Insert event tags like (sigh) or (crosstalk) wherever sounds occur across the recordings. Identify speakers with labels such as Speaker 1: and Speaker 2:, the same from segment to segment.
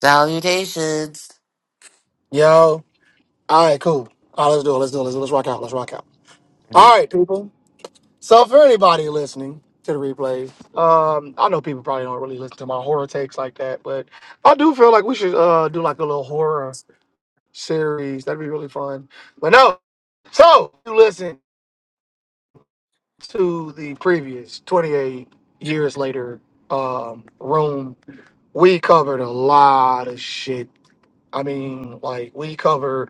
Speaker 1: Salutations.
Speaker 2: Yo. All right, cool. All right, let's do it. Let's do it. Let's, do it. let's rock out. Let's rock out.
Speaker 1: Indeed.
Speaker 2: All right, people. So for anybody listening to the replays, um, I know people probably don't really listen to my horror takes like that, but I do feel like we should uh do like a little horror series. That'd be really fun. But no. So if you listen to the previous 28 years later um room. We covered a lot of shit. I mean, like we covered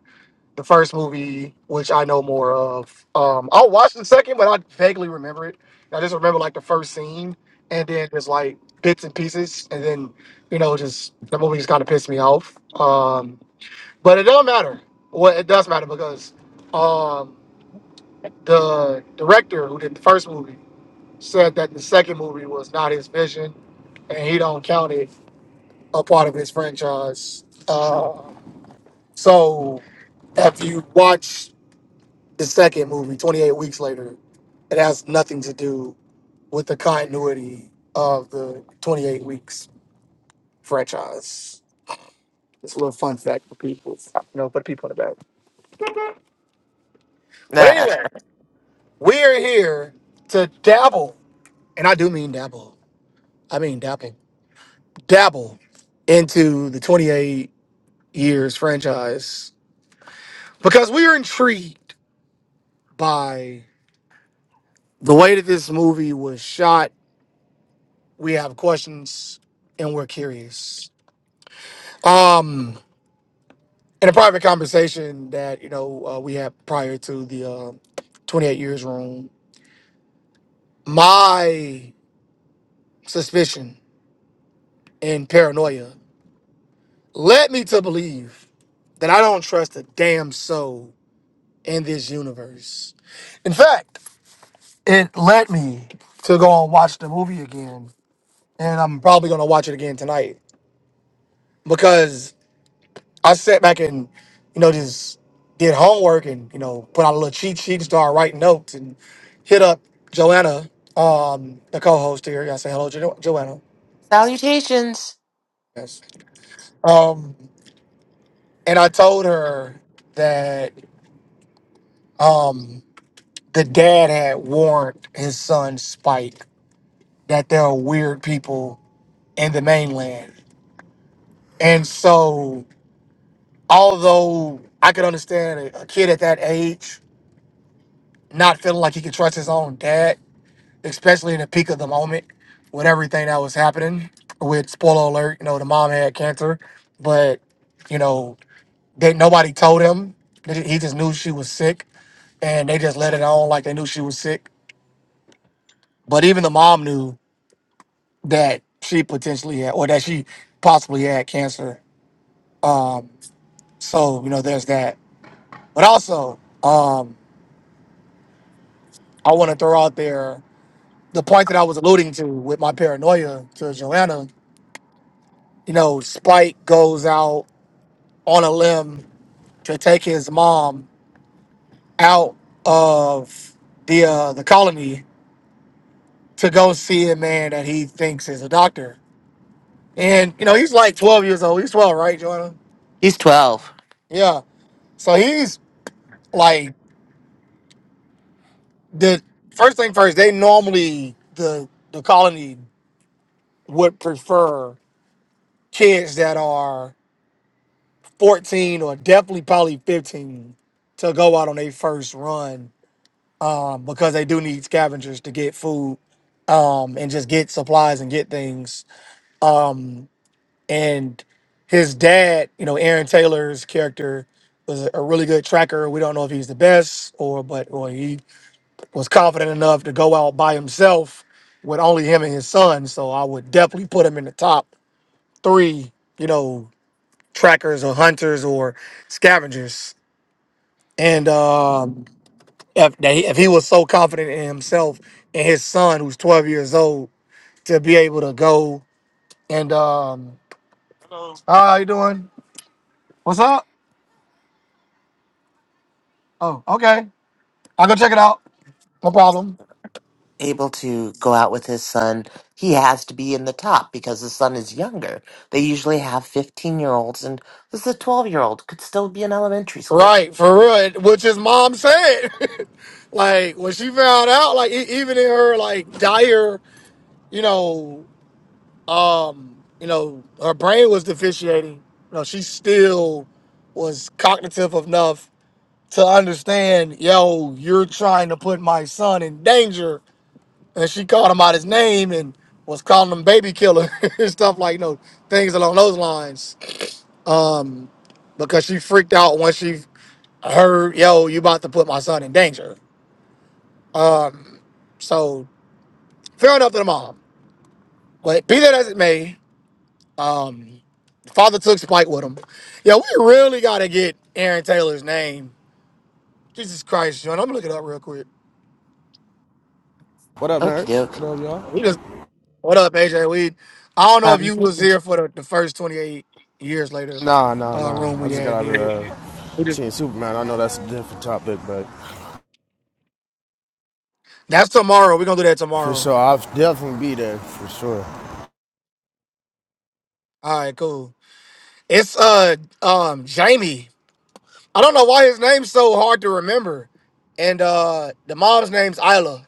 Speaker 2: the first movie, which I know more of. Um, I'll watch the second, but I vaguely remember it. I just remember like the first scene, and then just like bits and pieces, and then you know, just the movie just kind of pissed me off. Um, but it do not matter. Well, it does matter because um, the director who did the first movie said that the second movie was not his vision, and he don't count it a part of his franchise. Uh, so, if you watch. the second movie, 28 weeks later, it has nothing to do with the continuity of the 28 weeks franchise. It's a little fun fact for people, you know, for the people in the back. But
Speaker 1: Nah,
Speaker 2: anyway, we're here to dabble, and I do mean dabble. I mean dabble, dabble into the 28 years franchise because we are intrigued by the way that this movie was shot. We have questions and we're curious. Um, in a private conversation that you know uh, we had prior to the uh, 28 years room my suspicion and paranoia led me to believe that i don't trust a damn soul in this universe in fact it led me to go and watch the movie again and i'm probably going to watch it again tonight because I sat back and, you know, just did homework and, you know, put out a little cheat sheet and started writing notes and hit up Joanna, um, the co-host here. Yeah, I say hello, jo- Joanna.
Speaker 1: salutations.
Speaker 2: Yes. Um, and I told her that um, the dad had warned his son Spike that there are weird people in the mainland, and so although I could understand a, a kid at that age not feeling like he could trust his own dad, especially in the peak of the moment with everything that was happening. With spoiler alert, you know, the mom had cancer, but you know, they nobody told him. They- ju- He just knew she was sick, and they just let it on like they knew she was sick. But even the mom knew that she potentially had, or that she possibly had cancer. So you know, there's that. But also, um, I want to throw out there the point that I was alluding to with my paranoia to Joanna. You know, Spike goes out on a limb to take his mom out of the uh, the colony to go see a man that he thinks is a doctor. And you know, he's like 12 years old. He's 12, right, Joanna?
Speaker 1: He's 12,
Speaker 2: Yeah. So he's like the first thing first, they normally the the colony would prefer kids that are 14 or definitely probably 15 to go out on their first run um, because they do need scavengers to get food um, and just get supplies and get things Um, and his dad, you know, Aaron Taylor's character was a, a really good tracker. We don't know if he's the best or, but or he was confident enough to go out by himself with only him and his son. So I would definitely put him in the top three, you know, trackers or hunters or scavengers. And um, if, that he- if he was so confident in himself and his son, who's 12 years old, to be able to go and, um, "Ah, how you doing? What's up? Oh, okay. I'll go check it out. No problem.
Speaker 1: able to go out with his son. He has to be in the top because the son is younger. They usually have 15 year olds, and this is a 12 year old, could still be in elementary school.
Speaker 2: Right, for real. it- Which his mom said. (laughs) like when she found out, like e- even in her like dire, you know, um, you know, her brain was deficiating. You know, she still was cognitive enough to understand, yo, you're trying to put my son in danger. And she called him out his name and was calling him baby killer (laughs) and stuff like no things along those lines. Um, because she freaked out when she heard, yo, you about to put my son in danger. Um, so fair enough to the mom. But be that as it may, um, father took Spike with him. Yeah, we really gotta get Aaron Taylor's name. Jesus Christ, John. I'm gonna look it up real quick.
Speaker 3: What up,
Speaker 1: Okie
Speaker 3: nerds?
Speaker 1: doke.
Speaker 3: What up, y'all?
Speaker 2: We just what up, AJ? We I don't know if you was
Speaker 1: Salutations.
Speaker 2: here for the, the first 28 years later
Speaker 3: Nah, nah,
Speaker 2: uh
Speaker 3: nah.
Speaker 2: room
Speaker 3: I
Speaker 2: we
Speaker 3: just
Speaker 2: had
Speaker 3: got out of
Speaker 2: did. We
Speaker 3: the
Speaker 2: did.
Speaker 3: seeing Superman. I know that's a different topic, but
Speaker 2: That's tomorrow. We're gonna do that
Speaker 3: for
Speaker 2: tomorrow.
Speaker 3: sure, I'll definitely be there for sure.
Speaker 2: All right, cool. It's uh um Jamie. I don't know why his name's so hard to remember. And uh the mom's name's Isla.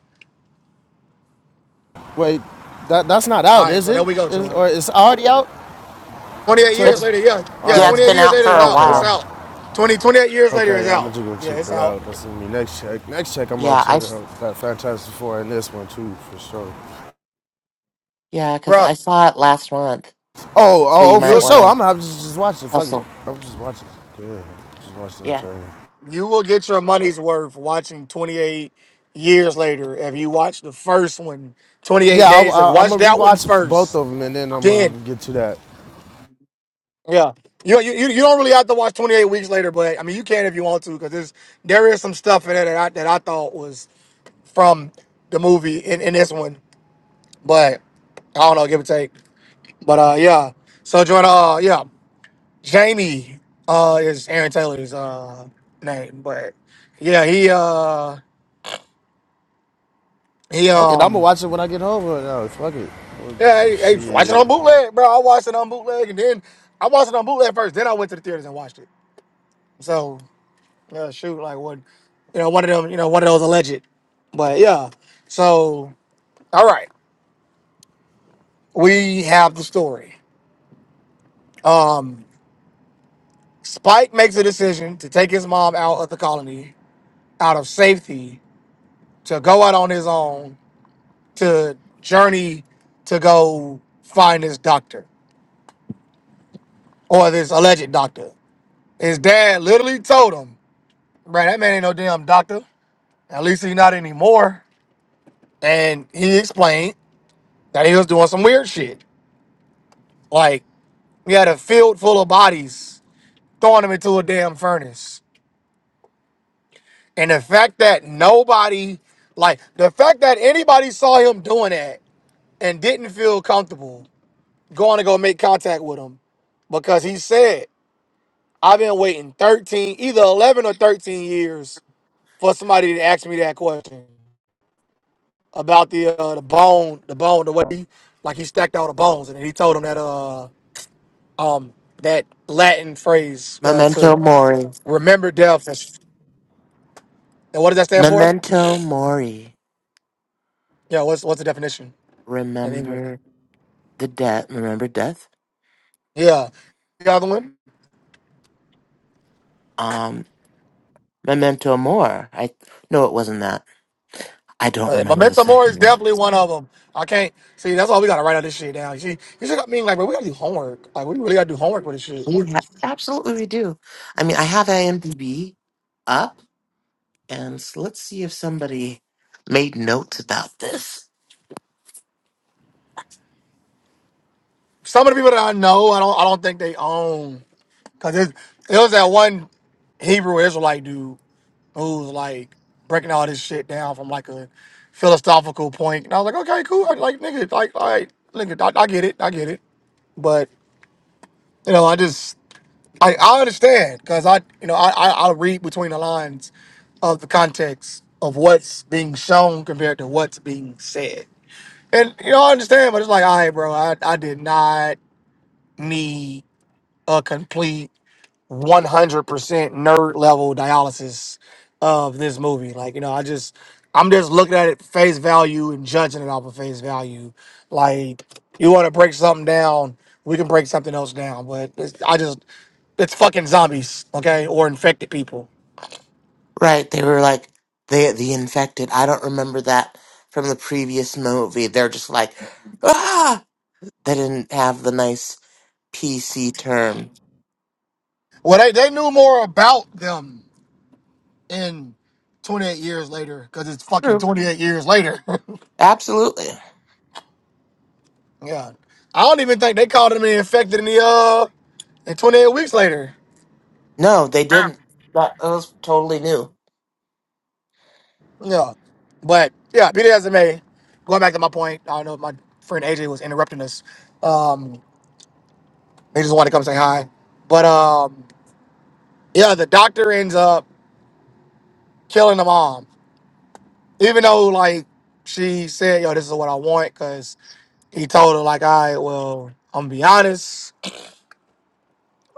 Speaker 3: Wait, that that's not
Speaker 2: All
Speaker 3: out,
Speaker 2: right,
Speaker 3: is
Speaker 2: so there
Speaker 3: it?
Speaker 2: we go,
Speaker 3: Is
Speaker 2: Joanna.
Speaker 3: or it's already out?
Speaker 2: 28
Speaker 3: Twenty.
Speaker 2: years
Speaker 1: It's,
Speaker 2: later, yeah. Yeah,
Speaker 3: All
Speaker 1: yeah, it's
Speaker 2: 28
Speaker 1: been
Speaker 2: years
Speaker 1: out for
Speaker 2: later
Speaker 3: right.
Speaker 2: it's
Speaker 1: a
Speaker 2: out.
Speaker 3: Okay.
Speaker 2: It's
Speaker 3: uh,
Speaker 1: while.
Speaker 2: out. 20 28 years later
Speaker 3: Okay.
Speaker 2: is
Speaker 3: Yeah, I'm
Speaker 2: out.
Speaker 3: gonna just
Speaker 2: Yeah,
Speaker 3: go check
Speaker 2: it's
Speaker 3: that
Speaker 2: out.
Speaker 3: out. That's gonna be next check. Next check, I'm gonna
Speaker 1: Yeah, I,
Speaker 3: check
Speaker 1: s-
Speaker 3: out that Fantastic Four and this one too, for sure.
Speaker 1: yeah, because
Speaker 2: Bruh,
Speaker 1: I saw it last month.
Speaker 3: Oh,
Speaker 1: So
Speaker 3: oh,
Speaker 1: you
Speaker 3: oh for
Speaker 1: might
Speaker 2: you'll
Speaker 1: want
Speaker 3: sure. I'm
Speaker 1: to
Speaker 3: gonna have to just watch it. Fuck it.
Speaker 1: hustle.
Speaker 3: I'm just watching. Yeah, just watch that
Speaker 1: Yeah.
Speaker 3: trailer.
Speaker 2: you will get your money's worth watching 28 years later if you watch the first one, 28
Speaker 3: Yeah, I,
Speaker 2: days. Like
Speaker 3: I, I'm
Speaker 2: watch
Speaker 3: gonna
Speaker 2: that one
Speaker 3: rewatch both
Speaker 2: first.
Speaker 3: of them and then I'm gonna
Speaker 2: Then
Speaker 3: get to that.
Speaker 2: yeah. You, you, you you don't really have to watch 28 weeks later, but I mean you can if you want to, because there's there is some stuff in it that I that I thought was from the movie in, in this one. But I don't know, give or take. But uh yeah. So Jordan, uh yeah. Jamie uh is Aaron Taylor's uh name. But yeah, he uh he
Speaker 3: Okay, I'm gonna
Speaker 2: um
Speaker 3: watch it when I get home. Right now. Fuck it.
Speaker 2: yeah, hey, hey watch it
Speaker 3: Shit.
Speaker 2: on bootleg, bro. I watched it on bootleg and then I watched it on bootleg first, then I went to the theaters and watched it. So yeah, shoot, like one you know, one of them, you know, one of those alleged. But yeah. So all right. We have the story. Um Spike makes a decision to take his mom out of the colony out of safety to go out on his own to journey to go find his doctor or this alleged doctor. His dad literally told him, "Man, that man ain't no damn doctor. At least he's not anymore." And he explained that he was doing some weird shit. Like he had a field full of bodies, throwing them into a damn furnace. And the fact that nobody, like the fact that anybody saw him doing that and didn't feel comfortable going to go make contact with him because he said, I've been waiting 13, either 11 or 13 years for somebody to ask me that question about the uh, the bone, the bone, the way he, like he stacked all the bones. And he told him that, uh, um, that Latin phrase uh, to
Speaker 1: Memento Mori.
Speaker 2: remember death. And what does that stand for?
Speaker 1: Memento Mori.
Speaker 2: Yeah, what's what's the definition in English?
Speaker 1: Remember. the death. Remember death?
Speaker 2: Yeah. The other one?
Speaker 1: Um, Memento mori. I no, it wasn't that. I don't
Speaker 2: But
Speaker 1: remember the
Speaker 2: Memento Mori is
Speaker 1: second one.
Speaker 2: definitely one of them. I can't see. That's all we gotta write all this shit down. You see, you should. I mean, like, bro, we gotta do homework. Like, we really gotta do homework with this shit.
Speaker 1: We have, absolutely, we do. I mean, I have IMDb up, and so let's see if somebody made notes about this.
Speaker 2: Some of the people that I know, I don't, I don't think they own. Cause it, it was that one Hebrew Israelite dude who was like breaking all this shit down from like a philosophical point. And I was like, okay, cool. I, like, nigga, like, all right, nigga, I, I get it, I get it. But you know, I just I, I understand because I, you know, I, I, I read between the lines of the context of what's being shown compared to what's being said. And, you know, I understand, but it's like, all right, bro, I, I did not need a complete one hundred percent nerd level dialysis of this movie. Like you know, I just I'm just looking at it face value and judging it off of face value. Like you want to break something down, we can break something else down. But it's, I just it's fucking zombies, okay, or infected people.
Speaker 1: Right? They were like they the infected. I don't remember that from the previous movie. They're just like ah. They didn't have the nice PC term.
Speaker 2: Well, they they knew more about them in 28 years later because it's fucking
Speaker 1: True.
Speaker 2: 28 years later. (laughs)
Speaker 1: Absolutely.
Speaker 2: yeah, I don't even think they called them infected in the uh in 28 weeks later.
Speaker 1: No, they didn't. That, that was totally new.
Speaker 2: Yeah. But yeah, be that as it may, going back to my point, I don't know if my friend AJ was interrupting us. Um, they just wanted to come say hi. But um, yeah, the doctor ends up killing the mom, even though like she said, "Yo, this is what I want," because he told her like, "I well, I'm gonna be honest.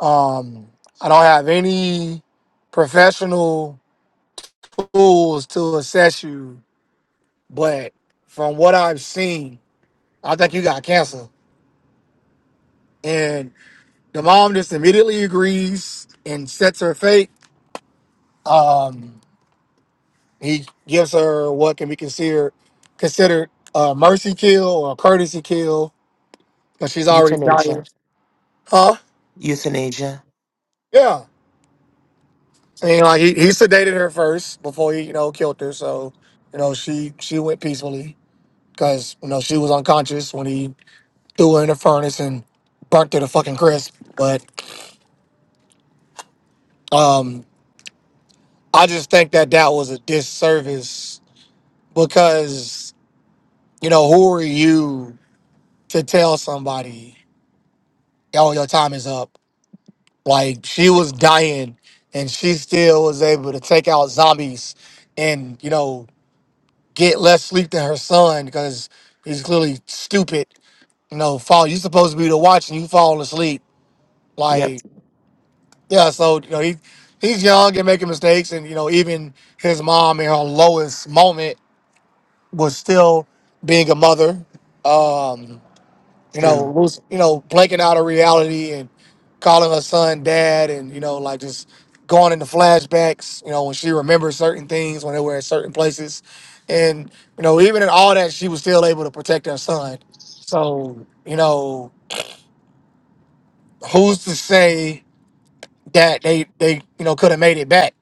Speaker 2: Um, I don't have any professional tools to assess you, but from what I've seen, I think you got cancer." The mom just immediately agrees and sets her fate. Um, he gives her what can be considered considered a mercy kill or a courtesy kill because she's already dying.
Speaker 1: Euthanasia.
Speaker 2: Huh?
Speaker 1: Euthanasia.
Speaker 2: Yeah. I mean, like he, he sedated her first before he you know killed her. So you know she she went peacefully because you know she was unconscious when he threw her in the furnace and burnt her to fucking crisp. But um, I just think that that was a disservice because. you know, who are you to tell somebody, oh, your time is up? Like she was dying and she still was able to take out zombies and, you know, get less sleep than her son because he's clearly stupid. You know, fall you supposed to be the watch and you fall asleep.
Speaker 1: Yep.
Speaker 2: Like, yeah, so you know, he he's young and making mistakes and you know, even his mom in her lowest moment was still being a mother. Um you know,
Speaker 1: True.
Speaker 2: lose, you know, blanking out of reality and calling her son dad, and you know, like just going into flashbacks. You know, when she remembers certain things when they were at certain places, and you know, even in all that, she was still able to protect her son. So you know, who's to say that they they you know could have made it back?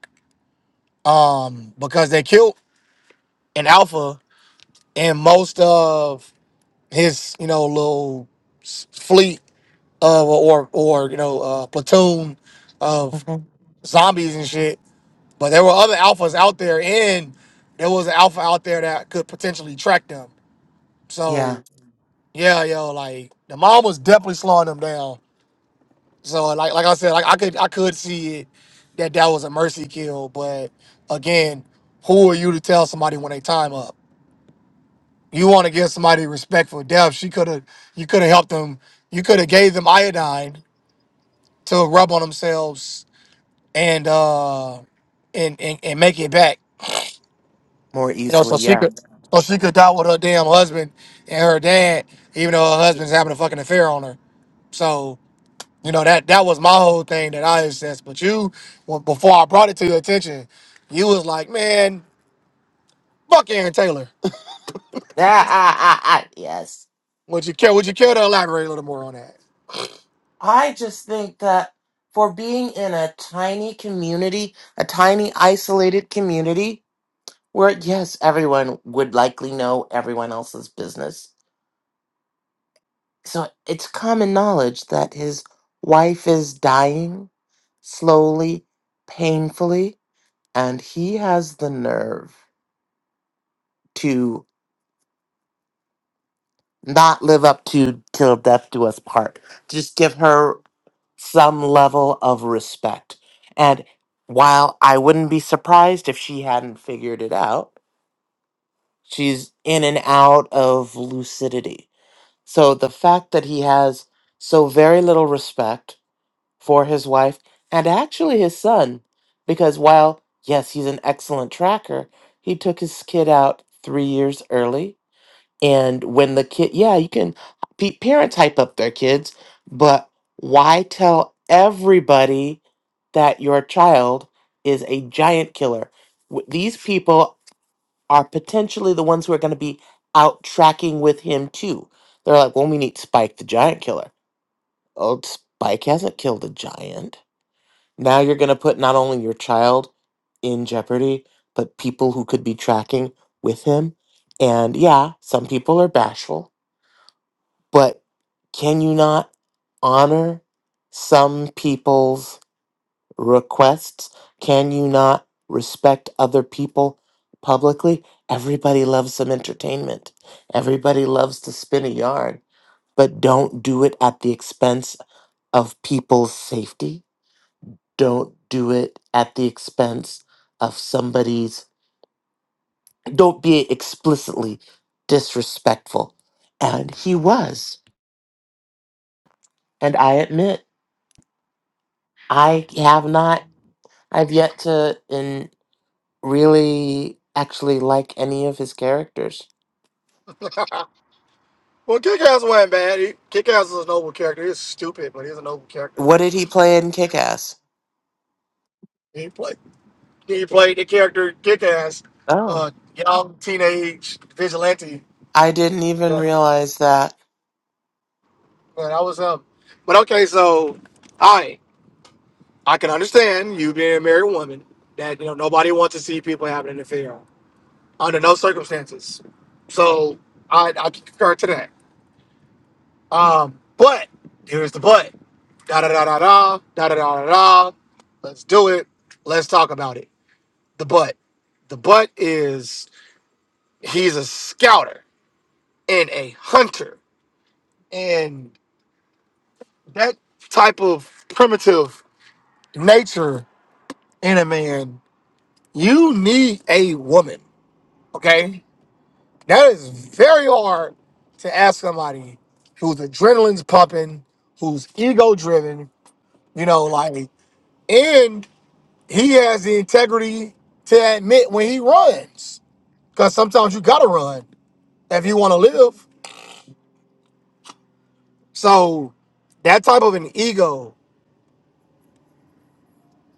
Speaker 2: Um, because they killed an alpha and most of his you know little s- fleet of or or you know uh, platoon of
Speaker 1: hmm
Speaker 2: zombies and shit. But there were other alphas out there, and there was an alpha out there that could potentially track them.
Speaker 1: Yeah.
Speaker 2: So yeah, yo, like the mom was definitely slowing them down. So like like I said, like I could I could see it that that was a mercy kill. But again, who are you to tell somebody when they time up? You want to give somebody respectful death. She could have you could have helped them. You could have gave them iodine to rub on themselves and uh and, and and make it back.
Speaker 1: More
Speaker 2: You know, so
Speaker 1: easily.
Speaker 2: she
Speaker 1: Yeah. (laughs)
Speaker 2: could so she could die with her damn husband and her dad, even though her husband's having a fucking affair on her. So you know that that was my whole thing that I assessed. But you, well, before I brought it to your attention, you was like, man, fuck Aaron Taylor. (laughs)
Speaker 1: Ah. Ah. Ah. ah, yes.
Speaker 2: Would you care? Would you care to elaborate a little more on that?
Speaker 1: I just think that for being in a tiny community, a tiny isolated community, where yes, everyone would likely know everyone else's business. So it's common knowledge that his wife is dying slowly, painfully, and he has the nerve not live up to till death do us part. Just give her some level of respect. And while I wouldn't be surprised if she hadn't figured it out, she's in and out of lucidity. So the fact that he has so very little respect for his wife and actually his son, because while, yes, he's an excellent tracker, he took his kid out three years early and when the kid, yeah, you can, pe- parents hype up their kids, but why tell everybody that your child is a giant killer? W- These people are potentially the ones who are going to be out tracking with him too. They're like, well, we need Spike the giant killer. Oh, Spike hasn't killed a giant. Now you're going to put not only your child in jeopardy, but people who could be tracking with him. And yeah, some people are bashful but can you not honor some people's requests? Can you not respect other people publicly? Everybody loves some entertainment. Everybody loves to spin a yarn, but don't do it at the expense of people's safety. Don't do it at the expense of somebody's. Don't be explicitly disrespectful. And he was. And I admit, I have not. I've yet to in really actually like any of his characters.
Speaker 2: Well, Kick Ass wasn't bad. He, Kick Ass is a noble character. He's stupid, but he's a noble character.
Speaker 1: What did he play in Kick Ass?
Speaker 2: He played. He played the character Kick Ass,
Speaker 1: Oh,
Speaker 2: uh, young teenage vigilante.
Speaker 1: I didn't even
Speaker 2: Yeah,
Speaker 1: realize that.
Speaker 2: yeah, that was him. But okay, so I I can understand you being a married woman that you know nobody wants to see people having an affair under no circumstances. So I I concur to that. Um, but here's the but da da da da da da da da da. da. Let's do it. Let's talk about it. The but. The but is he's a scouter and a hunter And that type of primitive nature in a man, you need a woman. Okay. That is very hard to ask somebody whose adrenaline's pumping, who's ego driven, you know, like, and he has the integrity to admit when he runs. Because sometimes you got to run if you want to live. So that type of an ego.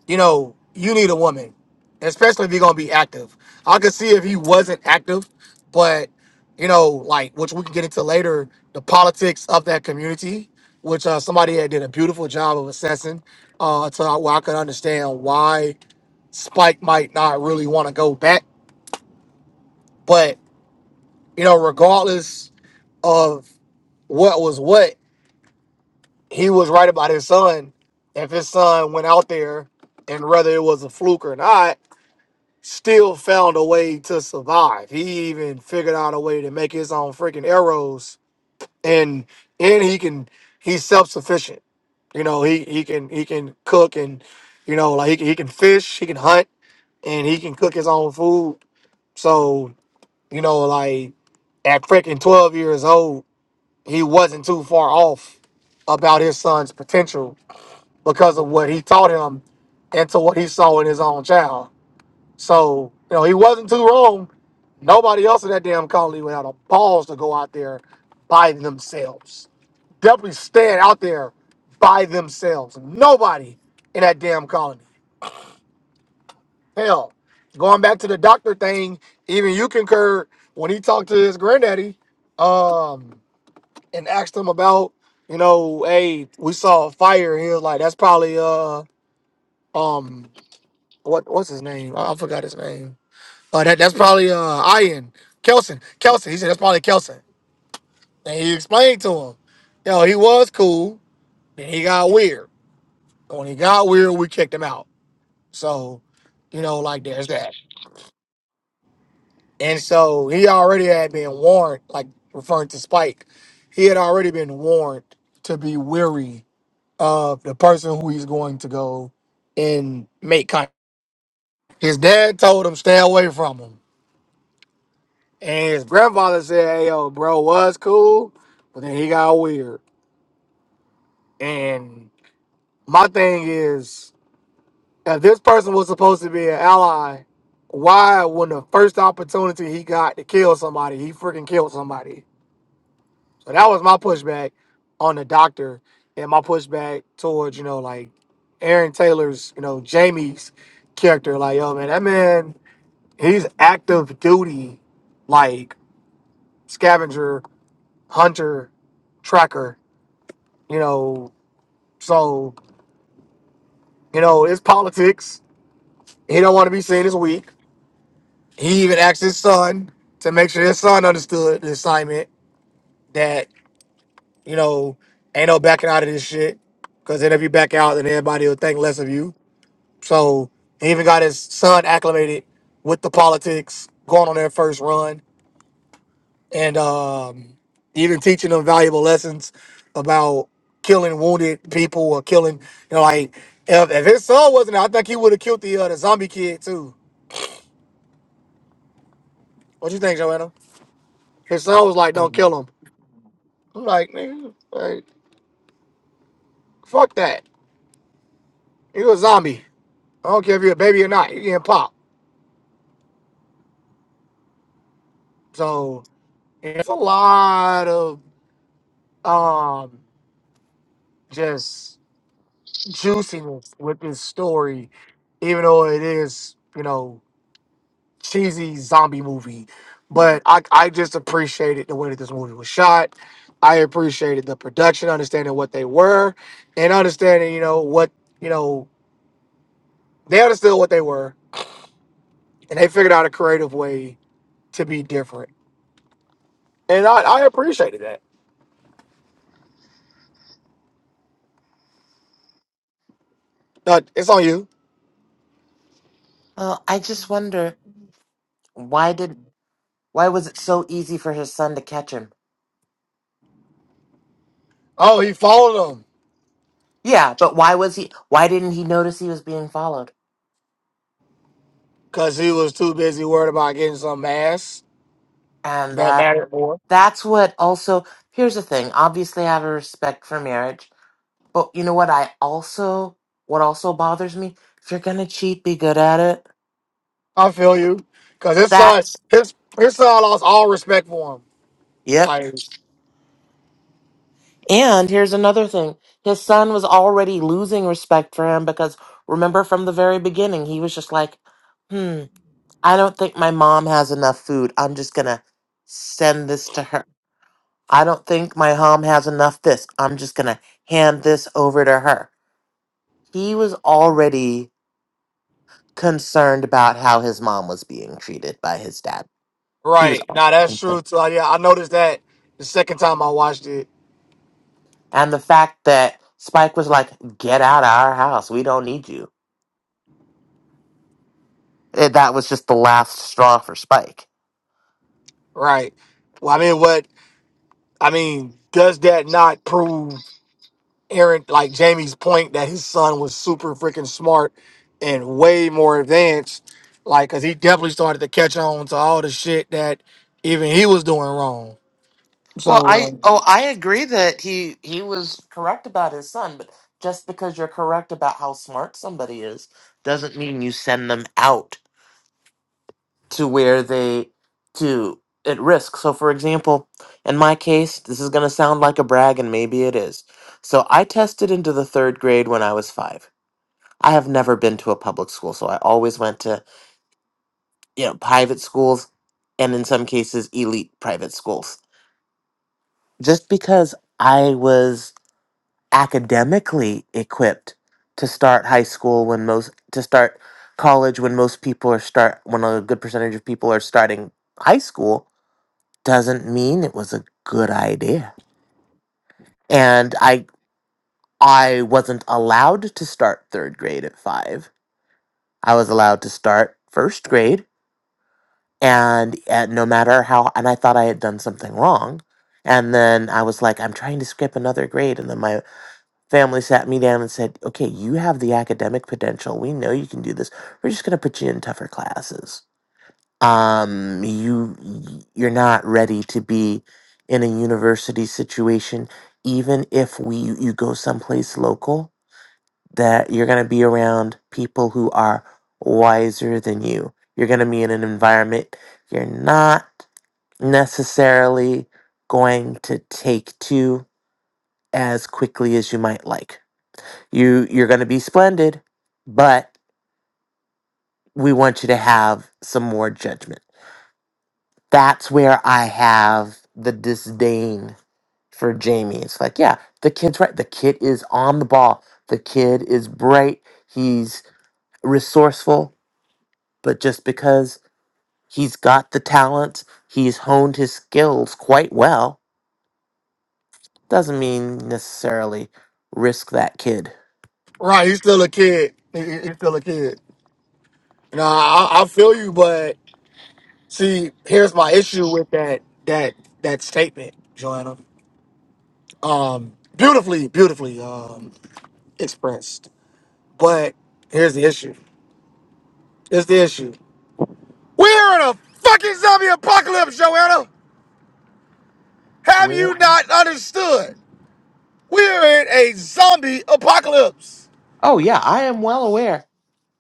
Speaker 2: you know, you need a woman, especially if you're gonna be active. I could see if he wasn't active, but you know, like which we can get into later, the politics of that community, which uh, somebody had did a beautiful job of assessing, uh, to uh, where I could understand why Spike might not really want to go back. But you know, regardless of what was what, he was right about his son. If his son went out there, and whether it was a fluke or not, still found a way to survive. He even figured out a way to make his own freaking arrows, and and he can he's self sufficient. You know, he he can he can cook and you know like he can, he can fish, he can hunt, and he can cook his own food. So you know, like at freaking twelve years old, he wasn't too far off about his son's potential because of what he taught him and to what he saw in his own child. So, you know, he wasn't too wrong. Nobody else in that damn colony would have the balls to go out there by themselves. Definitely stand out there by themselves. Nobody in that damn colony. Hell, going back to the doctor thing, even you concur when he talked to his granddaddy um, and asked him about, you know, hey, we saw a fire. He was like, that's probably uh um what what's his name? I, I forgot his name. Oh, that that's probably uh Ian Kelson. Kelson. He said that's probably Kelson. And he explained to him, yo, he was cool. Then he got weird. When he got weird, we kicked him out. So, you know, like there's that. And so he already had been warned, like referring to Spike, he had already been warned to be weary of the person who he's going to go and make contact. His dad told him stay away from him. And his grandfather said, hey, yo, bro, was cool, but then he got weird. And my thing is, if this person was supposed to be an ally, why, when the first opportunity he got to kill somebody, he freaking killed somebody? So that was my pushback on the doctor and my pushback towards, you know, like Aaron Taylor's, you know, Jamie's character. Like, yo, man, that man, he's active duty, like scavenger, hunter, tracker You know, so you know it's politics. He don't want to be seen as weak. He even asked his son to make sure his son understood the assignment that you know ain't no backing out of this shit. Because then if you back out, then everybody will think less of you. So he even got his son acclimated with the politics going on their first run and um, even teaching them valuable lessons about killing wounded people or killing, you know, like if, if his son wasn't, there, I think he would have killed the uh, the zombie kid too. What you think, Joanna? His son was like, "Don't
Speaker 1: Mhm.
Speaker 2: kill him." I'm like, nigga, like fuck that. You're a zombie. I don't care if you're a baby or not. You getting pop. So it's a lot of um just juiciness with this story, even though it is, you know. cheesy zombie movie, but I I just appreciated the way that this movie was shot. I appreciated the production, understanding what they were, and understanding you know what you know they understood what they were, and they figured out a creative way to be different, and I I appreciated that. Now, it's on you.
Speaker 1: Well, I just wonder why did why was it so easy for his son to catch him?
Speaker 2: Oh, he followed him
Speaker 1: Yeah, but why was he why didn't he notice he was being followed?
Speaker 2: because he was too busy worried about getting some ass
Speaker 1: And
Speaker 2: that
Speaker 1: that
Speaker 2: mattered more.
Speaker 1: that's what also here's the thing. Obviously I have a respect for marriage, but you know what I also what also bothers me? If you're gonna cheat, be good at it.
Speaker 2: I feel you because his
Speaker 1: That
Speaker 2: son his his son lost all respect for him.
Speaker 1: Yep.
Speaker 2: Like.
Speaker 1: And here's another thing. His son was already losing respect for him because remember from the very beginning, he was just like, hmm, I don't think my mom has enough food. I'm just going to send this to her. I don't think my mom has enough this. I'm just going to hand this over to her. He was already concerned about how his mom was being treated by his dad. He was
Speaker 2: Right.
Speaker 1: already
Speaker 2: Now that's
Speaker 1: concerned.
Speaker 2: true too. Yeah, I noticed that the second time I watched it.
Speaker 1: And the fact that Spike was like, get out of our house. We don't need you And that was just the last straw for Spike.
Speaker 2: Right. Well, I mean, what I mean, does that not prove Aaron like Jamie's point that his son was super freaking smart and way more advanced? Like, cause he definitely started to catch on to all the shit that even he was doing wrong.
Speaker 1: Well,
Speaker 2: So,
Speaker 1: I
Speaker 2: um,
Speaker 1: oh I agree that he he was correct about his son, but just because you're correct about how smart somebody is doesn't mean you send them out to where they to at risk. So for example, in my case, this is going to sound like a brag and maybe it is. So I tested into the 3rd grade when I was 5. I have never been to a public school, so I always went to, you know, private schools and in some cases elite private schools. just because I was academically equipped to start high school when most to start college when most people are start when a good percentage of people are starting high school doesn't mean it was a good idea. And I I wasn't allowed to start third grade at 5. I was allowed to start first grade and, and no matter how and I thought I had done something wrong. And then I was like I'm trying to skip another grade and then my family sat me down and said, okay, you have the academic potential. We know you can do this. We're just going to put you in tougher classes. Um, you, you're not ready to be in a university situation, even if we, you go someplace local that you're going to be around people who are wiser than you. You're going to be in an environment you're not necessarily going to take to as quickly as you might like you you're going to be splendid, but we want you to have some more judgment. That's where I have the disdain for Jamie. It's like, yeah, the kid's right. The kid is on the ball. The kid is bright. He's resourceful, but just because he's got the talent, he's honed his skills quite well, doesn't mean necessarily risk that kid.
Speaker 2: right, he's still a kid. He- he- He's still a kid. No, I, I feel you, but see, here's my issue with that that that statement, Joanna. um, beautifully, beautifully um, expressed. But here's the issue. Here's the issue. We're in a fucking zombie apocalypse, Joanna. Have
Speaker 1: Where?
Speaker 2: you not understood? We're in a zombie apocalypse.
Speaker 1: Oh yeah, I am well aware.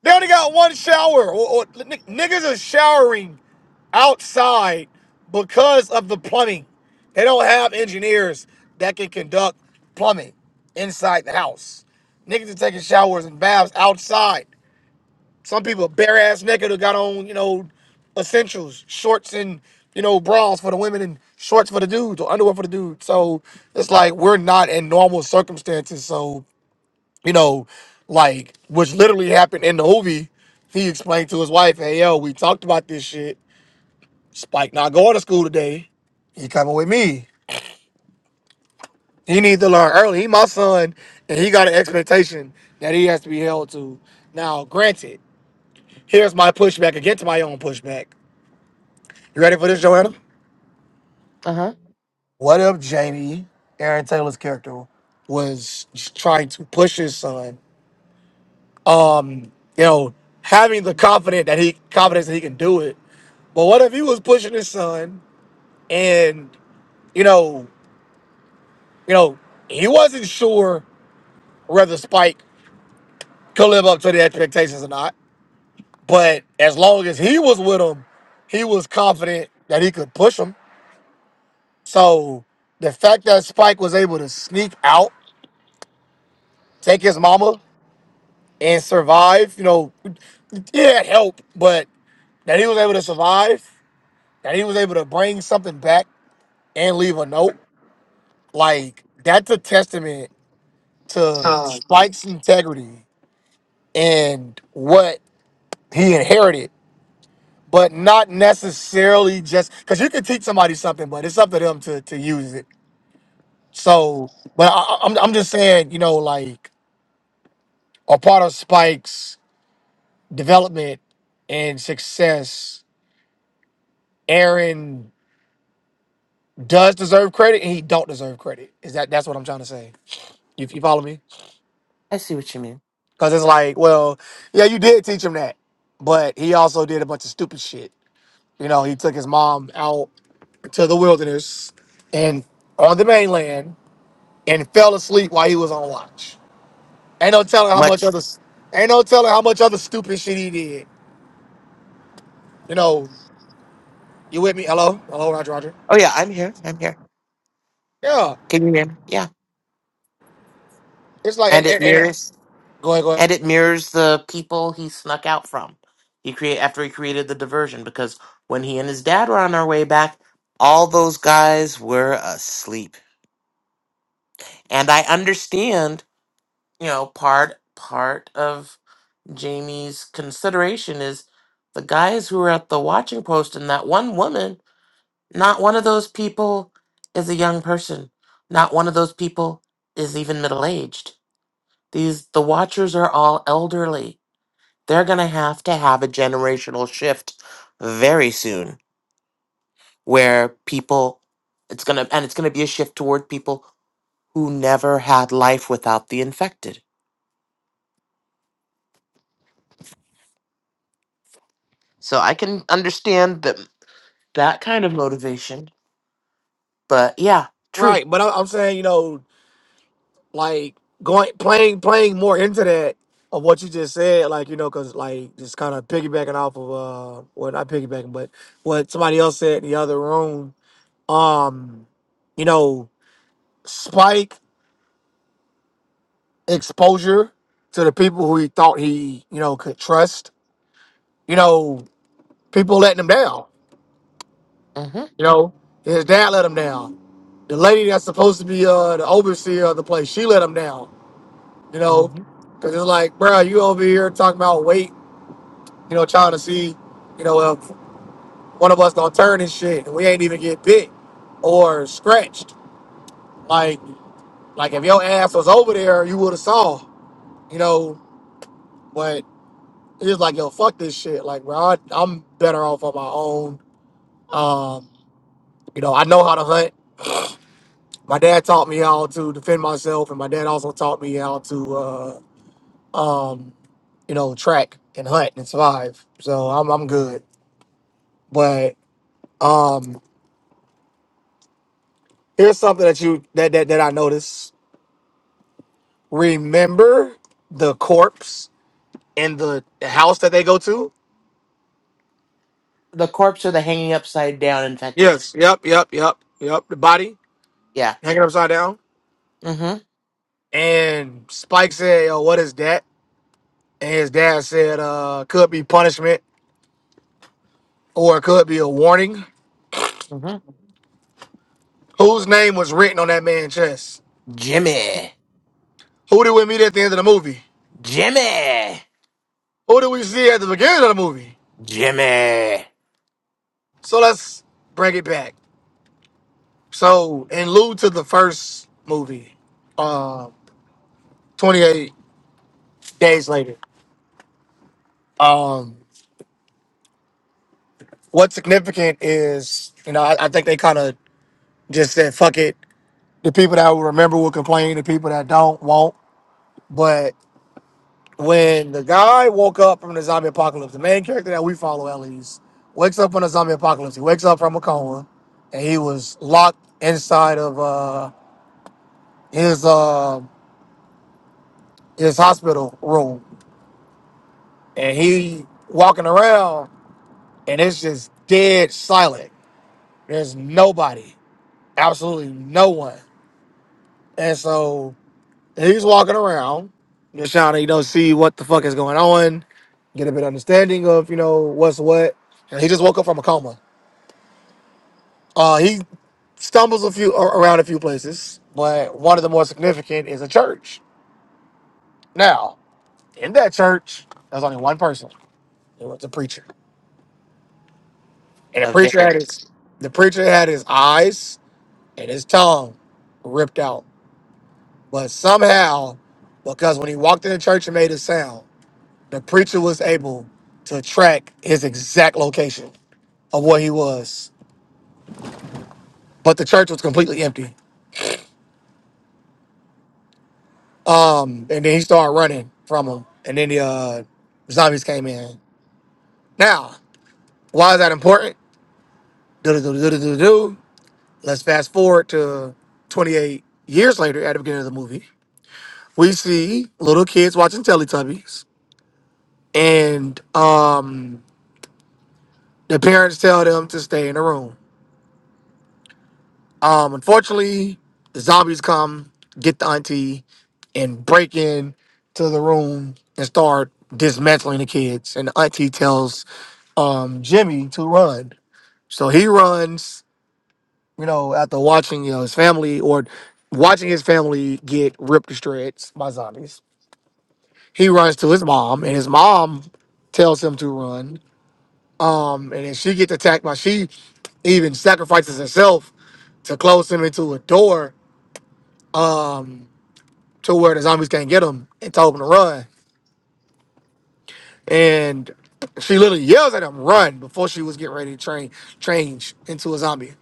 Speaker 2: They only got one shower. Or, or, n- niggas are showering outside because of the plumbing. They don't have engineers that can conduct plumbing inside the house. Niggas are taking showers and baths outside Some people bare ass naked who got on, you know, essentials, shorts and, you know, bras for the women and shorts for the dudes or underwear for the dudes. So it's like we're not in normal circumstances. So, you know, like which literally happened in the movie, he explained to his wife, Hey yo, we talked about this shit. Spike not going to school today. He coming with me. He needs to learn early. He my son, and he got an expectation that he has to be held to. Now, granted, here's my pushback against my own pushback. You ready for this, Joanna?
Speaker 1: Uh
Speaker 2: What if Jamie, Aaron Taylor's character, was just trying to push his son? You know, having the confidence that he confidence that he can do it. But what if he was pushing his son and you know, you know, he wasn't sure whether Spike could live up to the expectations or not. But as long as he was with him, he was confident that he could push him. So the fact that Spike was able to sneak out, take his mama. and survive. You know, he had help, but that he was able to survive, that he was able to bring something back and leave a note, like that's a testament to
Speaker 1: huh.
Speaker 2: Spike's integrity and what he inherited. But not necessarily just because you can teach somebody something, but it's up to them to to use it. So, but I, I- I'm I'm just saying, you know, like a part of Spike's development and success, Aaron does deserve credit and he don't deserve credit. Is that that's what I'm trying to say? You, you follow me?
Speaker 1: I see what you mean.
Speaker 2: Because it's like, well, yeah, you did teach him that, but he also did a bunch of stupid shit. You know, he took his mom out to the wilderness and on the mainland and fell asleep while he was on watch. Ain't no telling how much
Speaker 1: much.
Speaker 2: other ain't no telling how much other stupid shit he did. You know, you with me? Hello, hello, Roger, Roger.
Speaker 1: Oh yeah, I'm here. I'm here.
Speaker 2: Yeah,
Speaker 1: Can you hear me? Yeah.
Speaker 2: it's like, and,
Speaker 1: And it
Speaker 2: and- and-
Speaker 1: mirrors
Speaker 2: go ahead, go ahead.
Speaker 1: and it mirrors the people he snuck out from. He create after he created the diversion because when he and his dad were on their way back, all those guys were asleep. And I understand, you know, part part of Jamie's consideration is the guys who were at the watching post and that one woman, not one of those people is a young person. Not one of those people is even middle aged These the watchers are all elderly. They're going to have to have a generational shift very soon where people it's going to and it's going to be a shift toward people who never had life without the infected. So I can understand that that kind of motivation, but yeah, true.
Speaker 2: Right, but I- I'm saying, you know, like going playing playing more into that of what you just said, like you know, because like just kind of piggybacking off of uh, well not piggybacking, but what somebody else said in the other room. Um, you know, spike exposure to the people who he thought he you know could trust. You know, people letting him down.
Speaker 1: Mhm.
Speaker 2: You know, his dad let him down. The lady that's supposed to be uh the overseer of the place, she let him down. You know,
Speaker 1: Mhm.
Speaker 2: because it's like, bro, you over here talking about wait you know, trying to see, you know, if one of us gonna turn and shit, and we ain't even get picked or scratched. Like, like if your ass was over there, you would have saw, you know. But it's like, yo, fuck this shit. Like, bro, I, I'm better off on my own. Um, you know, I know how to hunt. My dad taught me how to defend myself, and my dad also taught me how to, uh, uh, you know, track and hunt and survive. So I'm, I'm good. But um, here's something that you that that, that I noticed. Remember the corpse in the house that they go to?
Speaker 1: The corpse or the hanging upside down infected.
Speaker 2: Yes. Yep. Yep. Yep. Yep. The body
Speaker 1: Yeah.
Speaker 2: hanging upside down.
Speaker 1: Mhm.
Speaker 2: And Spike said, Yo, what is that? And his dad said, uh, could be punishment or it could be a warning.
Speaker 1: Mhm.
Speaker 2: Whose name was written on that man's chest?
Speaker 1: Jimmy.
Speaker 2: Who did we meet at the end of the movie?
Speaker 1: Jimmy.
Speaker 2: Who did we see at the beginning of the movie?
Speaker 1: Jimmy.
Speaker 2: So let's bring it back. So in lieu to the first movie, uh, 28 days later. um. what's significant is, you know, I, I think they kind of just said, fuck it. The people that will remember will complain, the people that don't won't. But when the guy woke up from the zombie apocalypse, the main character that we follow at least, wakes up from the zombie apocalypse, he wakes up from a coma and he was locked inside of uh, his uh, his hospital room. And he walking around and it's just dead silent. There's nobody, absolutely no one. And so And He's walking around, just trying to, you know, see what the fuck is going on, get a bit of understanding of, you know, what's what. And he just woke up from a coma. Uh, he stumbles a few ar- around a few places, but one of the more significant is a church. Now, in that church, there's only one person. It was a preacher, and the
Speaker 1: A
Speaker 2: preacher
Speaker 1: vicar.
Speaker 2: had his the preacher had his eyes and his tongue ripped out. But somehow, because when he walked in the church and made a sound. the preacher was able to track his exact location of where he was, but the church was completely empty. Um, and then he started running from him, and then the uh, zombies came in. Now, why is that important? Do-do-do-do-do-do-do. Let's fast forward to 28 years later at the beginning of the movie. We see little kids watching Teletubbies, and um, the parents tell them to stay in the room. Um, unfortunately, the zombies come, get the auntie, and break in to the room and start dismantling the kids. And the auntie tells um Jimmy to run. So he runs, you know, after watching you know his family or watching his family get ripped to shreds by zombies. He runs to his mom, and his mom tells him to run. Um, and then she gets attacked by she even sacrifices herself to close him into a door to where the zombies can't get him and told him to run. And she literally yells at him, run, before she was getting ready to train change into a zombie.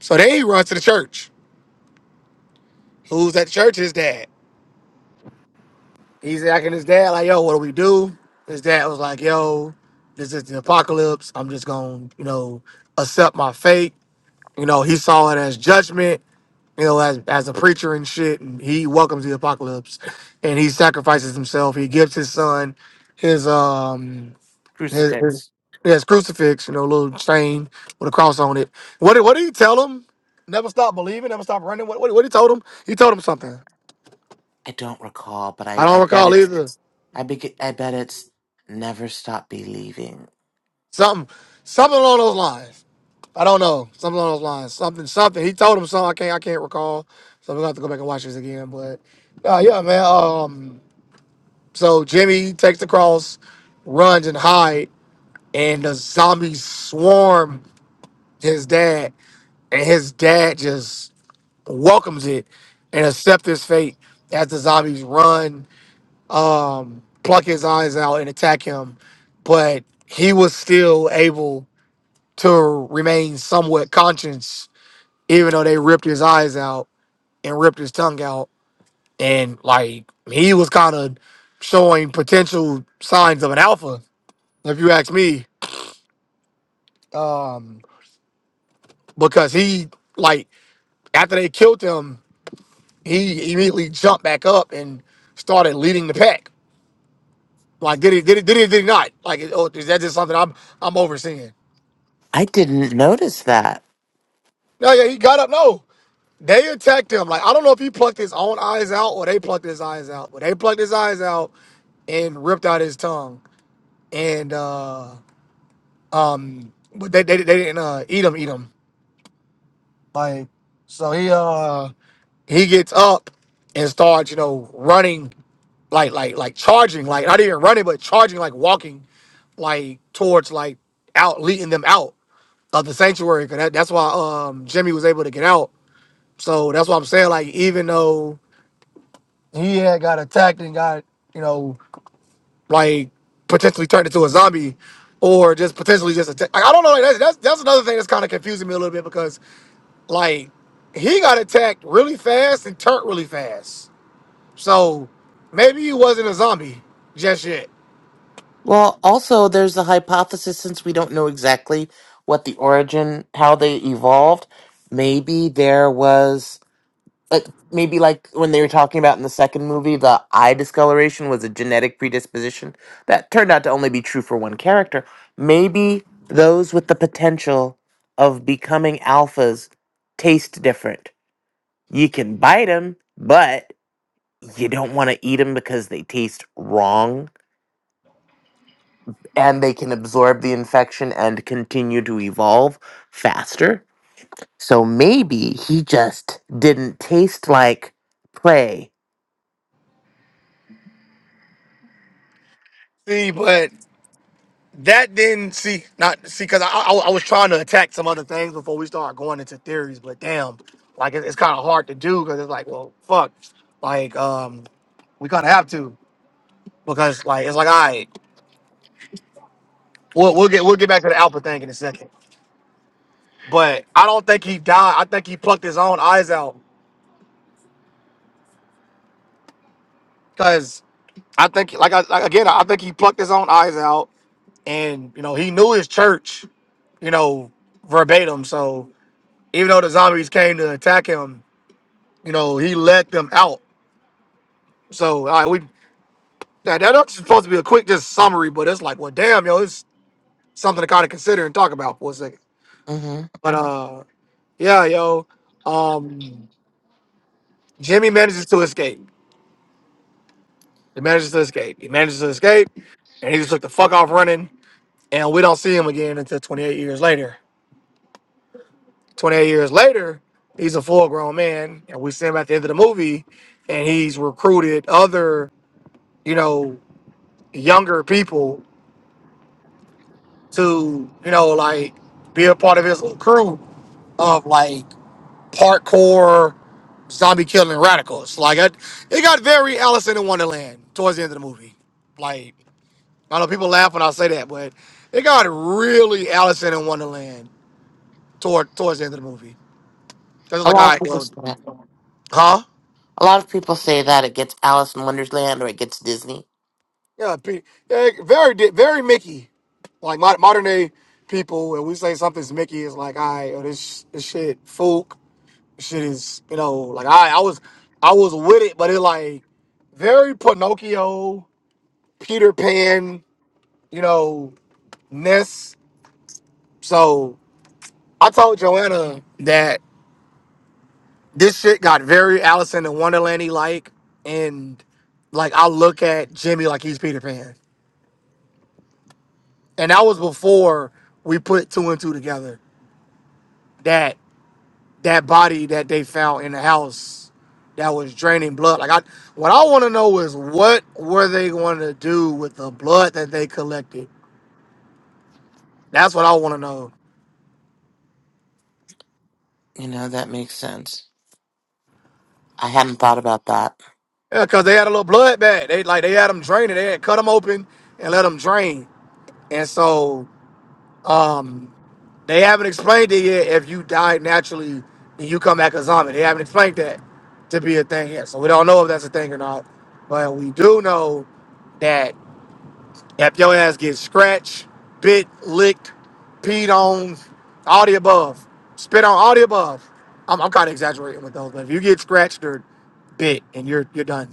Speaker 2: So then he runs to the church. Who's at the church? His dad. He's acting his dad, like, yo, what do we do? His dad was like, yo, this is the apocalypse. I'm just gonna, you know, accept my fate. You know, he saw it as judgment, you know, as as a preacher and shit, and he welcomes the apocalypse and he sacrifices himself. He gives his son his um It, it,
Speaker 1: Crucifix.
Speaker 2: yeah, it's crucifix, you know, little chain with a cross on it. What did what did he tell him? Never stop believing, never stop running. What what, what he told him? He told him something.
Speaker 1: I don't recall, but
Speaker 2: I
Speaker 1: I,
Speaker 2: don't
Speaker 1: I bet
Speaker 2: recall
Speaker 1: it's
Speaker 2: either.
Speaker 1: I beg I bet it's never stop believing.
Speaker 2: Something something along those lines. I don't know. Something along those lines. Something something. He told him something. I can't I can't recall. So we're gonna have to go back and watch this again. But uh, yeah, man. Um so Jimmy takes the cross, runs and hide, and the zombies swarm his dad, and his dad just welcomes it and accepts his fate as the zombies run, um, pluck his eyes out and attack him. But he was still able to remain somewhat conscious, even though they ripped his eyes out and ripped his tongue out. And like he was kind of showing potential signs of an alpha, if you ask me, because he like after they killed him, he immediately jumped back up and started leading the pack Like, did he? Did he? Did he? Did he not? Like, oh, is that just something I'm I'm overseeing?
Speaker 1: I didn't notice that.
Speaker 2: No, yeah, he got up. No, they attacked him. Like, I don't know if he plucked his own eyes out or they plucked his eyes out, but they plucked his eyes out and ripped out his tongue. And uh um, but they they, they didn't uh, eat him. Eat him. Like, so he uh he gets up and starts you know running like like like charging like not even running but charging like walking like towards like out leading them out of the sanctuary. 'cause that, that's why um Jimmy was able to get out. So that's why I'm saying. Like even though he had got attacked and got you know like potentially turned into a zombie, or just potentially just attacked. Like, I don't know. Like, that's, that's that's another thing that's kind of confusing me a little bit because like he got attacked really fast and turned really fast. So maybe he wasn't a zombie just yet.
Speaker 1: Well, also there's a hypothesis since we don't know exactly what the origin how they evolved, maybe there was like maybe like when they were talking about in the second movie the eye discoloration was a genetic predisposition that turned out to only be true for one character. Maybe those with the potential of becoming alphas taste different You can bite them, but you don't want to eat them because they taste wrong and they can absorb the infection and continue to evolve faster. So maybe he just didn't taste like prey.
Speaker 2: See, but that then see not see because I, I I was trying to attack some other things before we start going into theories, but damn, like it, it's kind of hard to do because it's like, well, fuck, like um, we kind of have to because like it's like, all right, we'll we'll get we'll get back to the Alpha thing in a second, but I don't think he died. I think he plucked his own eyes out because I think like I like, again, I think he plucked his own eyes out, and you know he knew his church, you know verbatim, so even though the zombies came to attack him you know, he let them out. So all right, we now that that's supposed to be a quick just summary, but it's like, well, damn, yo, it's something to kind of consider and talk about for a second.
Speaker 1: hmm
Speaker 2: But uh, yeah, yo, um, Jimmy manages to escape. He manages to escape. He manages to escape, and he just took the fuck off running. And we don't see him again until 28 years later. 28 years later, he's a full grown man, and we see him at the end of the movie, and he's recruited other, you know, younger people to you know like be a part of his little crew of like parkour zombie killing radicals. Like it, it got very Alice in Wonderland towards the end of the movie. Like I know people laugh when I say that, but it got really Alice in Wonderland toward towards the end of the movie. Cause it's
Speaker 1: A
Speaker 2: like,
Speaker 1: lot
Speaker 2: all
Speaker 1: of
Speaker 2: right,
Speaker 1: people
Speaker 2: well,
Speaker 1: say that.
Speaker 2: huh?
Speaker 1: A lot of people say that it gets Alice in Wonderland or it gets Disney.
Speaker 2: Yeah, pe- yeah, very di- very Mickey, like mod- modern day people. When we say something's Mickey, it's like, all right, oh, this this shit, fool. shit is you know like I I was I was with it, but it like very Pinocchio, Peter Pan, you know Ness. So I told Joanna that this shit got very Alice in Wonderlandy like, and like I look at Jimmy like he's Peter Pan, and that was before we put two and two together. That. that body that they found in the house that was draining blood. Like I what I want to know is what were they going to do with the blood that they collected? That's what I want to know.
Speaker 1: You know that makes sense. I hadn't thought about that
Speaker 2: Yeah, cuz they had a little blood bag. They like they had them draining. They had cut them open and let them drain. And so um they haven't explained it yet if you died naturally and you come back a zombie. They haven't explained that to be a thing yet. So we don't know if that's a thing or not. But we do know that. If your ass gets scratched, bit, licked, peed on, all the above, spit on, all the above. I'm, I'm kind of exaggerating with those, but if you get scratched or bit and you're you're done,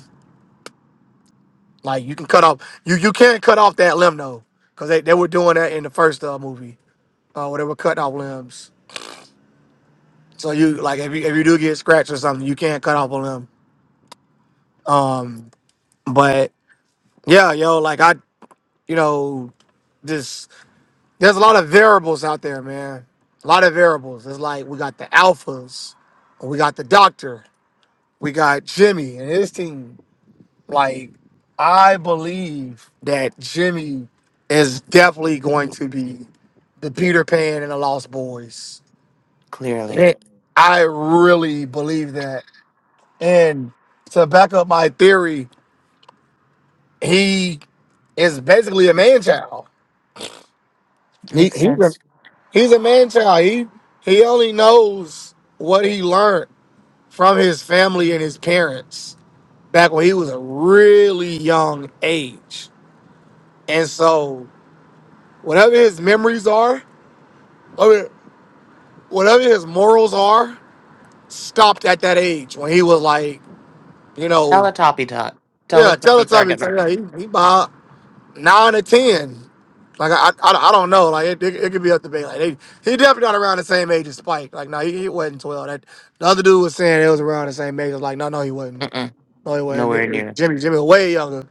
Speaker 2: like you can cut off, you you can't cut off that limb though, because they, they were doing that in the first uh, movie, uh, where they were cutting off limbs. So you like if you if you do get scratched or something, you can't cut off a limb. Um, but yeah, yo, like I, you know, just There's a lot of variables out there, man. A lot of variables. It's like we got the alphas, we got the doctor, we got Jimmy and his team. Like, I believe that Jimmy is definitely going to be the Peter Pan and the Lost Boys.
Speaker 1: clearly.
Speaker 2: It- I really believe that. And to back up my theory, he is basically a man child. He
Speaker 1: Makes
Speaker 2: he
Speaker 1: sense.
Speaker 2: He's a man child. He he only knows what he learned from his family and his parents back when he was a really young age. And so whatever his memories are, whatever whatever his morals are, stopped at that age when he was like, you
Speaker 1: Tell
Speaker 2: know,
Speaker 1: a toppy tot. Tell a
Speaker 2: yeah, tell
Speaker 1: toppy
Speaker 2: us
Speaker 1: target
Speaker 2: something.
Speaker 1: market.
Speaker 2: He, he, he, bi- nine or ten. Like I, I, I don't know. Like it, it, it could be up to debate. Like they, he definitely not around the same age as Spike. Like no, he, he wasn't twelve. That the other dude was saying it was around the same age. I was like no, no, he wasn't.
Speaker 1: Mm-mm.
Speaker 2: No, he wasn't. It-
Speaker 1: Nowhere near.
Speaker 2: it- Jimmy, Jimmy, was way younger,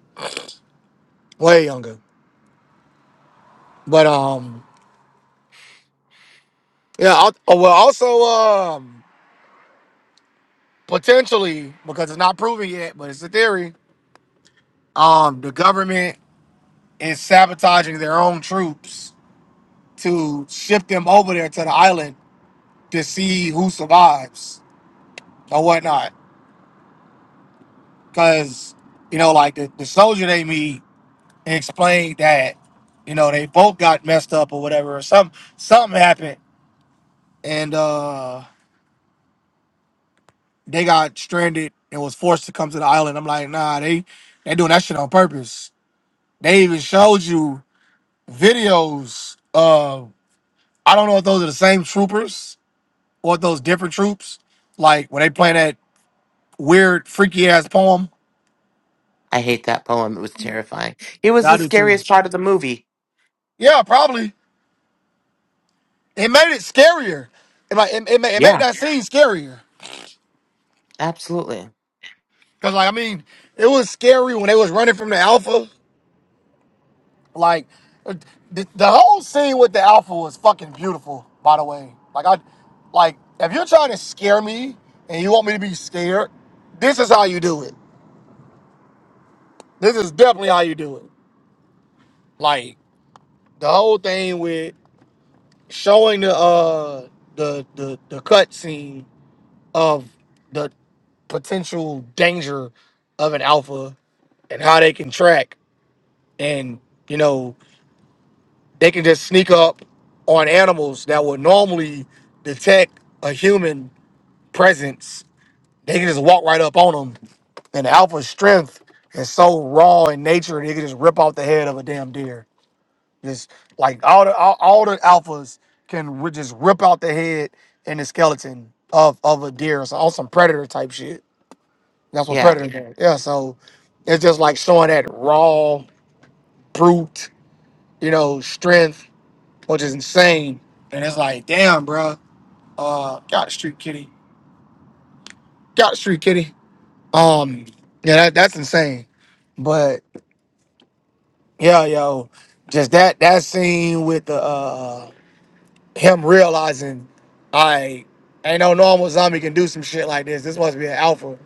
Speaker 2: way younger. But um, yeah. I'll, oh, well, also um, potentially because it's not proven yet, but it's a theory. Um, the government is sabotaging their own troops to ship them over there to the island to see who survives or whatnot. because you know, like the, the soldier they meet explained that you know they both got messed up or whatever, or some something happened, and uh they got stranded and was forced to come to the island. I'm like, nah, they they doing that shit on purpose. They even showed you videos of I don't know if those are the same troopers or if those different troops. Like when they playing that weird freaky ass poem,
Speaker 1: I hate that poem. It was terrifying. It was
Speaker 2: I
Speaker 1: the
Speaker 2: do too.
Speaker 1: scariest part of the movie.
Speaker 2: Yeah, probably. it made it scarier. It, like it, it, made, it made
Speaker 1: Yeah,
Speaker 2: that scene scarier.
Speaker 1: absolutely.
Speaker 2: Cause like I mean, it was scary when they was running from the alpha. Like uh, the, the whole scene with the alpha was fucking beautiful. By the way, like I, like if you're trying to scare me and you want me to be scared, this is how you do it. This is definitely how you do it. Like the whole thing with showing the uh the the the cut scene of the potential danger of an alpha and how they can track and you know they can just sneak up on animals that would normally detect a human presence they can just walk right up on them and the alpha strength is so raw in nature they can just rip off the head of a damn deer just like all the all, all the alphas can ri- just rip out the head and the skeleton of of a deer so on some predator type shit that's what
Speaker 1: Yeah.
Speaker 2: predator does yeah so it's just like showing that raw brute you know, strength, which is insane. And it's like, damn, bro. Uh, got the street kitty. Got the street kitty. Um, yeah, that, that's insane. But yeah, yo, just that that scene with the uh uh, him realizing, I ain't no normal zombie can do some shit like this. This must be an alpha.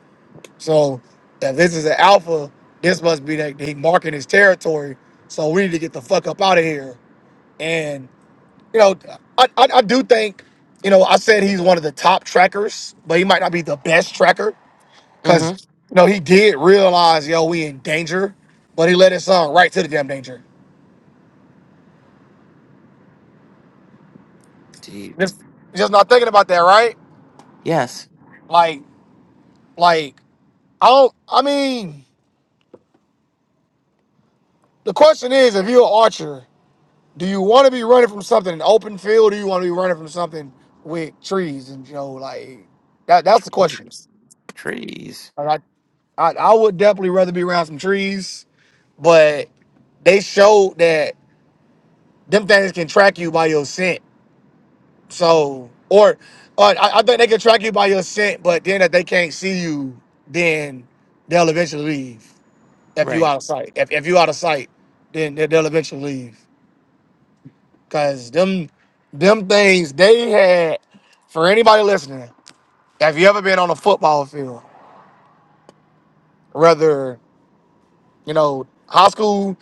Speaker 2: So if this is an alpha, this must be that he marking his territory. So we need to get the fuck up out of here. and. you know, I, I, I do think, you know, I said he's one of the top trackers, but he might not be the best tracker because,
Speaker 1: Mm-hmm.
Speaker 2: you know, he did realize, yo, we in danger, but he led his son right to the damn danger.
Speaker 1: Indeed.
Speaker 2: Just, just not thinking about that, right?
Speaker 1: Yes.
Speaker 2: Like, like, I don't, I mean, the question is if you're an archer, do you want to be running from something in open field or do you want to be running from something with trees? And, you know, like, that, that's the question.
Speaker 1: Trees. Trees.
Speaker 2: Like, I, I, I would definitely rather be around some trees but they showed that them things can track you by your scent. So, or, or I, I think they can track you by your scent, but then if they can't see you, then they'll eventually leave. If you out
Speaker 1: Right.
Speaker 2: of sight, if, if you out of sight, then they- they'll eventually leave. Cause them, them things they had for anybody listening. Have you ever been on a football field, whether you know high school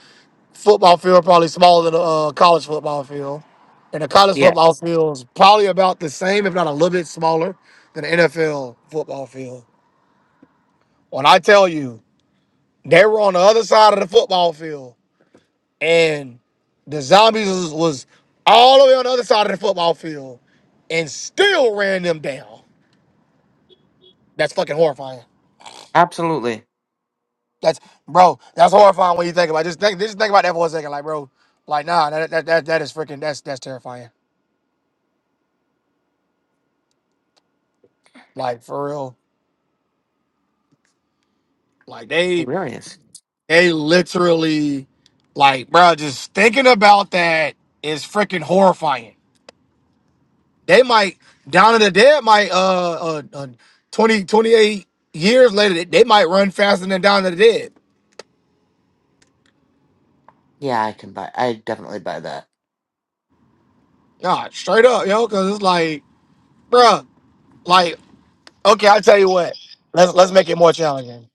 Speaker 2: football field probably smaller than a uh, college football field, and the college football
Speaker 1: Yes.
Speaker 2: field is probably about the same, if not a little bit smaller, than the NFL football field. When I tell you they were on the other side of the football field, and the zombies was, was all the way on the other side of the football field, and still ran them down. That's fucking horrifying.
Speaker 1: Absolutely.
Speaker 2: That's bro. That's horrifying when you think about. It. Just think. Just think about that for a second, like bro. Like nah, that that that, that is freaking. That's that's terrifying. Like for real. Like they
Speaker 1: Hilarious.
Speaker 2: They literally, like, bro, just thinking about that is freaking horrifying. They might, down in the dead, might, uh, uh, uh 20, twenty-eight years later, they they might run faster than down in the dead.
Speaker 1: Yeah, I can buy. I definitely buy that.
Speaker 2: Nah, straight up, yo, because it's like, bruh, like, okay, i tell you what. Let's, let's make it more challenging.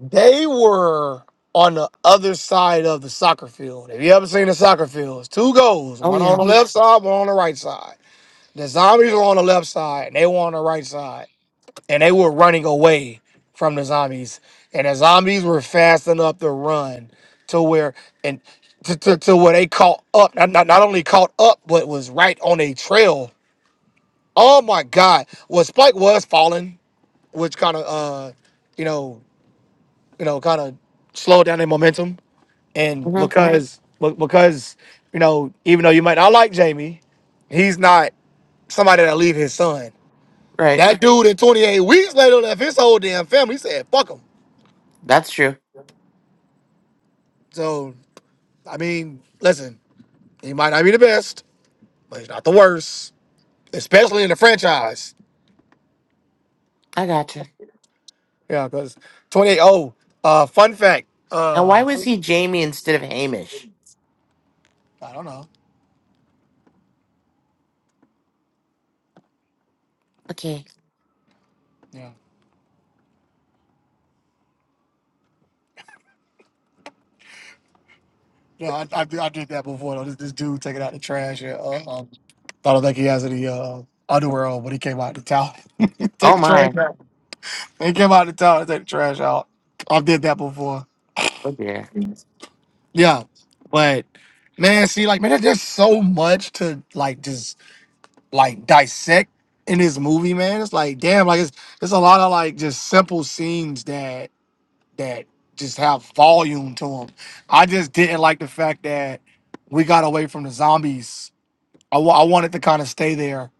Speaker 2: They were on the other side of the soccer field. Have you ever seen a soccer field? It's two goals,
Speaker 1: Oh
Speaker 2: one on
Speaker 1: yeah.
Speaker 2: the left side, one on the right side. The zombies were on the left side and they were on the right side. And they were running away from the zombies. And the zombies were fast enough to run to where and to, to, to where they caught up. Not, not, not only caught up, but was right on a trail. Oh my God. Well Spike was falling, which kinda uh you know, you know, kinda slowed down their momentum. And
Speaker 1: Mm-hmm.
Speaker 2: because be- because, you know, even though you might not like Jamie, he's not somebody that'll leave his son.
Speaker 1: Right.
Speaker 2: That dude in 28 weeks later left his whole damn family. He said, fuck him.
Speaker 1: That's true.
Speaker 2: So, I mean, listen, he might not be the best, but he's not the worst, especially in the franchise.
Speaker 1: I gotcha.
Speaker 2: Yeah, because 28 oh, uh, fun fact.
Speaker 1: And why
Speaker 2: Um,
Speaker 1: was he Jamie instead of Hamish?
Speaker 2: I don't know.
Speaker 1: Okay.
Speaker 2: Yeah. Yeah, I, I, did- I did that before though. This, this dude taking out the trash. Yeah, uh, um, I don't think he has any uh, underwear on, but he came out the towel. (laughs) take
Speaker 1: Oh
Speaker 2: the trash
Speaker 1: my.
Speaker 2: out. He came out the towel to take the trash out. I did that before.
Speaker 1: Oh dear.
Speaker 2: Yeah, but man, see, like, man, there's just so much to like, just like dissect in this movie, man. It's like, damn, like it's it's a lot of like just simple scenes that that just have volume to them. I just didn't like the fact that we got away from the zombies. I wa- I wanted to kind of stay there,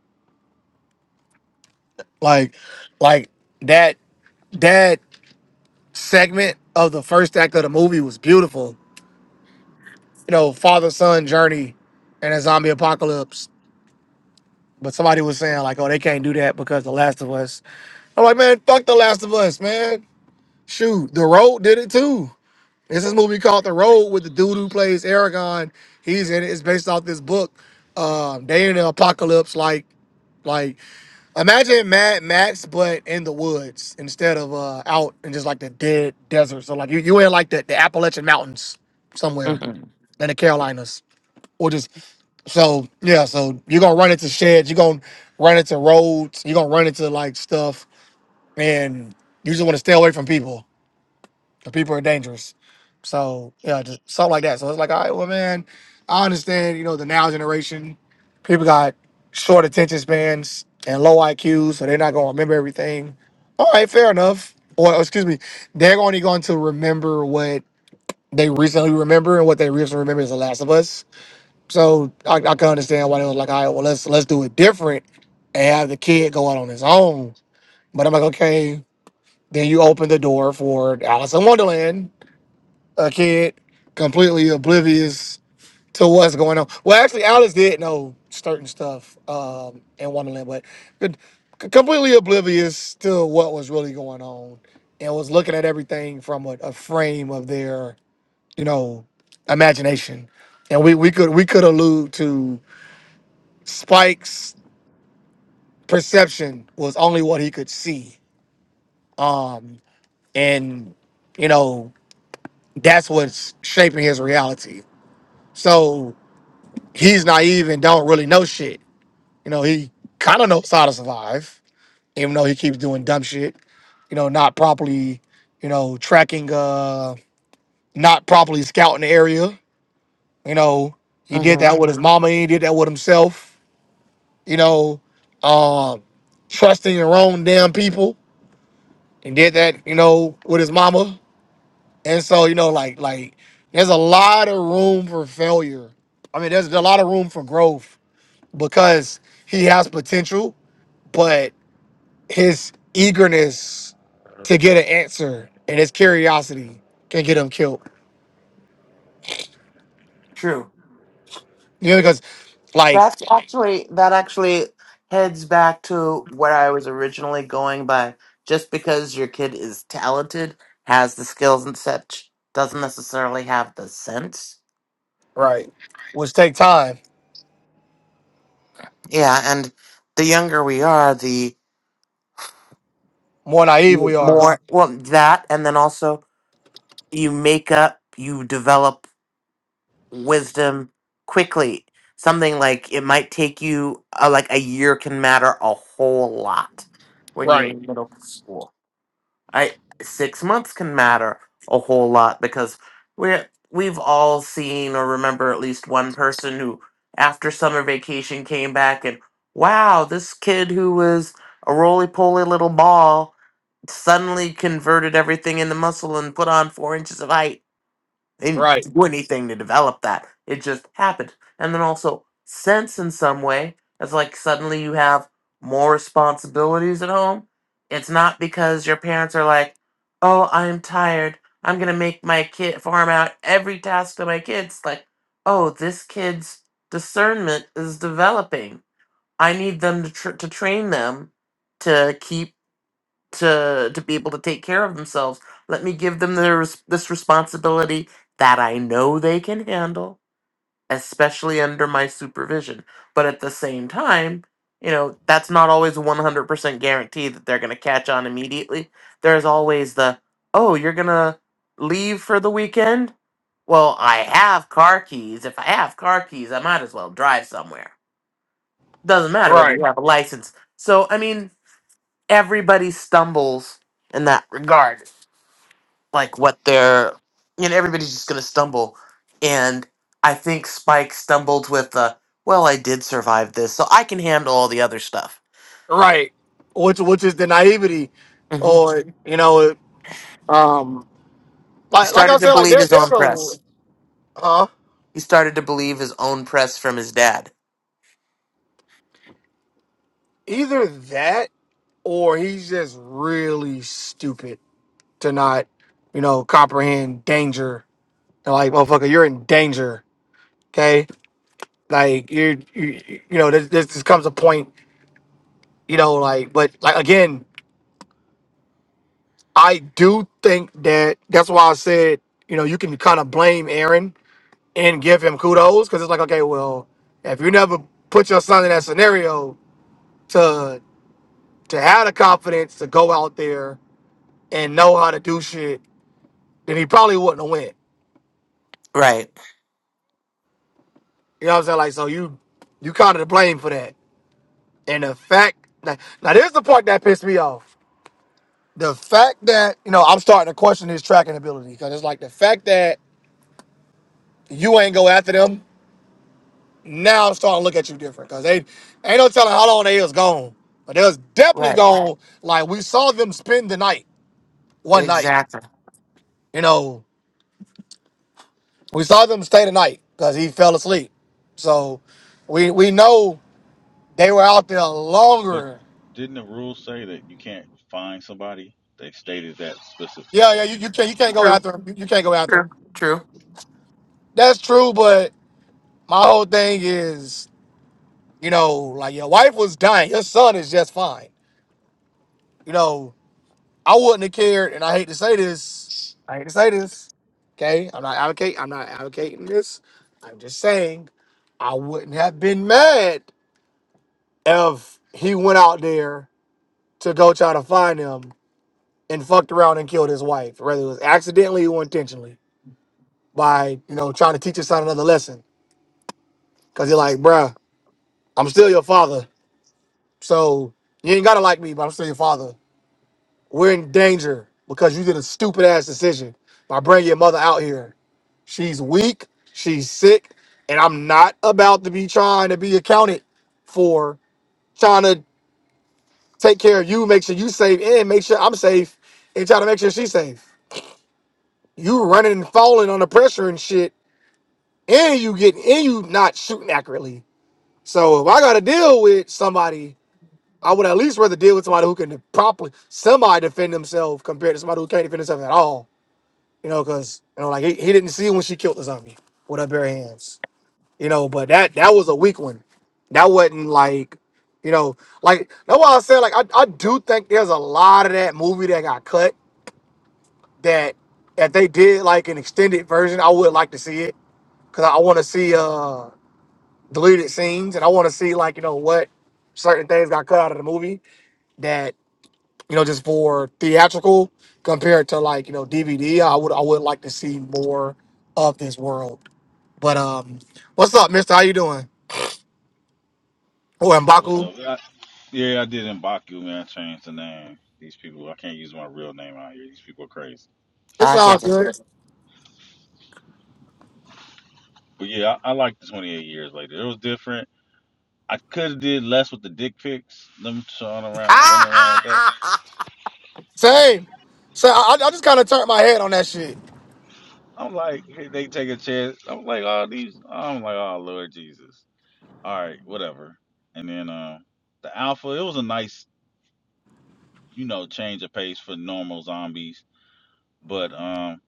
Speaker 2: like, like that that segment of the first act of the movie was beautiful. You know, father son journey and a zombie apocalypse But somebody was saying like, oh, they can't do that because The Last of Us. I'm like, man, fuck The Last of Us, man. Shoot, The Road did it too. There's this movie called The Road with the dude who plays Aragon. He's in it. It's based off this book. Um, they in the apocalypse, like, like imagine Mad Max, but in the woods instead of uh out in just like the dead desert. So like you you in like the, the Appalachian Mountains somewhere
Speaker 1: Mm-hmm.
Speaker 2: in the Carolinas, or just so yeah, so you're gonna run into sheds, you're gonna run into roads, you're gonna run into like stuff, and you just want to stay away from people. The people are dangerous. So yeah, just something like that. So it's like, all right, well, man, I understand. You know, the now generation, people got short attention spans and low IQs, so they're not gonna remember everything. All right, fair enough. Or excuse me, they're only going to remember what they recently remember, and what they recently remember is The Last of Us so I, I can understand why they was like, all right, well let's let's do it different and have the kid go out on his own. But I'm like, okay, then you open the door for Alice in Wonderland, a kid completely oblivious to what's going on. Well, actually, Alice did know certain stuff um, in Wonderland, but c- c- completely oblivious to what was really going on and was looking at everything from a, a frame of their, you know, imagination. And we, we could we could allude to Spike's perception was only what he could see. Um, and you know, that's what's shaping his reality. So he's naive and don't really know shit. You know, he kind of knows how to survive, even though he keeps doing dumb shit. You know, not properly, you know, tracking, uh, not properly scouting the area. You know, he did
Speaker 1: Mm-hmm.
Speaker 2: that with his mama. He did that with himself. You know, um, trusting the wrong damn people and did that, you know, with his mama. And so, you know, like like there's a lot of room for failure. I mean, there's a lot of room for growth because he has potential, but his eagerness to get an answer and his curiosity can get him killed.
Speaker 1: True.
Speaker 2: You know, because like
Speaker 1: That's actually that actually heads back to where I was originally going by just because your kid is talented, has the skills and such, doesn't necessarily have the sense.
Speaker 2: right, which take time.
Speaker 1: Yeah, and the younger we are, the
Speaker 2: More naive we are.
Speaker 1: more well that and then also you make up, you develop wisdom quickly. Something like it might take you uh, like a year can matter a whole lot when you're
Speaker 2: Right,
Speaker 1: in middle school. I six months can matter a whole lot because we we've all seen or remember at least one person who after summer vacation came back and wow, this kid who was a roly poly little ball suddenly converted everything into muscle and put on four inches of height they didn't
Speaker 2: right,
Speaker 1: do anything to develop that. It just happened. And then also sense in some way. It's like suddenly you have more responsibilities at home. It's not because your parents are like, "Oh, I'm tired. I'm gonna make my kid farm out every task to my kids." Like, oh, this kid's discernment is developing. I need them to tr- to train them to keep to to be able to take care of themselves. Let me give them their, res- this responsibility that I know they can handle, especially under my supervision. But at the same time, you know, that's not always a 100% guarantee that they're going to catch on immediately. There's always the, "Oh, you're going to leave for the weekend?" Well, I have car keys. If I have car keys, I might as well drive somewhere. Doesn't matter whether
Speaker 2: right,
Speaker 1: you have a license. So, I mean, everybody stumbles in that regard like what they're you know everybody's just gonna stumble and i think spike stumbled with the well i did survive this so i can handle all the other stuff
Speaker 2: right. Which which is the naivety,
Speaker 1: hmm
Speaker 2: or you know, um,
Speaker 1: he
Speaker 2: Like like I
Speaker 1: started to
Speaker 2: said, like
Speaker 1: believe
Speaker 2: there
Speaker 1: his
Speaker 2: there's
Speaker 1: own
Speaker 2: a
Speaker 1: press
Speaker 2: huh?
Speaker 1: he started to believe his own press from his dad
Speaker 2: Either that or he's just really stupid to not, you know, comprehend danger. And like, motherfucker, you're in danger. Okay, like you're you, you know, this this this comes a point, you know, like, but like again, I do think that that's why I said, you know, you can kind of blame Aaron and give him kudos because it's like, okay, well, if you never put your son in that scenario to. to have the confidence to go out there and know how to do shit, then he probably wouldn't have went.
Speaker 1: right
Speaker 2: You know what I'm saying? Like, so you you kind of to blame for that. And the fact that now there's the part that pissed me off. The fact that you know I'm starting to question his tracking ability because it's like the fact that you ain't go after them. Now I'm starting to look at you different because they ain't no telling how long they was gone, but they was definitely
Speaker 1: right
Speaker 2: gone. Like we saw them spend the night one night.
Speaker 1: exactly
Speaker 2: You know. We saw them stay the night because he fell asleep. So we we know they were out there
Speaker 4: But
Speaker 2: longer.
Speaker 4: didn't the rules say that you can't find somebody? They stated that specific.
Speaker 2: Yeah, yeah, you, you can't you can't go
Speaker 1: true
Speaker 2: after him. You, you can't go after
Speaker 1: true
Speaker 2: him.
Speaker 1: true
Speaker 2: That's true, but my whole thing is, you know, like your wife was dying, your son is just fine. You know, I wouldn't have cared, and I hate to say this. I hate to say this. Okay, I'm not advocating. I'm not advocating this. I'm just saying, I wouldn't have been mad if he went out there to go try to find him and fucked around and killed his wife, whether it was accidentally or intentionally, by you know trying to teach his son another lesson. Cause you're like, bruh, I'm still your father, so you ain't gotta like me, but I'm still your father. We're in danger because you did a stupid ass decision by bringing your mother out here. She's weak, she's sick, and I'm not about to be trying to be accounted for trying to take care of you, make sure you safe, and make sure I'm safe, and try to make sure she's safe. You running and falling on the pressure and shit and you getting and you not shooting accurately. So if I got to deal with somebody, I would at least rather deal with somebody who can properly somebody defend themselves compared to somebody who can't defend himself at all. You know, because you know, like he, he didn't see when she killed the zombie with her bare hands. You know, but that that was a weak one. That wasn't like, you know, like that's why I said like I, I do think there's a lot of that movie that got cut that that they did like an extended version, I would like to see it because I want to see. uh deleted scenes, and I want to see like you know what certain things got cut out of the movie that you know just for theatrical compared to like you know DVD. I would I would like to see more of this world. But um, what's up, Mister? How you doing? Oh, and
Speaker 4: What's
Speaker 2: Baku,
Speaker 4: up? I, yeah, I did in Baku, man. I changed the name. These people, I can't use my real name out here. These people are crazy.
Speaker 2: it's
Speaker 1: i
Speaker 2: all
Speaker 1: get it
Speaker 2: good.
Speaker 4: But yeah, I, I like the 28 years later. It was different. I could have did less with the dick pics, them showing
Speaker 1: (laughs)
Speaker 4: around, running around with that.
Speaker 1: i
Speaker 2: Same. So I, I just kind of turned my head on that shit.
Speaker 4: I'm like, hey, they take a chance. I'm like, oh, these. I'm like, oh, Lord Jesus. All right, whatever. And then uh, the alpha, it was a nice, you know, change of pace for normal zombies But um,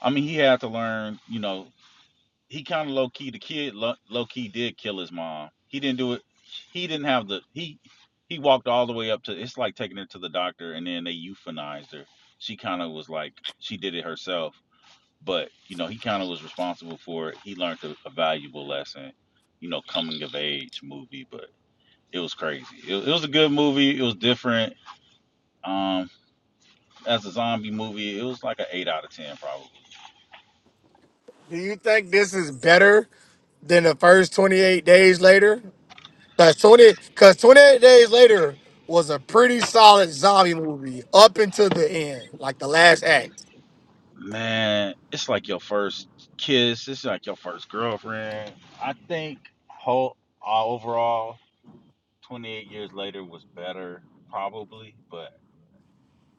Speaker 4: I mean, he had to learn. You know, he kind of low key. The kid low, low key did kill his mom. He didn't do it. He didn't have the he. He walked all the way up to. It's like taking her to the doctor, and then they euthanized her. She kind of was like she did it herself. But you know, he kind of was responsible for it. He learned a, a valuable lesson. You know, coming of age movie, but it was crazy. It, it was a good movie. It was different. Um, as a zombie movie, it was like an eight out of ten probably.
Speaker 2: Do you think this is better than the first 28 days later? That twenty, cause twenty eight days later was a pretty solid zombie movie up until the end, like the last act.
Speaker 4: Man, it's like your first kiss. It's like your first girlfriend. I think whole uh, overall, 28 years later was better probably, but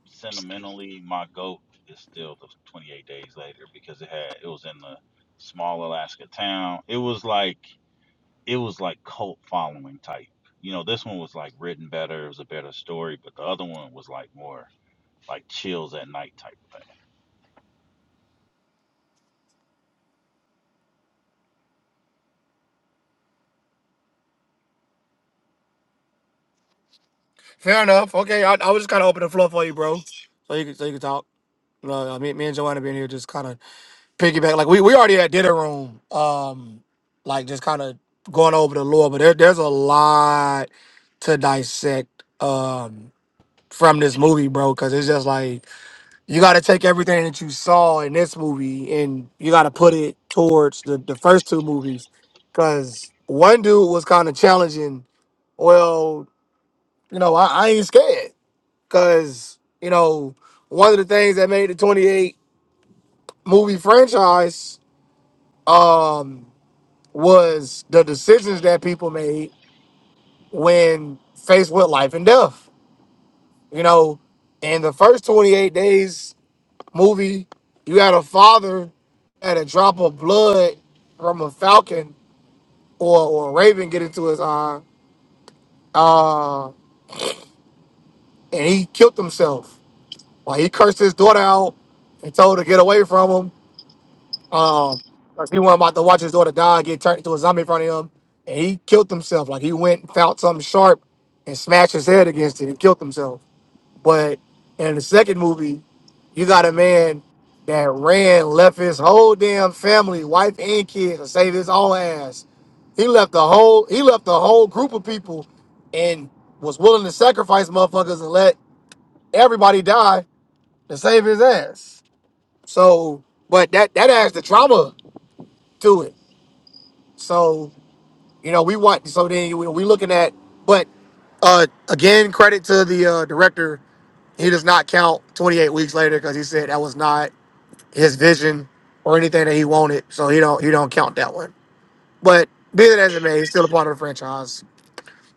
Speaker 4: sentimentally, my goat is still the 28 days later because it had it was in the small Alaska town. It was like it was like cult following type. You know, this one was like written better. It was a better story, but the other one was like more like chills at night type of thing.
Speaker 2: Fair enough. Okay, I, I was just kind of opening the floor for you, bro, so you could so you could talk. Uh, uh, me, me and Joanna being here just kind of piggyback. Like we we already had dinner room, um, like just kind of going over the lore, but there, there's a lot to dissect um from this movie, bro, because it's just like you got to take everything that you saw in this movie and you got to put it towards the, the first two movies because one dude was kind of challenging well you know i, I ain't scared because you know one of the things that made the 28 movie franchise um was the decisions that people made when faced with life and death you know in the first 28 days movie, you had a father had a drop of blood from a falcon or, or a raven get into his eye, and he killed himself. Like he cursed his daughter out and told her to get away from him. Um, like he wasn't about to watch his daughter die and get turned into a zombie in front of him, and he killed himself. Like he went and found something sharp and smashed his head against it and killed himself. But in the second movie, You got a man that ran, left his whole damn family, wife and kids, to save his own ass. He left the whole he left the whole group of people and was willing to sacrifice motherfuckers and let everybody die to save his ass. So, but that that adds the trauma to it. So, you know, we want so then we we looking at but uh again credit to the uh director. He does not count 28 weeks later because he said that was not his vision or anything that he wanted. So he don't he don't count that one. But be that as it may, he's still a part of the franchise,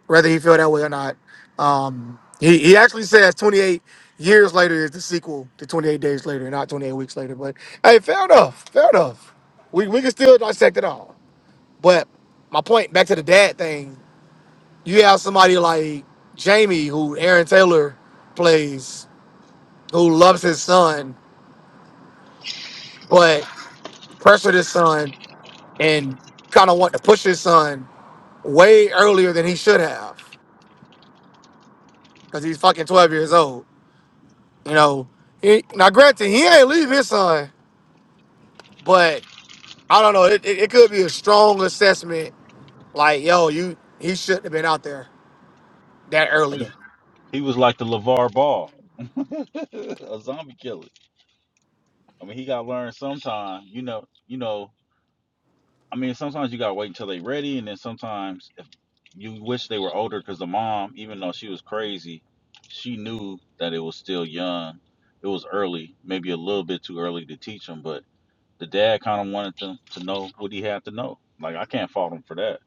Speaker 2: whether he feel that way or not. Um, he he actually says 28 years later is the sequel to 28 days later, not 28 weeks later. But hey, fair enough, fair enough. We we can still dissect it all. But my point back to the dad thing, you have somebody like Jamie who Aaron Taylor plays, who loves his son, but pressured his son and kind of want to push his son way earlier than he should have because he's fucking 12 years old. You know, he, now granted, he ain't leave his son, but I don't know. It, it, it could be a strong assessment like, yo, you he shouldn't have been out there that
Speaker 4: I
Speaker 2: early.
Speaker 4: mean, he was like the LeVar Ball. (laughs) a zombie killer. I mean, he gotta learn sometime. You know, you know. I mean, sometimes you gotta wait until they ready, and then sometimes if you wish they were older, because the mom, even though she was crazy, she knew that it was still young. It was early, maybe a little bit too early to teach him, but the dad kind of wanted them to know what he had to know. Like I can't fault him for that.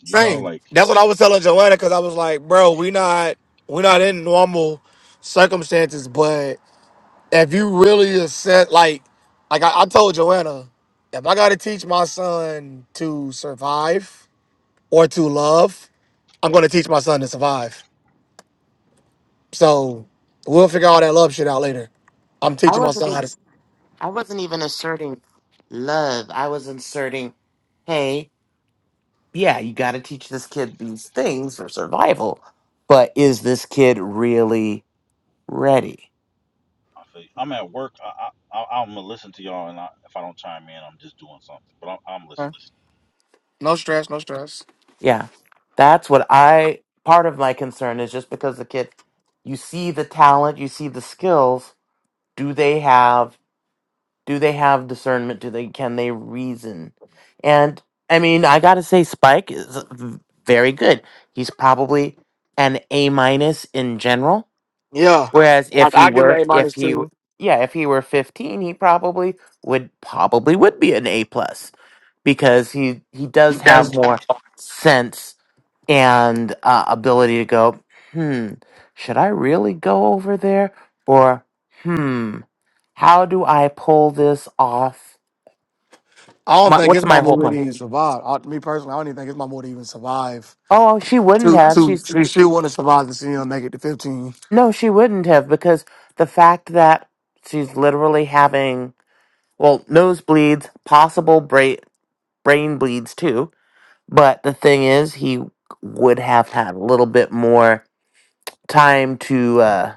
Speaker 4: You know,
Speaker 2: Same.
Speaker 4: like
Speaker 2: That's what I was telling Joanna because I was like, bro, we not we not in normal circumstances, but if you really assess, like, like I, I told Joanna, if I got to teach my son to survive or to love, I'm going to teach my son to survive. So we'll figure all that love shit out later. I'm teaching my
Speaker 1: wasn't
Speaker 2: son how
Speaker 1: even
Speaker 2: to.
Speaker 1: i wasn't even asserting love i was inserting hey yeah, you got to teach this kid these things for survival, but is this kid really ready?
Speaker 4: I feel, I'm at work. I, I, I I'm gonna listen to y'all, and I, if I don't chime in, I'm just doing something. But I'm, I'm
Speaker 2: survive.
Speaker 4: listening.
Speaker 2: No stress, no stress.
Speaker 1: Yeah. That's what I part of my concern is just because the kid you see the talent, you see the skills, do they have do they have discernment? Do they can they reason? And I mean, I got to say Spike is very good. He's probably an A minus in general
Speaker 2: Yeah,
Speaker 1: Whereas
Speaker 2: I,
Speaker 1: if he
Speaker 2: I give him an
Speaker 1: were,
Speaker 2: A
Speaker 1: if
Speaker 2: minus
Speaker 1: he, w-
Speaker 2: two.
Speaker 1: yeah, if he were 15, he probably would probably would be an A plus because he he does
Speaker 2: Yes.
Speaker 1: have more sense and uh, ability to go. Hmm, should I really go over there, or hmm, how do I pull this off?
Speaker 2: I don't
Speaker 1: My,
Speaker 2: think his
Speaker 1: what's my
Speaker 2: mama
Speaker 1: whole
Speaker 2: would
Speaker 1: plan?
Speaker 2: even survive. I, me personally, I don't even think his mama would even survive.
Speaker 1: Oh, she wouldn't
Speaker 2: To
Speaker 1: have.
Speaker 2: to
Speaker 1: She's
Speaker 2: she, she wouldn't survive to see him make it to 15.
Speaker 1: no, she wouldn't have because the fact that she's literally having well nosebleeds, possible break brain bleeds too. But the thing is, he would have had a little bit more time to uh,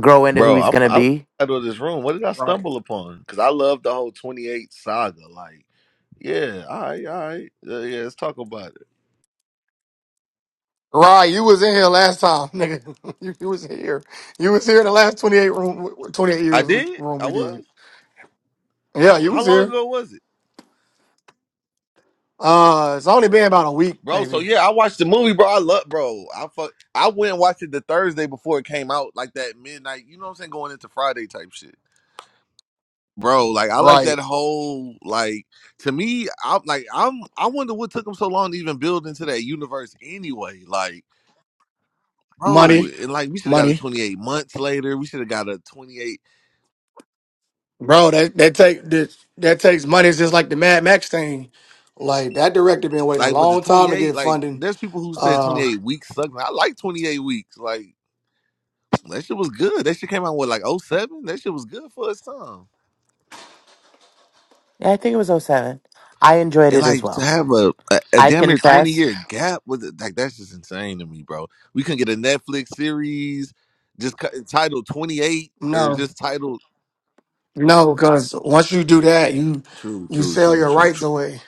Speaker 1: grow into who
Speaker 5: Bro,
Speaker 1: he's
Speaker 5: I'm
Speaker 1: going to
Speaker 5: I
Speaker 1: be.
Speaker 5: out of this room. What did I
Speaker 2: Right.
Speaker 5: stumble upon? Because I love the whole 28 saga. Like, yeah, all right, all right. Uh, yeah, let's talk about it.
Speaker 2: Right, you was in here last time, (laughs) nigga. You, you was here. You was here in the last 28 room, 28
Speaker 5: I
Speaker 2: years which
Speaker 5: did?
Speaker 2: room
Speaker 5: I
Speaker 2: we
Speaker 5: was?
Speaker 2: did. Yeah, you
Speaker 5: How
Speaker 2: was
Speaker 5: long
Speaker 2: here.
Speaker 5: ago was it?
Speaker 2: Uh, it's only been about a week,
Speaker 5: Bro, so
Speaker 2: maybe.
Speaker 5: yeah, I watched the movie, bro. I love bro. I fuck I went and watched it the Thursday before it came out, like that midnight, you know what I'm saying, going into Friday type shit. Bro, like I like that
Speaker 2: Right.
Speaker 5: whole like to me, I'm like I'm I wonder what took them so long to even build into that universe anyway. Like bro,
Speaker 2: Money,
Speaker 5: and like we should have got a
Speaker 2: money,
Speaker 5: 28 months later. We should have got a 28,
Speaker 2: bro. That that take that, that takes money. It's just like the Mad Max thing. Like that director been waiting a
Speaker 5: like, but the
Speaker 2: long time to
Speaker 5: 28,
Speaker 2: get
Speaker 5: like,
Speaker 2: funding.
Speaker 5: there's people who said
Speaker 2: Uh,
Speaker 5: 28 weeks sucks. I like 28 weeks. Like, that shit was good. That shit came out with like oh 07. That shit was good for its time.
Speaker 1: Yeah, I think it was oh seven. I enjoyed
Speaker 5: And
Speaker 1: it as
Speaker 5: like to
Speaker 1: well.
Speaker 5: have a, a, a
Speaker 1: I
Speaker 5: damn near 20
Speaker 1: confess.
Speaker 5: year gap with it, like, that's just insane to me, bro. We couldn't get a Netflix series just cu- titled 28 or
Speaker 2: no,
Speaker 5: just titled.
Speaker 2: no, because once you do that, you
Speaker 5: True,
Speaker 2: you
Speaker 5: true,
Speaker 2: sell
Speaker 5: true,
Speaker 2: your
Speaker 5: true,
Speaker 2: rights
Speaker 5: true.
Speaker 2: away.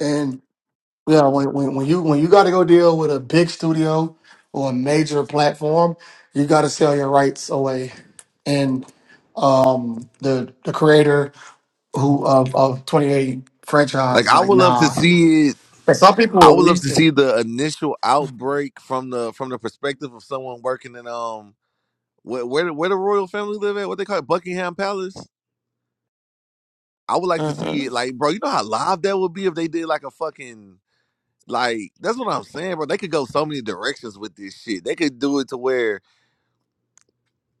Speaker 2: And yeah, when when, when you when you got to go deal with a big studio or a major platform, you got to sell your rights away. And um, the the creator who of of 28
Speaker 5: Like
Speaker 2: franchise
Speaker 5: I
Speaker 2: like
Speaker 5: would love to
Speaker 2: nah
Speaker 5: see it
Speaker 2: And some people
Speaker 5: I
Speaker 2: will
Speaker 5: would love
Speaker 2: release
Speaker 5: to
Speaker 2: it
Speaker 5: see the initial
Speaker 1: hmm
Speaker 5: outbreak from the from the perspective of someone working in um where where the, where the royal family live at what they call it Buckingham Palace. I would like to see
Speaker 1: Mm
Speaker 5: it like bro, you know how live that would be if they did like a fucking like that's what I'm saying, bro. They could go so many directions with this shit. They could do it to where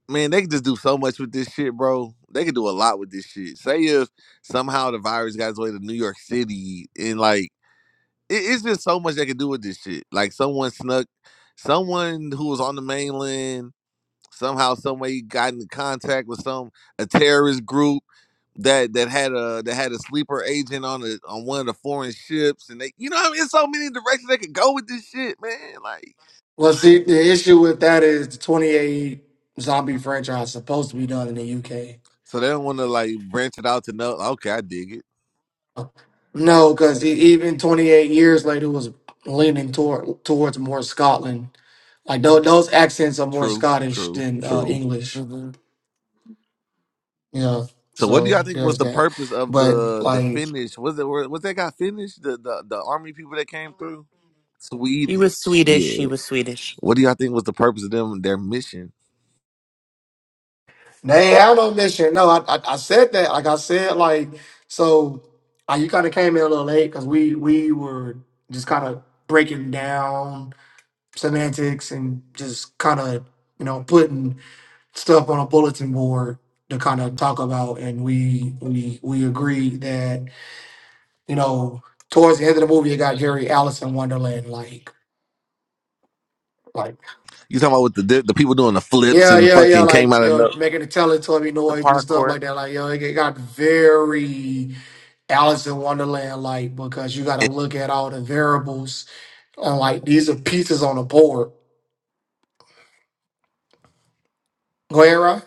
Speaker 5: man, they could just do so much with this shit, bro. They could do a lot with this shit. Say if somehow the virus got its way to New York City and like it, it's just so much they can do with this shit. Like someone snuck, someone who was on the mainland somehow, some way got in contact with some a terrorist group that that had a that had a sleeper agent on the on one of the foreign ships, and they, you know, what I mean, it's so many directions they could go with this shit, man. Like,
Speaker 2: well see the issue with that is the 28 zombie franchise is supposed to be done in the
Speaker 5: so they don't want to like branch it out to know. Okay, I dig it.
Speaker 2: uk no because even 28 years later was leaning toward towards more scotland like those, those accents are more
Speaker 5: True,
Speaker 2: scottish
Speaker 5: true,
Speaker 2: than uh
Speaker 5: true.
Speaker 2: english
Speaker 1: hmm
Speaker 2: yeah
Speaker 5: So what do y'all
Speaker 2: so
Speaker 5: think was
Speaker 2: there's
Speaker 5: the
Speaker 2: that
Speaker 5: purpose of
Speaker 2: but
Speaker 5: the the
Speaker 2: like
Speaker 5: Finnish? Was it was that guy Finnish? The, the the army people that came through
Speaker 1: He was
Speaker 5: Swedish,
Speaker 1: Swedish. She
Speaker 5: yeah.
Speaker 1: was Swedish.
Speaker 5: What do y'all think was the purpose of them their mission?
Speaker 2: They ain't have no mission. No, I, I I said that. Like I said, like so. Uh, you kind of came in a little late because we we were just kind of breaking down semantics and just kind of you know putting stuff on a bulletin board to kind of talk about. And we we we agreed that you know towards the end of the movie it got very Alice in Wonderland like. Like
Speaker 5: You talking about with the di- the people doing the flips
Speaker 2: yeah
Speaker 5: and
Speaker 2: yeah yeah
Speaker 5: fucking came
Speaker 2: like
Speaker 5: out
Speaker 2: you
Speaker 5: of
Speaker 2: know
Speaker 5: no?
Speaker 2: making the teletubby
Speaker 1: The
Speaker 2: noise and stuff
Speaker 1: parkour.
Speaker 2: like that like yo it got very Alice in Wonderland like because you got to look at all the variables on like these are pieces on the board. Go ahead, Ryan.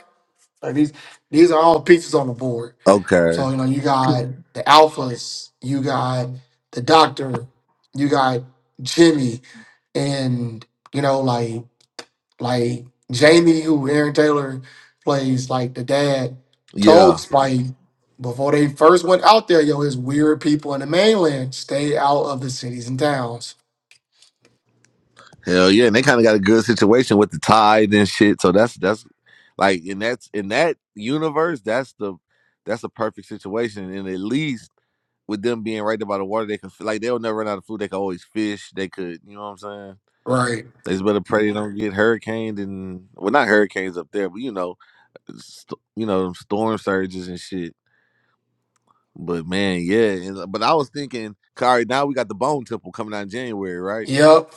Speaker 2: Like these these are all pieces on the board.
Speaker 5: Okay,
Speaker 2: So you know you got the alphas, you got the doctor, you got Jimmy, and you know like like Jamie who Aaron Taylor plays like the dad told
Speaker 5: yeah,
Speaker 2: Spike before they first went out there, yo, it's weird people in the mainland stay out of the cities and towns
Speaker 5: hell yeah, and they kind of got a good situation with the tide and shit. So that's that's like and that's in that universe, that's the that's a perfect situation, and at least. with them being right there by the water, they could like they'll never run out of food. They could always fish. They could, you know what I'm saying?
Speaker 2: Right.
Speaker 5: They just better pray they don't get hurricaned and well, not hurricanes up there, but you know, st- you know, them storm surges and shit. But man, yeah. And, uh, but I was thinking, Kari, now we got the Bone Temple coming out in January, right?
Speaker 2: Yep.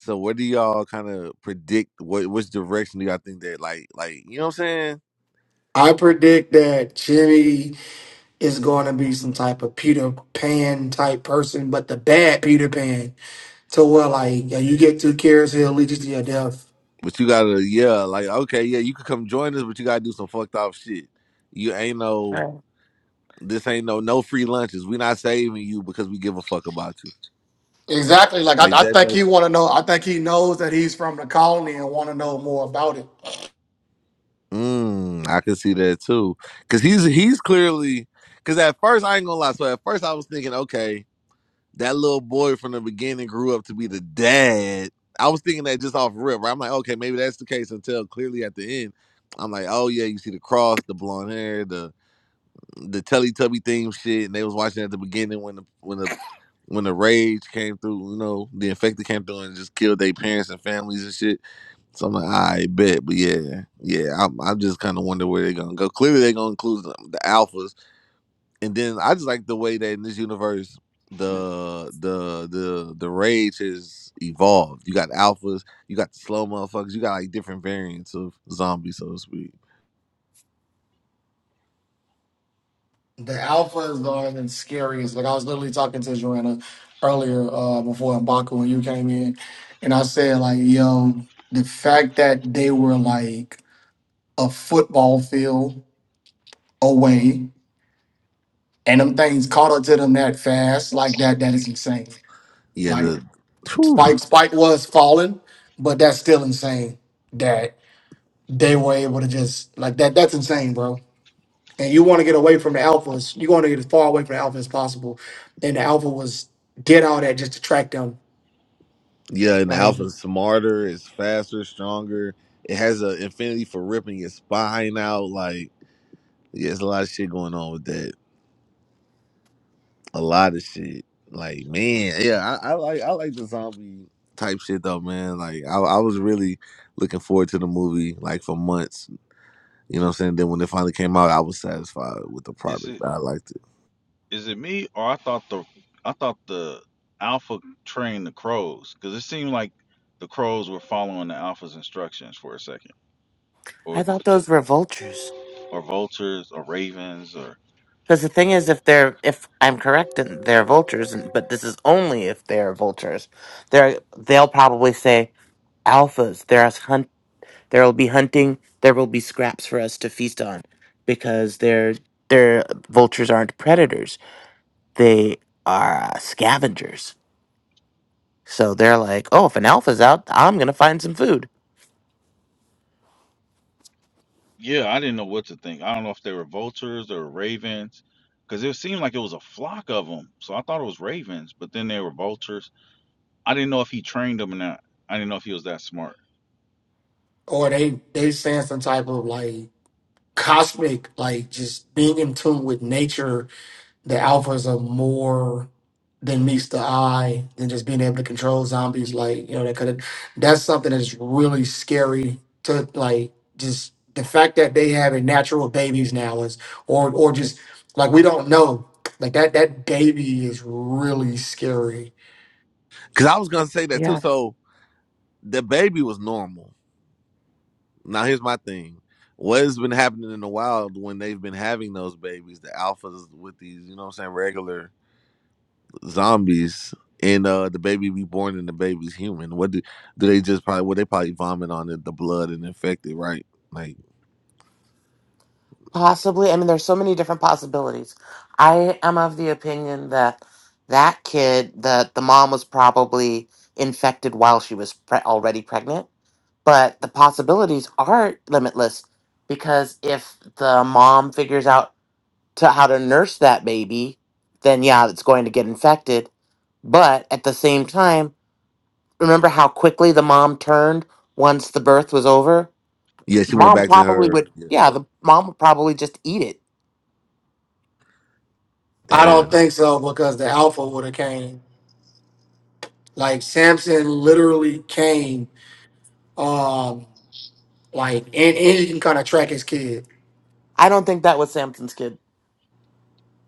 Speaker 5: So what do y'all kind of predict? What which direction do y'all think that like like you know what I'm saying?
Speaker 2: I predict that Jimmy is going to be some type of Peter Pan type person, but the bad Peter Pan. To where like yeah, you get two cares, he'll lead you to your death.
Speaker 5: But you gotta yeah, like okay, yeah, you could come join us, but you gotta do some fucked off shit. You ain't no.
Speaker 1: Right.
Speaker 5: This ain't no no free lunches. We not saving you because we give a fuck about you.
Speaker 2: Exactly. Like I,
Speaker 5: Like
Speaker 2: I
Speaker 5: that
Speaker 2: think
Speaker 5: type.
Speaker 2: he want to know. I think he knows that he's from the colony and want to know more about it.
Speaker 5: Of, mm, I can see that too. Cause he's he's clearly. Cause at first I ain't gonna lie. So at first I was thinking, okay, that little boy from the beginning grew up to be the dad. I was thinking that just off rip. Right? I'm like, okay, maybe that's the case. Until clearly at the end, I'm like, oh yeah, you see the cross, the blonde hair, the the Teletubby theme shit, and they was watching at the beginning when the when the when the rage came through, you know, the infected came through and just killed their parents and families and shit. So I'm like, I bet, but yeah, yeah, I'm, I just kind of wonder where they're gonna go. Clearly, they're gonna include the, the alphas, and then I just like the way that in this universe, the the the the rage has evolved. You got alphas, you got the slow motherfuckers, you got like different variants of zombies, so to speak.
Speaker 2: The alphas aren't even scary. Like I was literally talking to Joanna earlier uh, before Mbaku when you came in, and I said like, yo, the fact that they were like a football field away, and them things caught up to them that fast like that. That is insane.
Speaker 5: Yeah,
Speaker 2: Like
Speaker 5: the whew,
Speaker 2: Spike, Spike was falling, but that's still insane that they were able to just like that. That's insane, bro. And you want to get away from the alphas. You want to get as far away from the alpha as possible. And the alpha was get all that just to track them.
Speaker 5: Yeah, and the
Speaker 2: Like
Speaker 5: Alpha is smarter, it's faster, stronger. It has an infinity for ripping your spine out. Like, yeah, there's a lot of shit going on with that. A lot of shit. Like, man, yeah, I, I like I like the zombie type shit though, man. Like, I, I was really looking forward to the movie like for months. You know what I'm saying? Then when it finally came out, I was satisfied with the
Speaker 4: Is it?
Speaker 5: product. I liked it
Speaker 4: Is it me or I thought the I thought the alpha trained the crows because it seemed like the crows were following the alpha's instructions for a second, or
Speaker 1: I thought those were vultures.
Speaker 4: or vultures or ravens or
Speaker 1: Because the thing is, if they're, if I'm correct, and they're vultures, and, but this is only if they're vultures. They're, they'll probably say alphas. They're us There will be hunting. There will be scraps for us to feast on because they're, they're vultures aren't predators. They are uh, scavengers. So they're like, oh, if an alpha's out, I'm going to find some food.
Speaker 4: yeah, I didn't know what to think. I don't know if they were vultures or ravens because it seemed like it was a flock of them, so I thought it was ravens, but then they were vultures. I didn't know if he trained them or not. I didn't know if he was that smart.
Speaker 2: Or they they saying some type of like cosmic, like just being in tune with nature the alphas are more than meets the eye than just being able to control zombies. Like you know, that could have that's something that's really scary to like just the fact that they having natural babies now is or or just like we don't know like that that baby is really scary.
Speaker 5: because I was gonna say that too.
Speaker 1: Yeah.
Speaker 5: So the baby was normal. Now here's my thing. What has been happening in the wild when they've been having those babies, the alphas with these, you know what I'm saying, regular zombies and uh the baby be born and the baby's human. What do do they just probably well they probably vomit on it the blood and infect it, right? Like
Speaker 1: Possibly. I mean, there's so many different possibilities. I am of the opinion that that kid, that the mom was probably infected while she was pre- already pregnant. But the possibilities are limitless because if the mom figures out to how to nurse that baby, then yeah, it's going to get infected. But at the same time, remember how quickly the mom turned once the birth was over?
Speaker 5: yeah, she went
Speaker 1: Mom
Speaker 5: back to
Speaker 1: probably
Speaker 5: her.
Speaker 1: would,
Speaker 5: Yeah.
Speaker 1: yeah, the mom would probably just eat it.
Speaker 2: I don't
Speaker 5: Damn.
Speaker 2: think so because the alpha would have came. Like Samson literally came. Um, like and, and you can kind of track his kid.
Speaker 1: I don't think that was Samson's kid.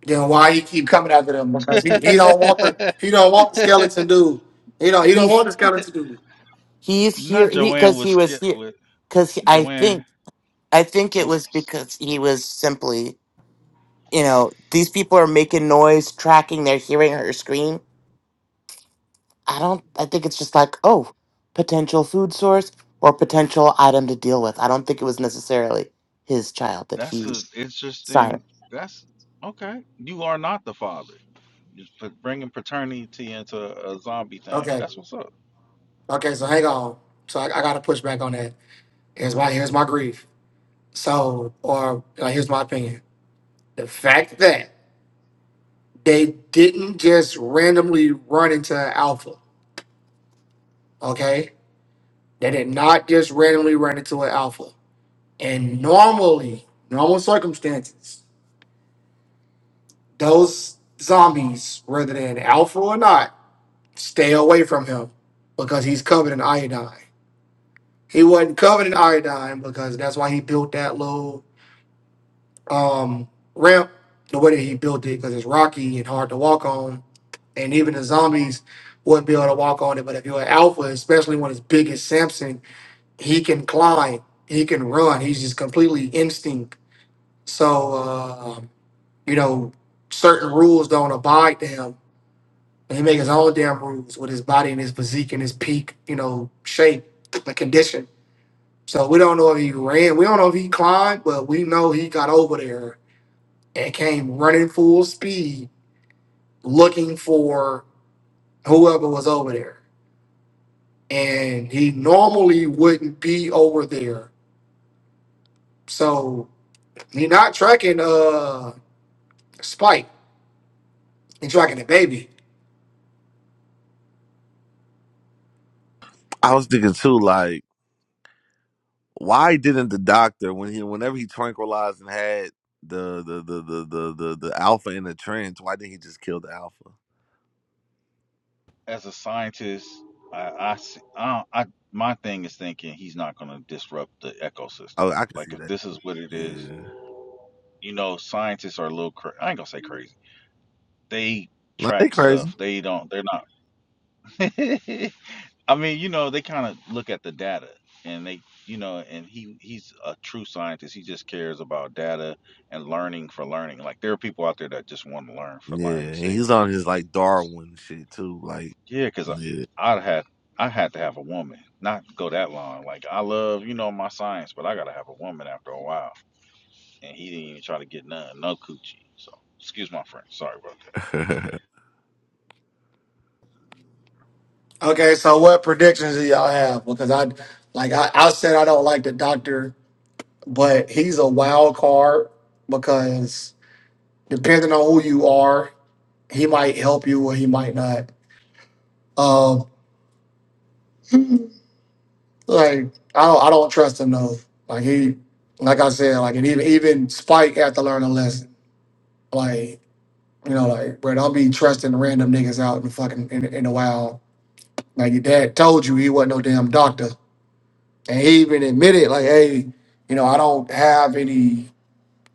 Speaker 2: Then why he keep coming after them? Because he, he don't want the
Speaker 4: (laughs)
Speaker 2: he don't want the skeleton dude. He don't he don't
Speaker 1: He's
Speaker 2: want the skeleton dude.
Speaker 1: he's
Speaker 4: Not
Speaker 1: here he
Speaker 4: Joanne
Speaker 1: because
Speaker 4: was
Speaker 1: he was
Speaker 4: scared.
Speaker 1: here
Speaker 4: With
Speaker 1: because I
Speaker 4: Joanne,
Speaker 1: think I think
Speaker 4: I'm
Speaker 1: it was because he was simply you know these people are making noise, tracking, they're hearing her scream I don't, I think it's just like, oh, potential food source or potential item to deal with. I don't think it was necessarily his child that
Speaker 4: That's
Speaker 1: he
Speaker 4: a
Speaker 1: sired.
Speaker 4: interesting. That's okay. You are not the father. You're put- bringing paternity into a zombie thing.
Speaker 2: Okay.
Speaker 4: That's what's up.
Speaker 2: Okay, so hang on. So I, I gotta push back on that. Here's my here's my grief. So or uh, here's my opinion. The fact that they didn't just randomly run into an alpha, okay? They did not just randomly run into an alpha. And normally, normal circumstances, those zombies, whether they're an alpha or not. Stay away from him because he's covered in iodine. He wasn't covered in iodine because that's why he built that little um, ramp the way that he built it because it's rocky and hard to walk on. And even the zombies wouldn't be able to walk on it. But if you're an alpha, especially when it's big as Samson, he can climb, he can run. He's just completely instinct. So, uh, you know, certain rules don't abide to him he make his own damn rules with his body and his physique and his peak, you know, shape, the condition. So we don't know if he ran, we don't know if he climbed, but we know he got over there and came running full speed looking for whoever was over there. And he normally wouldn't be over there. So he not tracking uh Spike. He tracking the baby.
Speaker 5: I was thinking too, like, why didn't the doctor when he whenever he tranquilized and had the the the the the the, the alpha in the trance, why didn't he just kill the alpha?
Speaker 4: As a scientist, I, I, s- I, I- my thing is thinking he's not going to disrupt the ecosystem.
Speaker 5: Oh, I can
Speaker 4: Like
Speaker 5: see
Speaker 4: if
Speaker 5: that.
Speaker 4: this is what it is,
Speaker 5: Yeah.
Speaker 4: you know, scientists are a little. Cra- I ain't gonna say crazy. They
Speaker 5: No, they
Speaker 4: track
Speaker 5: crazy.
Speaker 4: stuff. They don't. They're not. (laughs) I mean, you know, they kind of look at the data and they, you know, and he he's a true scientist. He just cares about data and learning for learning. Like there are people out there that just want to learn for
Speaker 5: Yeah,
Speaker 4: learning's
Speaker 5: and
Speaker 4: sake.
Speaker 5: he's on his like Darwin shit too. Like,
Speaker 4: Yeah, because I, I had I had to have a woman, not go that long. Like I love, you know, my science, but I gotta have a woman after a while. And he didn't even try to get none, no coochie. So excuse my friend, sorry about that.
Speaker 5: yeah,
Speaker 2: Okay, so what predictions do y'all have? Because I like I, I said I don't like the doctor but he's a wild card because depending on who you are, he might help you or he might not. Um, like I don't, I don't trust him though. Like he, like I said, like and even even Spike had to learn a lesson. Like you know, like bro, don't be trusting random niggas out in the fucking in, in the wild. Like your dad told you he wasn't no damn doctor, and he even admitted like, hey, you know, I don't have any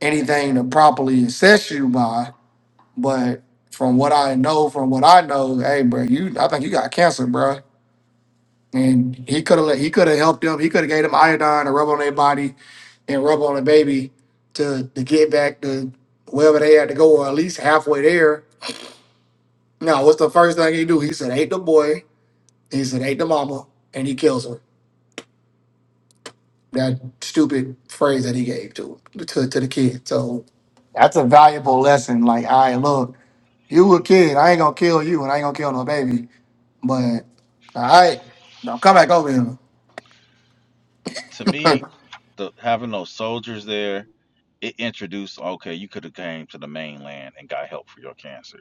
Speaker 2: anything to properly assess you by. But from what I know, from what I know, hey, bro, you, I think you got cancer, bro. And he could have, he could have helped them. He could have gave them iodine to rub on their body and rub on the baby to to get back to wherever they had to go, or at least halfway there. Now, what's the first thing he do? He said, "Hate the boy." He said, "Hate the mama," and he kills her. that stupid phrase that he gave to to, to the kid. So that's a valuable lesson. Like, all right, look, you a kid. I ain't gonna kill you, and I ain't gonna kill no baby. But all right, don't come back over
Speaker 4: To
Speaker 2: here
Speaker 4: me, the having those soldiers there, it introduced okay, you could have came to the mainland and got help for your cancer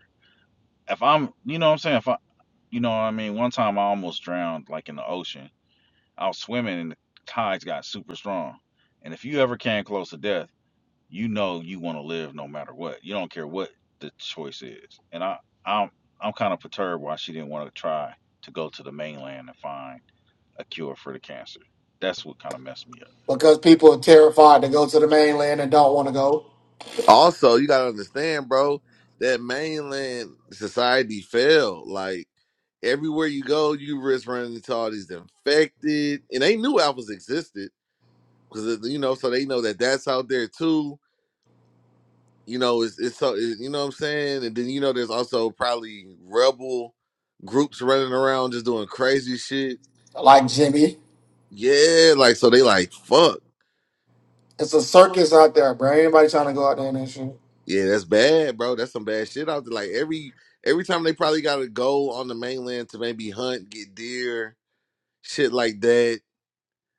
Speaker 4: if I'm, you know what I'm saying? If I, you know what I mean? One time I almost drowned like in the ocean. I was swimming and the tides got super strong. And if you ever came close to death, you know you want to live no matter what. You don't care what the choice is. And I, I'm, I'm kind of perturbed why she didn't want to try to go to the mainland and find a cure for the cancer. That's what kind of messed me up.
Speaker 2: (laughs) because people are terrified to go to the mainland and don't want to go.
Speaker 5: (laughs) Also, you gotta understand, bro, that mainland society failed. Like everywhere you go, you risk running into all these infected, and they knew alphas existed because you know, so they know that that's out there too. You know, it's it's so it, you know what I'm saying, and then you know, there's also probably rebel groups running around just doing crazy shit.
Speaker 2: Like Jimmy,
Speaker 5: Yeah, like so they like fuck.
Speaker 2: it's a circus out there, bro. Anybody trying to go out there and that shit?
Speaker 5: Yeah, that's bad, bro. That's some bad shit out there. Like every every time they probably got to go on the mainland to maybe hunt, get deer, shit like that.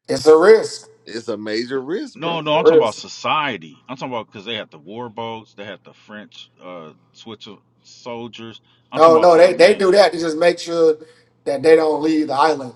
Speaker 2: It's a risk.
Speaker 5: It's a major risk,
Speaker 4: No,
Speaker 5: bro.
Speaker 4: no,
Speaker 2: A
Speaker 4: I'm talking about
Speaker 2: risk.
Speaker 4: society. I'm talking about because they had the war boats, they had the French, uh, Swiss soldiers. I'm talking
Speaker 2: Oh
Speaker 4: about
Speaker 2: no,
Speaker 4: to the
Speaker 2: they they
Speaker 4: man.
Speaker 2: do that to just make sure that they don't leave the island.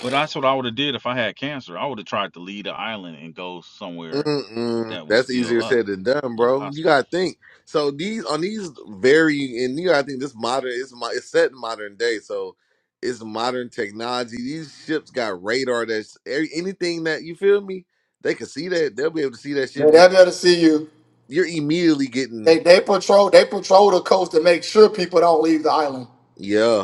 Speaker 4: But that's what I would have did if I had cancer. I would have tried to leave the island and go somewhere
Speaker 5: Mm-mm.
Speaker 4: that was
Speaker 5: That's
Speaker 4: still
Speaker 5: easier
Speaker 4: up,
Speaker 5: said than done,
Speaker 4: a
Speaker 5: bro. You
Speaker 4: hospital.
Speaker 5: gotta think. So these on these very and you gotta think this modern it's my it's set in modern day, so it's modern technology. These ships got radar that's every- anything that you feel me, they can see that. They'll be able to see that shit
Speaker 2: They-
Speaker 5: and
Speaker 2: They'll be able to see you
Speaker 5: you're immediately getting
Speaker 2: They they patrol they patrol the coast to make sure people don't leave the island.
Speaker 5: yeah.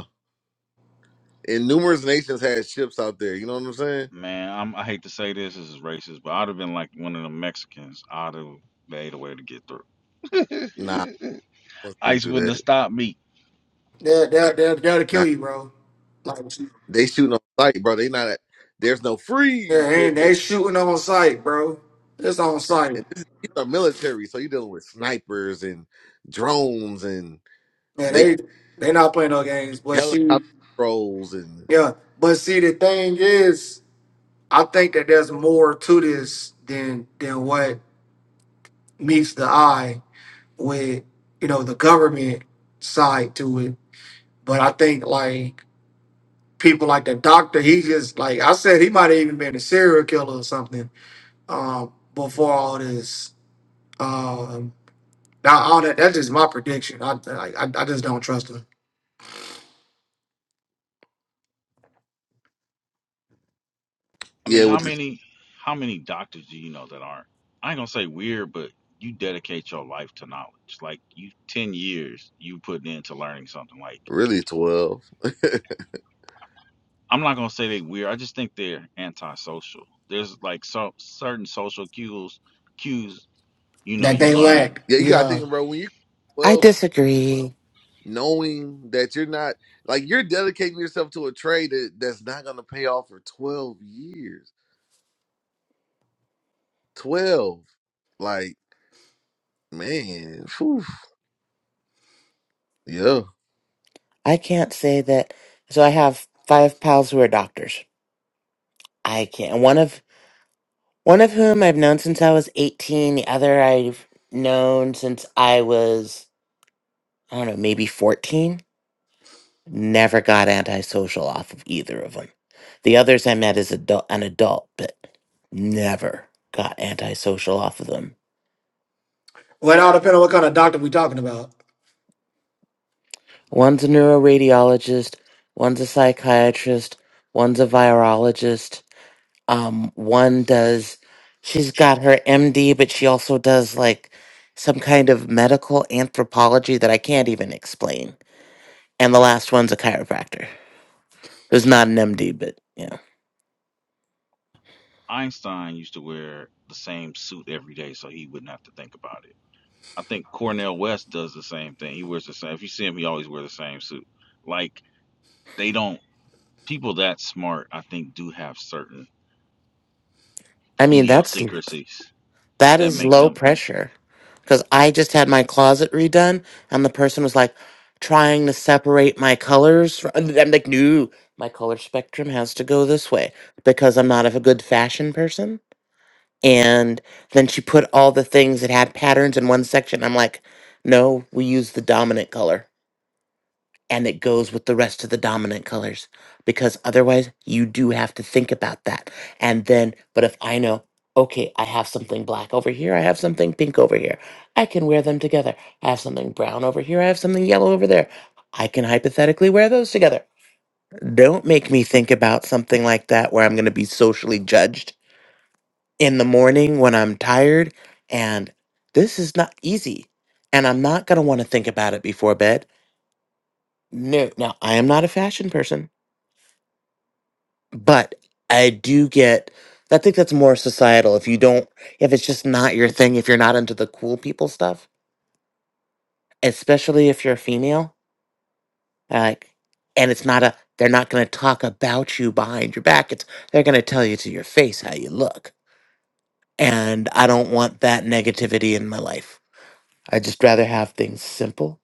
Speaker 5: and numerous nations had ships out there. You know what I'm saying?
Speaker 4: Man, I'm, I hate to say this, this is racist, but I'd have been like one of the Mexicans. I'd have made a way to get through.
Speaker 5: Nah, I wasn't getting
Speaker 4: ICE
Speaker 5: through
Speaker 4: wouldn't have
Speaker 5: that.
Speaker 4: stopped me.
Speaker 2: They're they're they're, they're to kill
Speaker 5: Nah,
Speaker 2: you, bro. Like yeah,
Speaker 5: they shooting on sight, bro. They not. At, there's no freeze.
Speaker 2: they
Speaker 5: They
Speaker 2: they
Speaker 5: they
Speaker 2: shooting on site, bro. It's on site.
Speaker 5: and this, these are military, so you're dealing with snipers and drones and
Speaker 2: Yeah,
Speaker 5: they
Speaker 2: they they not playing no games. But see,
Speaker 5: helicopter trolls and
Speaker 2: yeah. But see the thing is, I think that there's more to this than than what meets the eye with, you know, the government side to it. But I think like people like the doctor, he just like I said, he might have even been a serial killer or something um, before all this. Um, now, all that, that's just my prediction. I, I, I just don't trust them.
Speaker 4: I mean,
Speaker 5: yeah,
Speaker 4: how
Speaker 5: with the,
Speaker 4: many, how many doctors do you know that aren't? I ain't gonna say weird, but you dedicate your life to knowledge. Like you, ten years you put into learning something. Like
Speaker 5: really twelve. (laughs) yeah,
Speaker 4: I'm not gonna say they weird. I just think they're antisocial. There's like so certain social cues, cues you know
Speaker 2: That
Speaker 4: you
Speaker 2: they
Speaker 4: learn.
Speaker 2: lack.
Speaker 5: you gotta
Speaker 2: Yeah.
Speaker 5: think, bro. When you
Speaker 1: I
Speaker 5: twelve, years,
Speaker 1: disagree.
Speaker 5: knowing that you're not like you're dedicating yourself to a trade that, that's not gonna pay off for twelve years. Twelve, like. Man, phew. yeah.
Speaker 1: I can't say that. So I have five pals who are doctors. I can't. One of, one of whom I've known since I was 18. The other I've known since I was, I don't know, maybe 14 Never got antisocial off of either of them. The others I met as adult, an adult, but never got antisocial off of them.
Speaker 2: Well, it all depends on what kind of doctor we talking about.
Speaker 1: One's a neuroradiologist, one's a psychiatrist, one's a virologist. Um, one does, she's got her MD, but she also does like some kind of medical anthropology that I can't even explain. And the last one's a chiropractor. Who's not an MD, but yeah.
Speaker 4: Einstein used to wear the same suit every day, so he wouldn't have to think about it. I think Cornell West does the same thing. He wears the same. If you see him, he always wears the same suit. Like they don't. People that smart, I think, do have certain
Speaker 1: I mean, that's
Speaker 4: idiosyncrasies
Speaker 1: That
Speaker 4: that
Speaker 1: is
Speaker 4: make
Speaker 1: low
Speaker 4: them
Speaker 1: pressure. Because I just had my closet redone, and the person was like trying to separate my colors. fr- and I'm like, no, my color spectrum has to go this way because I'm not a good fashion person. And then she put all the things that had patterns in one section. I'm like, no, we use the dominant color and it goes with the rest of the dominant colors because otherwise you do have to think about that. And then, but if I know, okay, I have something black over here, I have something pink over here, I can wear them together. I have something brown over here, I have something yellow over there. I can hypothetically wear those together. Don't make me think about something like that where I'm going to be socially judged in the morning when I'm tired. And this is not easy. And I'm not going to want to think about it before bed. No, now I am not a fashion person. but I do get. I think that's more societal. If you don't, if it's just not your thing, if you're not into the cool people stuff, especially if you're a female, like, and it's not a, they're not going to talk about you behind your back. It's they're going to tell you to your face how you look, and I don't want that negativity in my life. I just rather have things simple.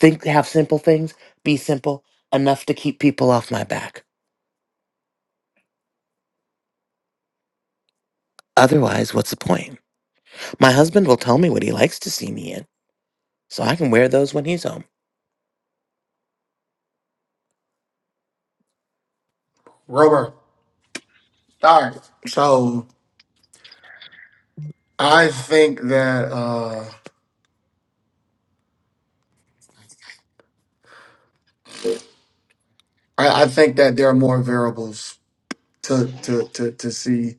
Speaker 1: Think have simple things. Be simple enough to keep people off my back. Otherwise, what's the point? My husband will tell me what he likes to see me in So I can wear those when he's home.
Speaker 2: Robert. All right. So I think that uh, I, I think that there are more variables to to to, to see.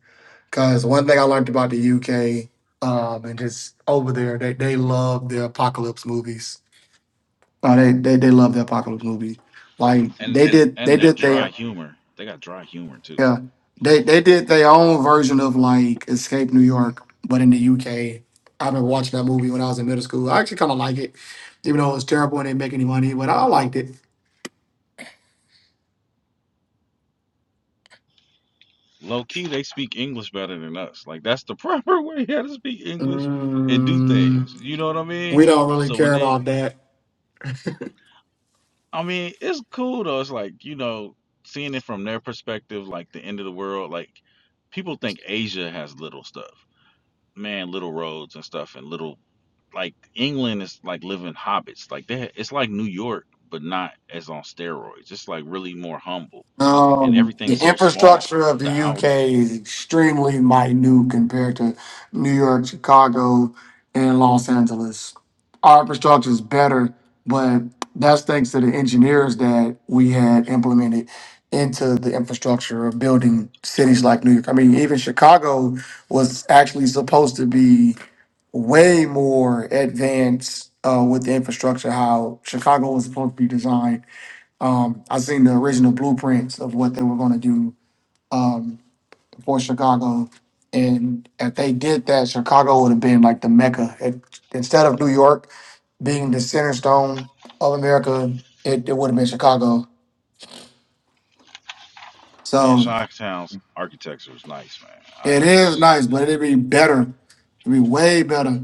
Speaker 2: Because one thing I learned about the UK um, and just over there, they, they love their apocalypse movies. Uh, they, they they love the apocalypse movies. Like
Speaker 4: and
Speaker 2: they did
Speaker 4: and
Speaker 2: they
Speaker 4: their
Speaker 2: did they
Speaker 4: dry humor. They got dry humor too.
Speaker 2: Yeah, they they did their own version of like Escape New York, but in the UK. I've been watching that movie when I was in middle school. I actually kind of like it, even though it was terrible and didn't make any money, but I liked it.
Speaker 4: Low key, they speak English better than us. Like that's the (laughs) proper way how to speak English and do
Speaker 2: Mm,
Speaker 4: things. You know what I mean?
Speaker 2: we don't really
Speaker 4: So when
Speaker 2: care
Speaker 4: they,
Speaker 2: about that.
Speaker 4: I mean, it's cool though. It's like you know, seeing it from their perspective, like the end of the world. Like people think Asia has little stuff, man, little roads and stuff, and little like England is like living hobbits. Like they, it's like New York, but not as on steroids. It's like really more humble, and
Speaker 2: Um, the
Speaker 4: everything's so small.
Speaker 2: infrastructure of
Speaker 4: The
Speaker 2: the
Speaker 4: outlet.
Speaker 2: UK is extremely minute compared to New York, Chicago, and Los Angeles. Our infrastructure is better, but that's thanks to the engineers that we had implemented into the infrastructure of building cities like New York. I mean, even Chicago was actually supposed to be way more advanced uh, with the infrastructure, how Chicago was supposed to be designed um, I seen the original blueprints of what they were going to do um, for Chicago, and if they did that, Chicago would have been like the mecca. It, instead of New York being the center stone of America, it, it would have been Chicago.
Speaker 4: Man,
Speaker 2: So
Speaker 4: Shocktown's architecture is nice, man. I,
Speaker 2: it is nice, but it'd be better. It'd be way better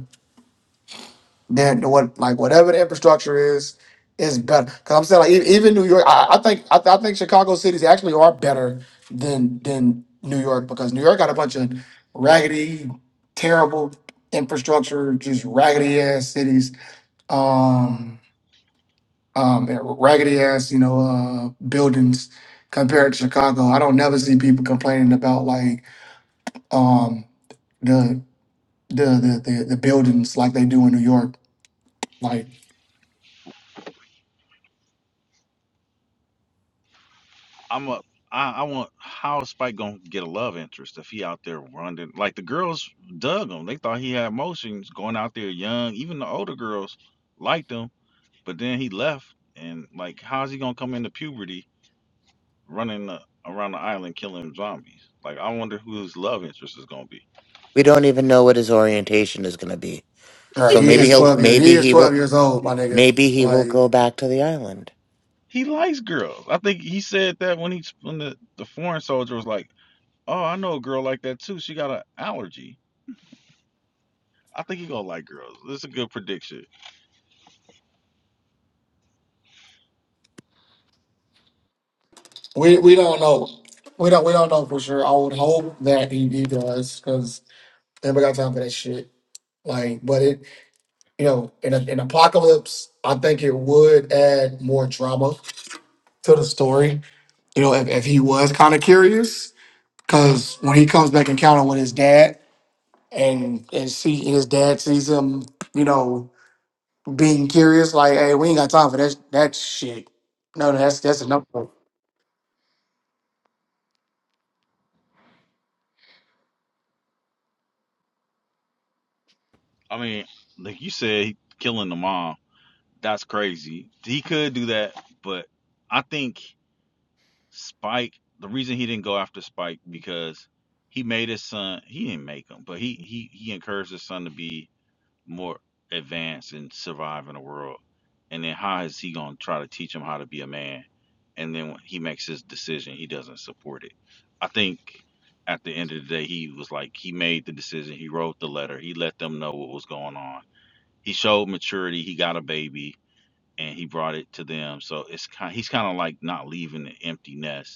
Speaker 2: Then the what like whatever the infrastructure is is better. Because I'm saying like e- even New York, I, I think I, I think Chicago cities actually are better than than New York because New York got a bunch of raggedy, terrible infrastructure, just raggedy ass cities, um, um, and raggedy ass you know uh, buildings compared to Chicago. I don't never see people complaining about like um the the the the, the buildings like they do in New York. Like,
Speaker 4: I'm a, I, I want. How is Spike gonna get a love interest if he out there running? Like the girls dug him. They thought he had emotions going out there young. Even the older girls liked him. But then he left, and like, how's he gonna come into puberty running the, around the island killing zombies? Like, I wonder who his love interest is gonna be.
Speaker 1: We don't even know what his orientation is going to be.
Speaker 2: uh,
Speaker 1: So
Speaker 2: he
Speaker 1: maybe
Speaker 2: is
Speaker 1: he'll,
Speaker 2: twelve years. He
Speaker 1: maybe
Speaker 2: is
Speaker 1: he
Speaker 2: twelve
Speaker 1: will,
Speaker 2: years old, my nigga.
Speaker 1: maybe he will
Speaker 2: Like,
Speaker 1: go back to the island.
Speaker 4: He likes girls. I think he said that when he when the, the foreign soldier was like, "Oh, I know a girl like that too. She got an allergy." I think he gonna like girls. This is a good prediction.
Speaker 2: we we don't know. We don't we don't know for sure. I would hope that he, he does, because never got time for that shit. Like, but it you know in a, in apocalypse, I think it would add more drama to the story. You know, if, if he was kind of curious, Cause when he comes back and encounter with his dad and and see his dad sees him, you know, being curious, like, hey, we ain't got time for that that shit. No, no, that's that's enough.
Speaker 4: I mean, like you said, killing the mom. That's crazy. He could do that, but I think Spike. The reason he didn't go after Spike because he made his son. He didn't make him, but he he he encouraged his son to be more advanced and survive in the world? And then how is he gonna try to teach him how to be a man? And then when he makes his decision, he doesn't support it. I think at the end of the day, he was like he made the decision. He wrote the letter. He let them know what was going on. He showed maturity. He got a baby and he brought it to them. So it's kind. He's kind of like not leaving an empty nest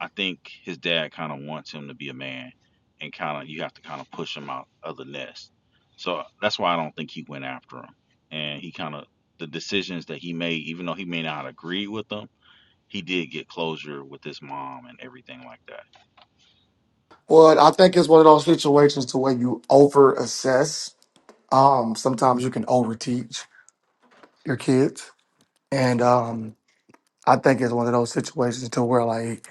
Speaker 4: I think his dad kind of wants him to be a man, and kind of you have to kind of push him out of the nest. So that's why I don't think he went after him, and he kind of the decisions that he made, even though he may not agree with them, he did get closure with his mom and everything like that.
Speaker 2: Well, I think it's one of those situations to where you over assess. Um, sometimes you can over teach your kids. And um I think it's one of those situations to where like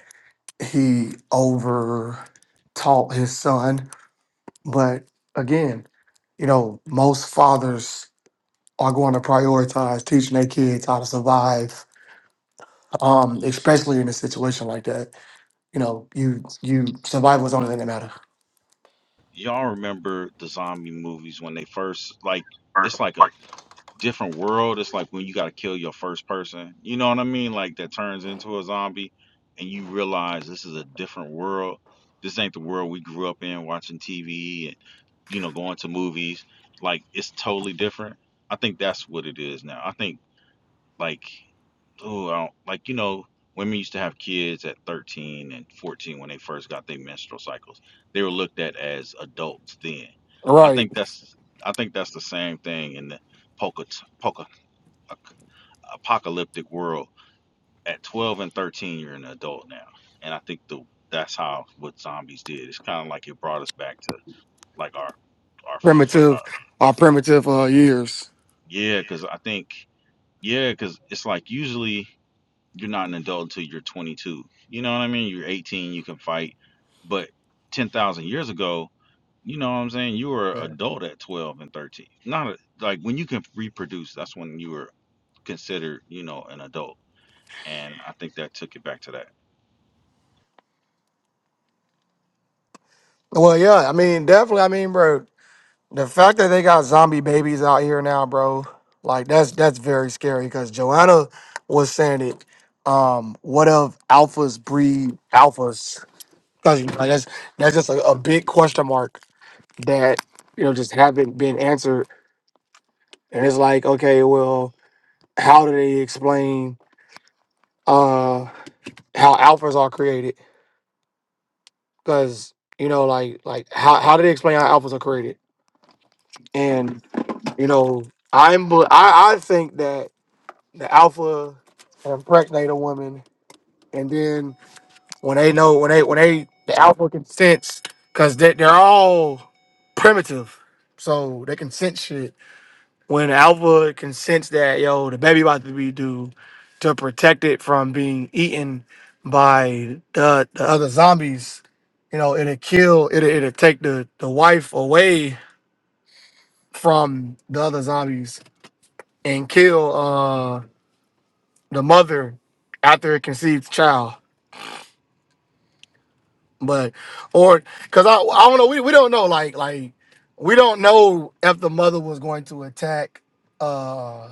Speaker 2: he over taught his son. But again, you know, most fathers are going to prioritize teaching their kids how to survive, um, especially in a situation like that. You know, you you survival is the only thing that matter.
Speaker 4: Y'all remember the zombie movies when they first like it's like a different world. It's like when you got to kill your first person. You know what I mean? Like that turns into a zombie, and you realize this is a different world. This ain't the world we grew up in, watching TV and you know going to movies. Like it's totally different. I think that's what it is now. I think like oh, I don't, like you know, women used to have kids at 13 and 14 when they first got their menstrual cycles. They were looked at as adults then. I
Speaker 2: Right.
Speaker 4: think that's I think that's the same thing in the Pocahontas apocalyptic world. At 12 and 13, you're an adult now, and I think the that's how what zombies did. It's kind of like it brought us back to like our our like our
Speaker 2: Primitive, our primitive uh, years.
Speaker 4: yeah, because I think yeah, because it's like usually you're not an adult until you're 22. You know what I mean? You're 18, you can fight, but 10,000 years ago, you know what I'm saying? You were
Speaker 2: Yeah.
Speaker 4: an adult at 12 and 13. Not a, like when you can reproduce, that's when you were considered, you know, an adult. And I think that took it back to that.
Speaker 2: Well, yeah, I mean, definitely. I mean, bro, the fact that they got zombie babies out here now, bro, like that's that's very scary. Because Joanna was saying it. Um, what if alphas breed alphas? 'Cause, like, that's that's just a, a big question mark. that you know just haven't been answered and it's like okay well how do they explain uh how alphas are created because you know like like how, how do they explain how alphas are created and you know i'm bel- i i think that the alpha can impregnate a woman and then when they know when they when they the alpha can sense because they, they're all primitive so they can sense shit When Alpha can sense that yo, the baby about to be due, to protect it from being eaten by the, the other zombies, you know, it'll kill, it'll, it'll take the the wife away from the other zombies and kill uh the mother after it conceives the child. But or because I I don't know, we, we don't know like like we don't know if the mother was going to attack. uh,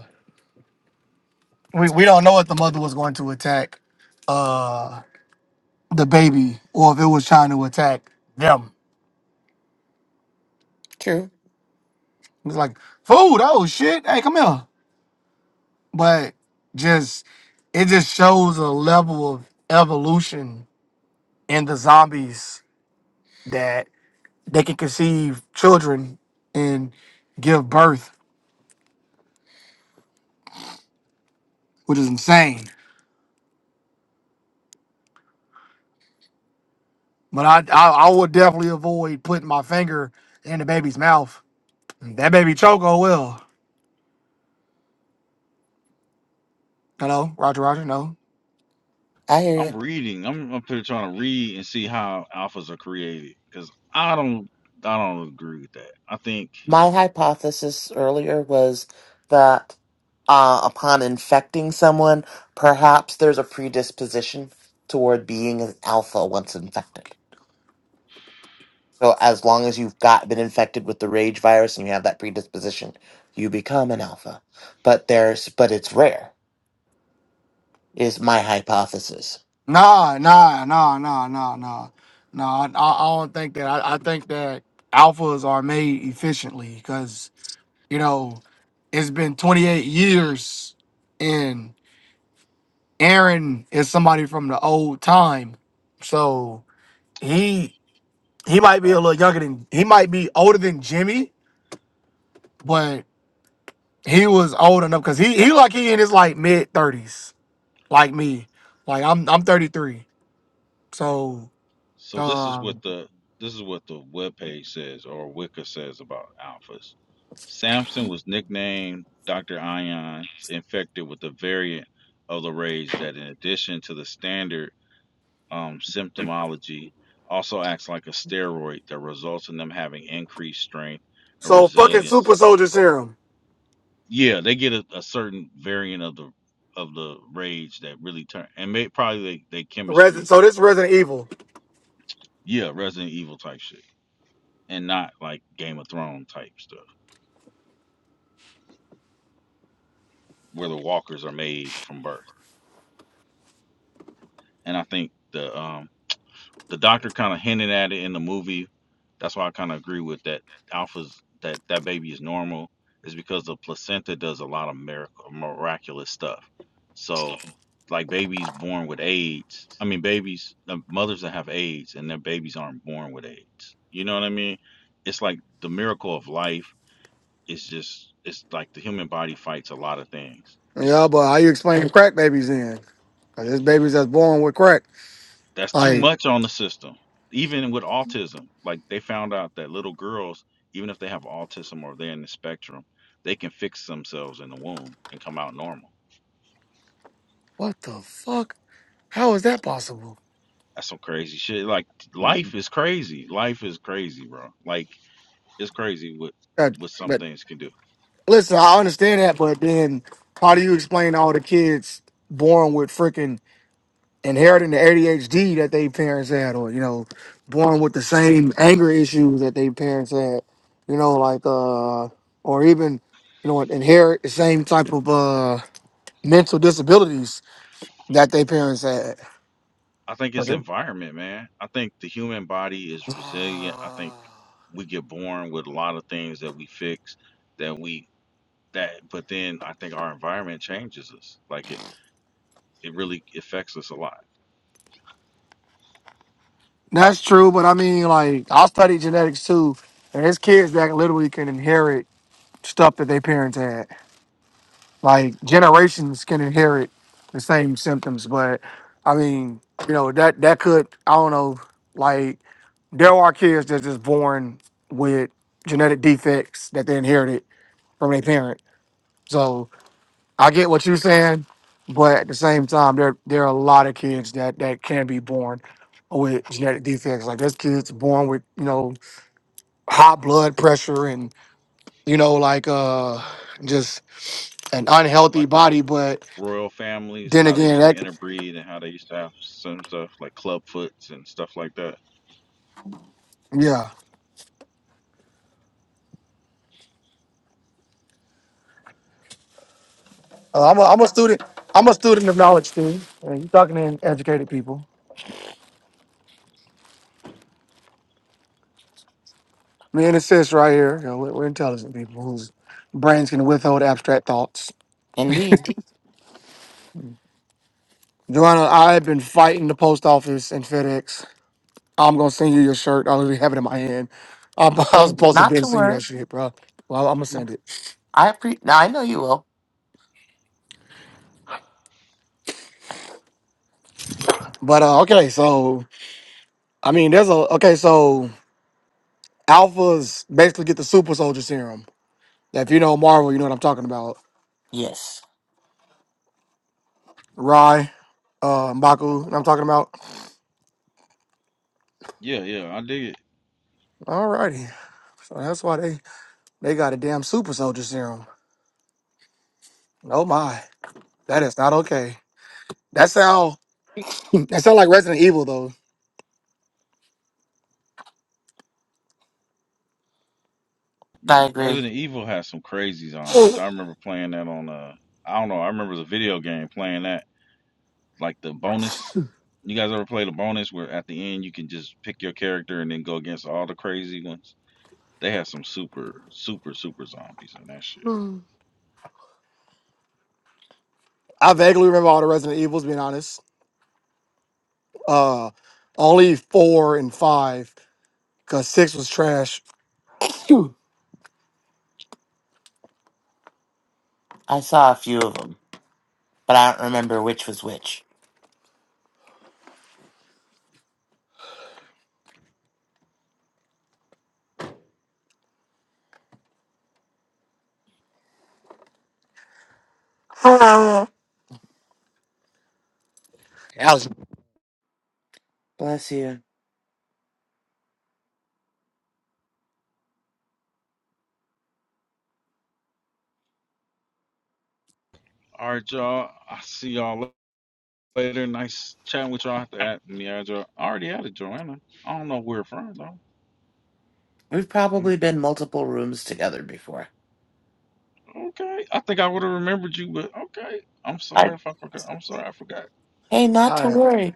Speaker 2: we, we don't know if the mother was going to attack uh the baby or if it was trying to attack them.
Speaker 1: True.
Speaker 2: It's like food, oh shit, hey, come here. But just it just shows a level of evolution in the zombies that they can conceive children and give birth, which is insane. But I I, I would definitely avoid putting my finger in the baby's mouth. That baby choco will. Hello, Roger, Roger, no.
Speaker 1: I hear
Speaker 4: I'm
Speaker 1: you.
Speaker 4: reading. I'm up here trying to read and see how alphas are created because I don't I don't agree with that. I think
Speaker 1: My hypothesis earlier was that uh, upon infecting someone, perhaps there's a predisposition toward being an alpha once infected. So as long as you've got been infected with the rage virus and you have that predisposition, you become an alpha. But there's, but it's rare. Is my hypothesis.
Speaker 2: Nah, nah, nah, nah, nah, nah. Nah, I, I I don't think that. I, I think that alphas are made efficiently because, you know, it's been 28 years and Aaron is somebody from the old time. So he he might be a
Speaker 4: oh,
Speaker 2: little younger than he might be older than Jimmy, but he was old enough because he he like he in his like mid 30s, like me. Like I'm I'm 33. So
Speaker 4: so. This is
Speaker 2: um
Speaker 4: what the this is what the webpage says or Wicca says about alphas. Samson was nicknamed Dr. Ion, infected with a variant of the rage that, in addition to the standard um, symptomology, also acts like a steroid that results in them having increased strength and
Speaker 2: So fucking
Speaker 4: resilience
Speaker 2: super soldier serum.
Speaker 4: Yeah, they get a, a certain variant of the of the rage that really turn and may, probably they, they chemistry.
Speaker 2: Resident, so this Resident Evil.
Speaker 4: Yeah, Resident Evil type shit, and not like Game of Thrones type stuff where the walkers are made from birth. And I think the um the doctor kind of hinted at it in the movie. That's why I kind of agree with that. Alpha's that that baby is normal is because the placenta does a lot of miracle, miraculous stuff. So, like babies born with AIDS, I mean babies, uh, mothers that have AIDS and their babies aren't born with AIDS. You know what I mean? It's like the miracle of life is just it's like the human body fights a lot of things. It's
Speaker 2: Yeah, but how you explain crack babies in? Cause there's babies that's born with crack.
Speaker 4: That's too
Speaker 2: Like,
Speaker 4: much on the system. Even with autism, like they found out that little girls, even if they have autism or they're in the spectrum, they can fix themselves in the womb and come out normal.
Speaker 2: what the fuck? How is that possible?
Speaker 4: That's some crazy shit. Like life is crazy. Life is crazy, bro. Like it's crazy what
Speaker 2: That,
Speaker 4: what some
Speaker 2: but
Speaker 4: things can do.
Speaker 2: listen, I understand that, but then how do you explain all the kids born with freaking inheriting the ADHD that their parents had, or you know, born with the same anger issues that their parents had, you know, like uh, or even you know, inherit the same type of uh. mental disabilities that their parents had.
Speaker 4: I think it's
Speaker 2: Okay.
Speaker 4: environment, man. I think the human body is resilient. I think we get born with a lot of things that we fix that we that but then I think our environment changes us. Like it it really affects us a lot.
Speaker 2: That's true, but I mean, like, I study genetics too, and there's kids that literally can inherit stuff that their parents had. Like, generations can inherit the same symptoms, but I mean, you know, that that could, I don't know, like, there are kids that's just born with genetic defects that they inherited from their parent. So, I get what you're saying, but at the same time, there there are a lot of kids that that can be born with genetic defects. Like there's kids born with you know high blood pressure and you know like uh just an unhealthy
Speaker 4: Like the
Speaker 2: body. But
Speaker 4: royal families,
Speaker 2: then
Speaker 4: how they
Speaker 2: again,
Speaker 4: used to
Speaker 2: that
Speaker 4: interbreed and how they used to have some stuff like clubfoots and stuff like that.
Speaker 2: yeah, Uh, I'm a, I'm a student. I'm a student of knowledge too. And you're talking to educated people. Me and a sis right here. You know, we're, we're intelligent people whose brains can withhold abstract thoughts.
Speaker 1: Indeed.
Speaker 2: Joanna, I have been fighting the post office and FedEx I'm gonna send you your shirt. I literally have it in my hand. I, (laughs) I was
Speaker 1: And
Speaker 2: supposed to
Speaker 1: not
Speaker 2: be
Speaker 1: to
Speaker 2: sending you
Speaker 1: worry.
Speaker 2: that shit, bro. Well, I'm gonna send it.
Speaker 1: I pre- I know you will.
Speaker 2: But uh, okay, so I mean, there's a okay, so alphas basically get the super soldier serum. If you know Marvel, you know what I'm talking about.
Speaker 1: Yes,
Speaker 2: Rai, uh, Mbaku, you know what I'm talking about.
Speaker 4: Yeah, yeah, I dig it,
Speaker 2: Alrighty, so that's why they they got a damn super soldier serum. Oh my, that is not okay. That sound (laughs) that sound like Resident Evil though.
Speaker 1: I
Speaker 4: man.
Speaker 1: agree.
Speaker 4: Resident Evil has some crazy zombies.
Speaker 2: (laughs)
Speaker 4: I remember playing that on uh, I don't know, I remember the video game playing that like the bonus. You guys ever play the bonus where at the end you can just pick your character and then go against all the crazy ones? They have some super, super, super zombies in that shit.
Speaker 2: I vaguely remember all the Resident Evils, being honest. Uh, only four and five because six was trash. (laughs) Phew.
Speaker 1: I saw a few of them, but I don't remember which was which.
Speaker 2: Ouch. All
Speaker 1: Bless you.
Speaker 4: All right, y'all. I see y'all Later, nice chatting with y'all after at me. I already added Joanna. I don't know where from though.
Speaker 1: We've probably been multiple rooms together before.
Speaker 4: Okay, I think I would have remembered you, but okay. I'm sorry
Speaker 1: I-
Speaker 4: if I forgot. I'm sorry I forgot.
Speaker 1: hey, not to
Speaker 2: right.
Speaker 1: worry.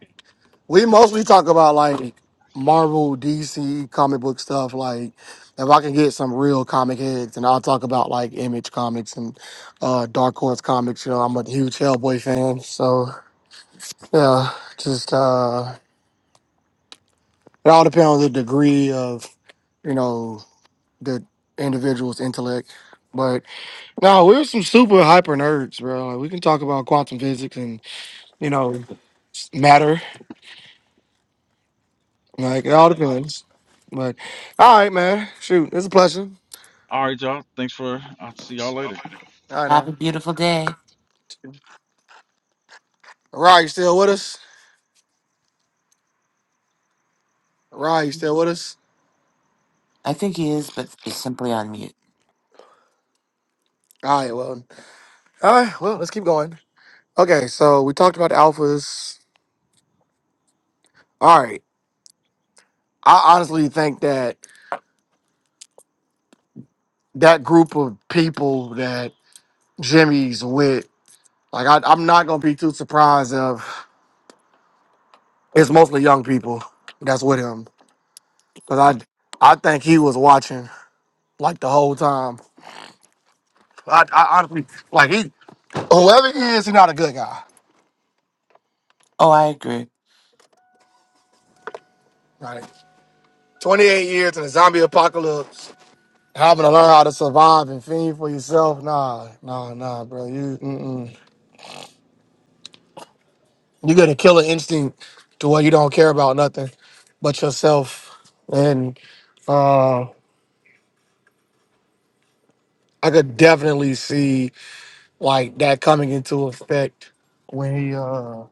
Speaker 2: We mostly talk about like Marvel, DC comic book stuff. Like, if I can get some real comic heads, and I'll talk about like Image Comics and uh, Dark Horse Comics. You know, I'm a huge Hellboy fan. So, yeah, just uh, it all depends on the degree of, you know, the individual's intellect. but. No, we're some super hyper nerds, bro. Like, we can talk about quantum physics and you know s- matter. Like it all
Speaker 4: That's what's. up.
Speaker 2: depends. But all right, man. Shoot, it's a pleasure.
Speaker 4: All right, y'all. Thanks for. I'll see y'all later.
Speaker 2: All right,
Speaker 1: Have
Speaker 2: now.
Speaker 1: a beautiful day.
Speaker 2: Rye, you still with us? Rye, you still with us?
Speaker 1: I think he is, but is simply on mute.
Speaker 2: All right, well, all right, well, let's keep going. Okay, so we talked about alphas. All right, I honestly think that that group of people that Jimmy's with, like, I, I'm not gonna be too surprised of it's mostly young people that's with him Cause I I think he was watching like the whole time. I, I honestly like he whoever he is, he's not a good guy.
Speaker 1: Oh, I agree.
Speaker 2: Right. Twenty eight years in a zombie apocalypse, having to learn how to survive and fend for yourself. Nah, nah, nah, bro. You mm-mm. you got a killer instinct to where you don't care about nothing but yourself. And uh, I could definitely see like that coming into effect when he uh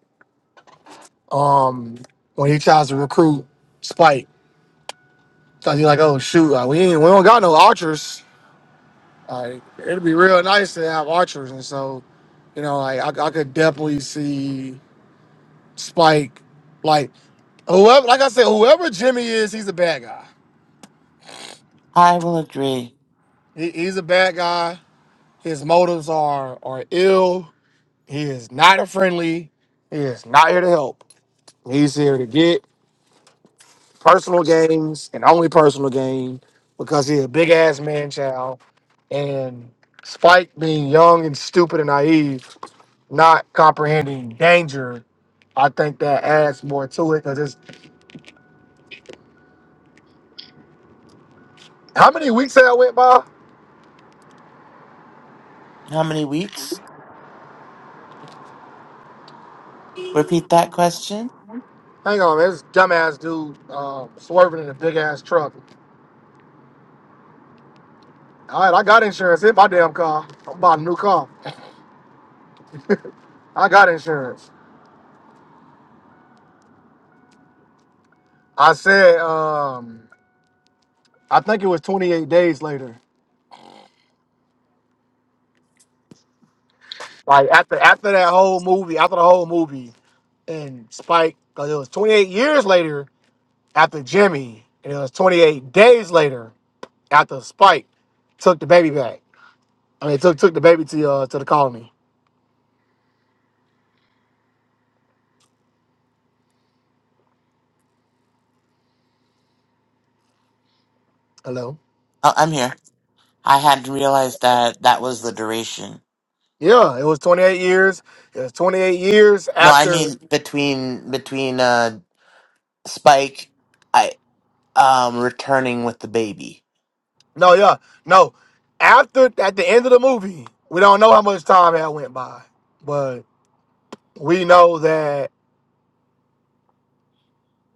Speaker 2: um when he tries to recruit Spike So you're like, oh shoot, uh, we ain't, we don't got no archers. Like, it'd be real nice to have archers, and so you know, like I, I could definitely see Spike, like whoever, like I said, whoever Jimmy is, he's a bad guy.
Speaker 1: I will agree.
Speaker 2: He, he's a bad guy. His motives are are ill. He is not a friendly. He is not here to help. He's here to get personal gains and only personal gain because he's a big ass man child. And Spike being young and stupid and naive not comprehending danger, I think that adds more to it. Cause it's how many weeks that I went by?
Speaker 1: How many weeks? Repeat that question.
Speaker 2: Hang on, man, this dumbass dude uh, swerving in a big ass truck. All right, I got insurance in my damn car. I'm buying a new car. I got insurance. I said, um, I think it was 28 days later. Like after after that whole movie, after the whole movie, and Spike, cause it was 28 years later after Jimmy, and it was 28 days later after Spike took the baby back. I mean, took took the baby to uh to the colony. Hello.
Speaker 1: Oh, I'm here. I hadn't realized that that was the duration.
Speaker 2: Yeah, it was 28 years. It was 28 years
Speaker 1: No, I
Speaker 2: after.
Speaker 1: mean between between uh Spike, I um returning with the baby.
Speaker 2: No, yeah, no. After at the end of the movie, we don't know how much time had went by, but we know that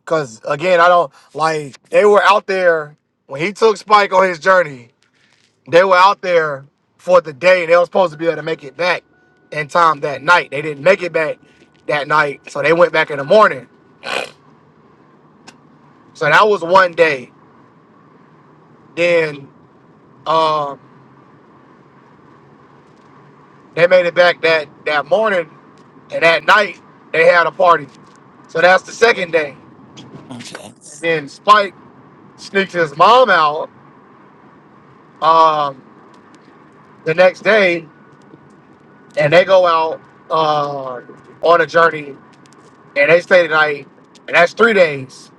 Speaker 2: because again, I don't like they were out there when he took Spike on his journey. They were out there for the day, and they were supposed to be able to make it back in time that night. They didn't make it back that night, so they went back in the morning. So that was one day. Then Um, they made it back that that morning, and that night they had a party. So that's the second day.
Speaker 1: Okay.
Speaker 2: And then Spike sneaks his mom out um, the next day, and they go out uh, on a journey, and they stay the night, and that's three days.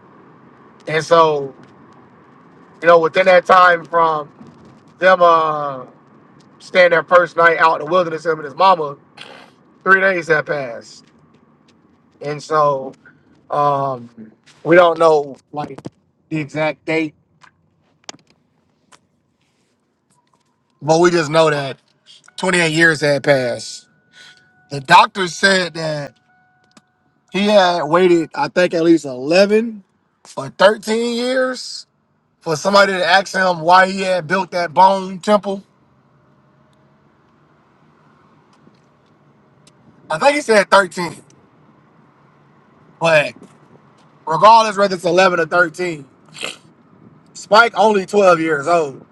Speaker 2: And so, you know, within that time from them uh, staying their first night out in the wilderness, him and his mama, three days had passed. And so, Um, we don't know like the exact date, but we just know that 28 years had passed. The doctor said that he had waited, I think, at least 11 or 13 years for somebody to ask him why he had built that bone temple. I think he said 13, but regardless whether it's 11 or 13, Spike only 12 years old.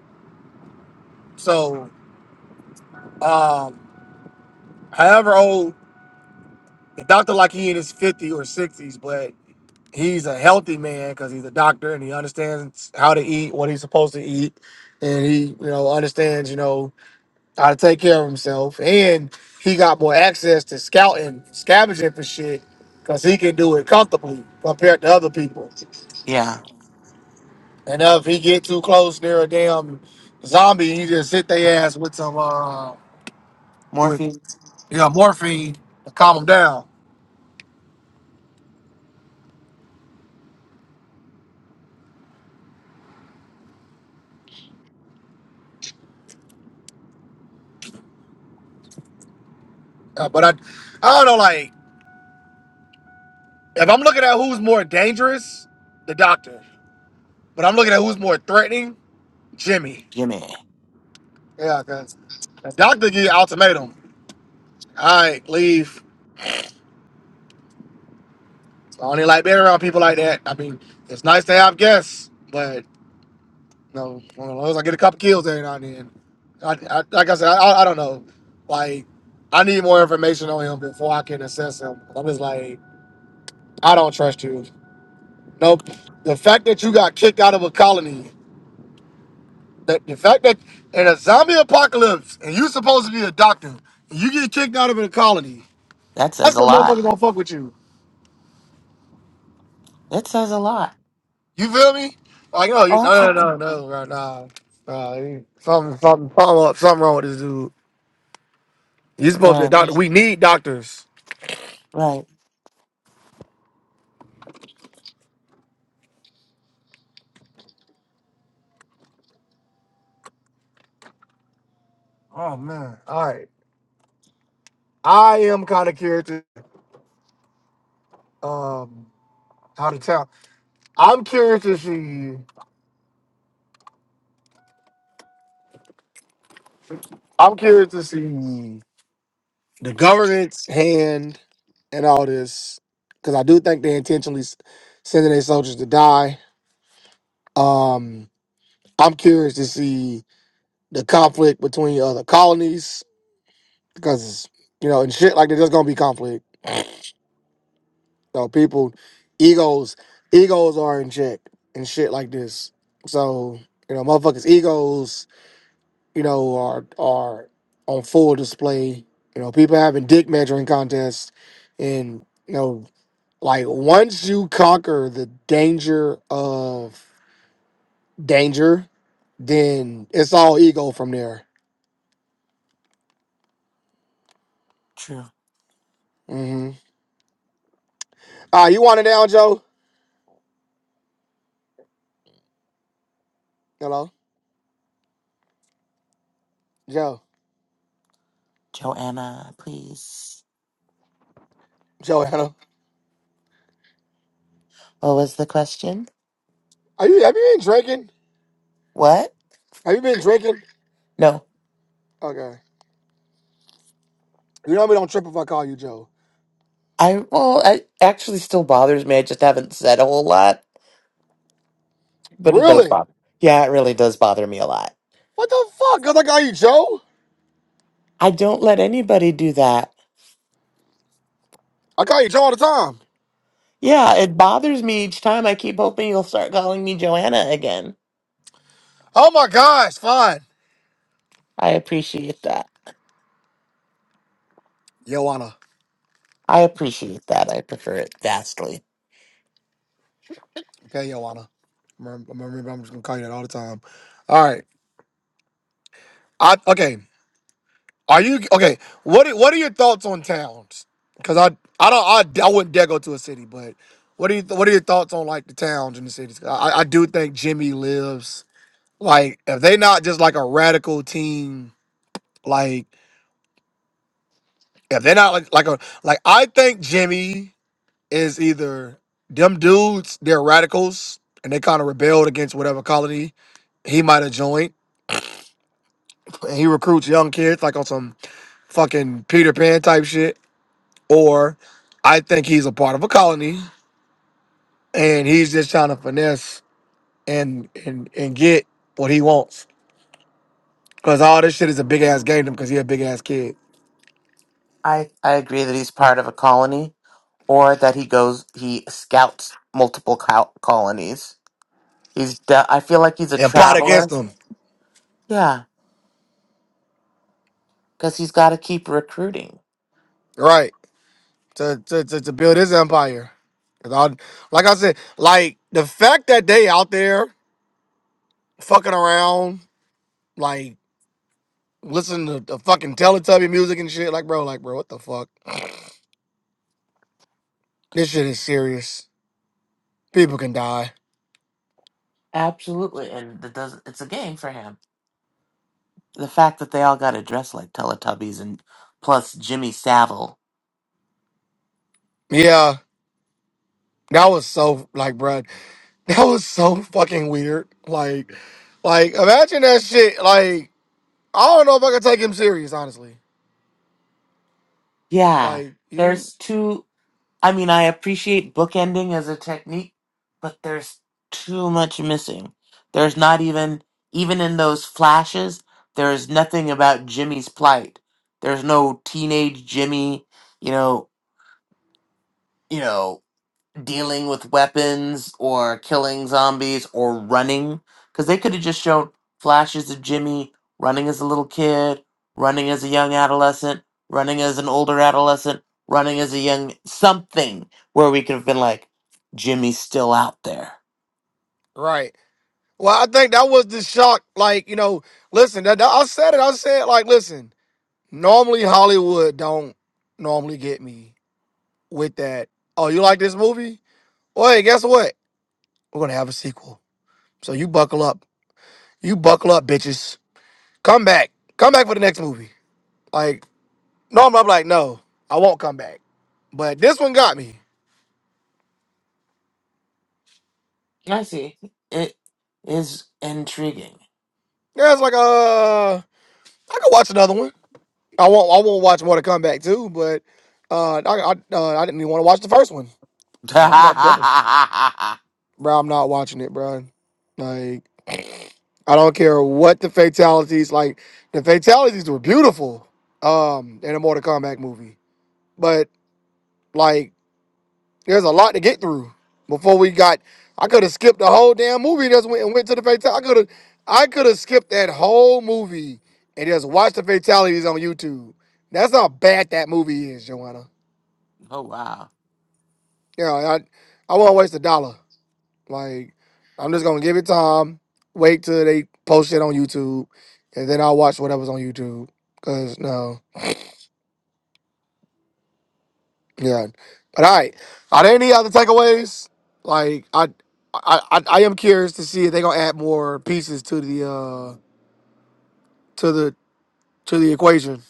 Speaker 2: So, um, however old, the doctor like he in his 50s or 60s, but he's a healthy man because he's a doctor and he understands how to eat, what he's supposed to eat, and he you know understands you know how to take care of himself. And he got more access to scouting, scavenging for shit because he can do it comfortably compared to other people.
Speaker 1: Yeah.
Speaker 2: And if he get too close near a damn zombie, he just hit their ass with some uh with
Speaker 1: Morphe,
Speaker 2: you know morphine to calm them down. Uh, but I I don't know like if I'm looking at who's more dangerous, the doctor. But I'm looking at who's more threatening, Jimmy.
Speaker 1: Jimmy.
Speaker 2: Yeah, because Doctor give you an ultimatum. All right, leave. I only like being around people like that. I mean, it's nice to have guests, but no, as long as I get a couple kills every now and then. I, I, like I said, I, I don't know. Like, I need more information on him before I can assess him. I'm just like, I don't trust you. Nope. The fact that you got kicked out of a colony, That the fact that in a zombie apocalypse and you supposed to be a doctor, and you get kicked out of a colony,
Speaker 1: That
Speaker 2: That's
Speaker 1: says a
Speaker 2: the
Speaker 1: lot.
Speaker 2: motherfucker gonna fuck with you.
Speaker 1: That says a lot.
Speaker 2: You feel me? Like, oh, you,
Speaker 1: Oh,
Speaker 2: no,
Speaker 1: absolutely.
Speaker 2: no, no, no, right now. Nah, he- something, something, follow up, something wrong with this dude. He's supposed to be a
Speaker 1: And
Speaker 2: doctor. We need doctors.
Speaker 1: right,
Speaker 2: Oh man. All right. I am kind of curious to, um how to tell. I'm curious to see. I'm curious to see the government's hand and all this because I do think they intentionally s- sending their soldiers to die. Um, I'm curious to see the conflict between uh, the colonies because you know and shit like that, there's gonna be conflict. So people egos egos are in check and shit like this. So you know motherfuckers egos you know are are on full display. You know people having dick measuring contests and you know like once you conquer the danger of danger, then it's all ego from there.
Speaker 1: true.
Speaker 2: Mm-hmm. Ah, you want it down, Joe? Hello, Joe.
Speaker 1: Joanna, please.
Speaker 2: Joanna,
Speaker 1: What was the question?
Speaker 2: are you have you been drinking?
Speaker 1: What?
Speaker 2: Have you been drinking?
Speaker 1: No.
Speaker 2: Okay. You know me don't trip if I call you Joe.
Speaker 1: I well, I actually still bothers me. I just haven't said a whole lot, but it does
Speaker 2: Really?
Speaker 1: bother. Yeah, it really does bother me a lot.
Speaker 2: What the fuck? Cause I call you Joe?
Speaker 1: I don't let anybody do that.
Speaker 2: I call you Joe all the time.
Speaker 1: Yeah, it bothers me each time. I keep hoping you'll start calling me Joanna again.
Speaker 2: Oh my gosh, fine.
Speaker 1: I appreciate that.
Speaker 2: Joanna.
Speaker 1: I appreciate that. I prefer it vastly.
Speaker 2: Okay, Joanna. Remember, remember, I'm just gonna call you that all the time. All right. I okay. Are you okay? What are- what are your thoughts on towns? Cause I I don't I, I wouldn't dare go to a city, but what are you what are your thoughts on like the towns and the cities? 'Cause I I do think Jimmy lives. Like if they not just like a radical team, like if they're not like like a like I think Jimmy is either them dudes, they're radicals and they kind of rebelled against whatever colony he might have joined. And he recruits young kids like on some fucking Peter Pan type shit. Or I think he's a part of a colony and he's just trying to finesse and and and get what he wants. Cause all this shit is a big ass game to him because he a big ass kid.
Speaker 1: I, I agree that he's part of a colony or that he goes, he scouts multiple col- colonies. He's, de- I feel like he's a
Speaker 2: And plot
Speaker 1: traveler.
Speaker 2: against him.
Speaker 1: Yeah, because he's got to keep recruiting.
Speaker 2: Right. to to to, to build his empire. 'Cause I- like I said, like the fact that they out there fucking around, like listening to the fucking Teletubby music and shit, like bro, like bro, what the fuck? This shit is serious. People can die.
Speaker 1: Absolutely. And it does, it's a game for him. The fact that they all got to dress like Teletubbies and plus Jimmy Savile.
Speaker 2: Yeah, that was so like, bro, (laughs) that was so fucking weird. Like, like imagine that shit. Like, I don't know if I could take him serious. Honestly, it's
Speaker 1: Yeah,
Speaker 2: like you
Speaker 1: there's two. I mean, I appreciate bookending as a technique, but there's too much missing. There's not even, even in those flashes, there is nothing about Jimmy's plight. There's no teenage Jimmy, you know, you know dealing with weapons or killing zombies or running because they could have just shown flashes of Jimmy running as a little kid, running as a young adolescent, running as an older adolescent, running as a young something where we could have been like, Jimmy's still out there.
Speaker 2: right. Well, I think that was the shock. Like, you know, listen, that, that- I said it. I said, like, listen, normally Hollywood don't normally get me with that. Oh, you like this movie? Well, hey, guess what? We're gonna have a sequel. So you buckle up. You buckle up, bitches. Come back. Come back for the next movie. Like, normally I'm like, no, I won't come back. But this one got me.
Speaker 1: I see. It is intriguing.
Speaker 2: Yeah, it's like uh, I could watch another one. I won't. I won't watch more to come back too. But uh, I I, uh, I didn't even want to watch the first one.
Speaker 1: (laughs)
Speaker 2: No, I'm not dubbing.
Speaker 1: oh
Speaker 2: Bro, I'm not watching it, bro. Like, I don't care what the fatalities, like, the fatalities were beautiful um, in a Mortal Kombat movie. But, like, there's a lot to get through before we got. I could have skipped the whole damn movie and just went, and went to the fatality. I could have I could have skipped that whole movie and just watched the fatalities on YouTube. That's how bad that movie is, Joanna.
Speaker 1: wow.
Speaker 2: Yeah, I, I won't waste a dollar. Like, I'm just gonna give it time. Wait till they post it on YouTube, and then I'll watch whatever's on YouTube. Cause no, yeah. But all right, are there any other takeaways? Like, I, I, I, I am curious to see if they're gonna add more pieces to the, uh, to the, to the equation.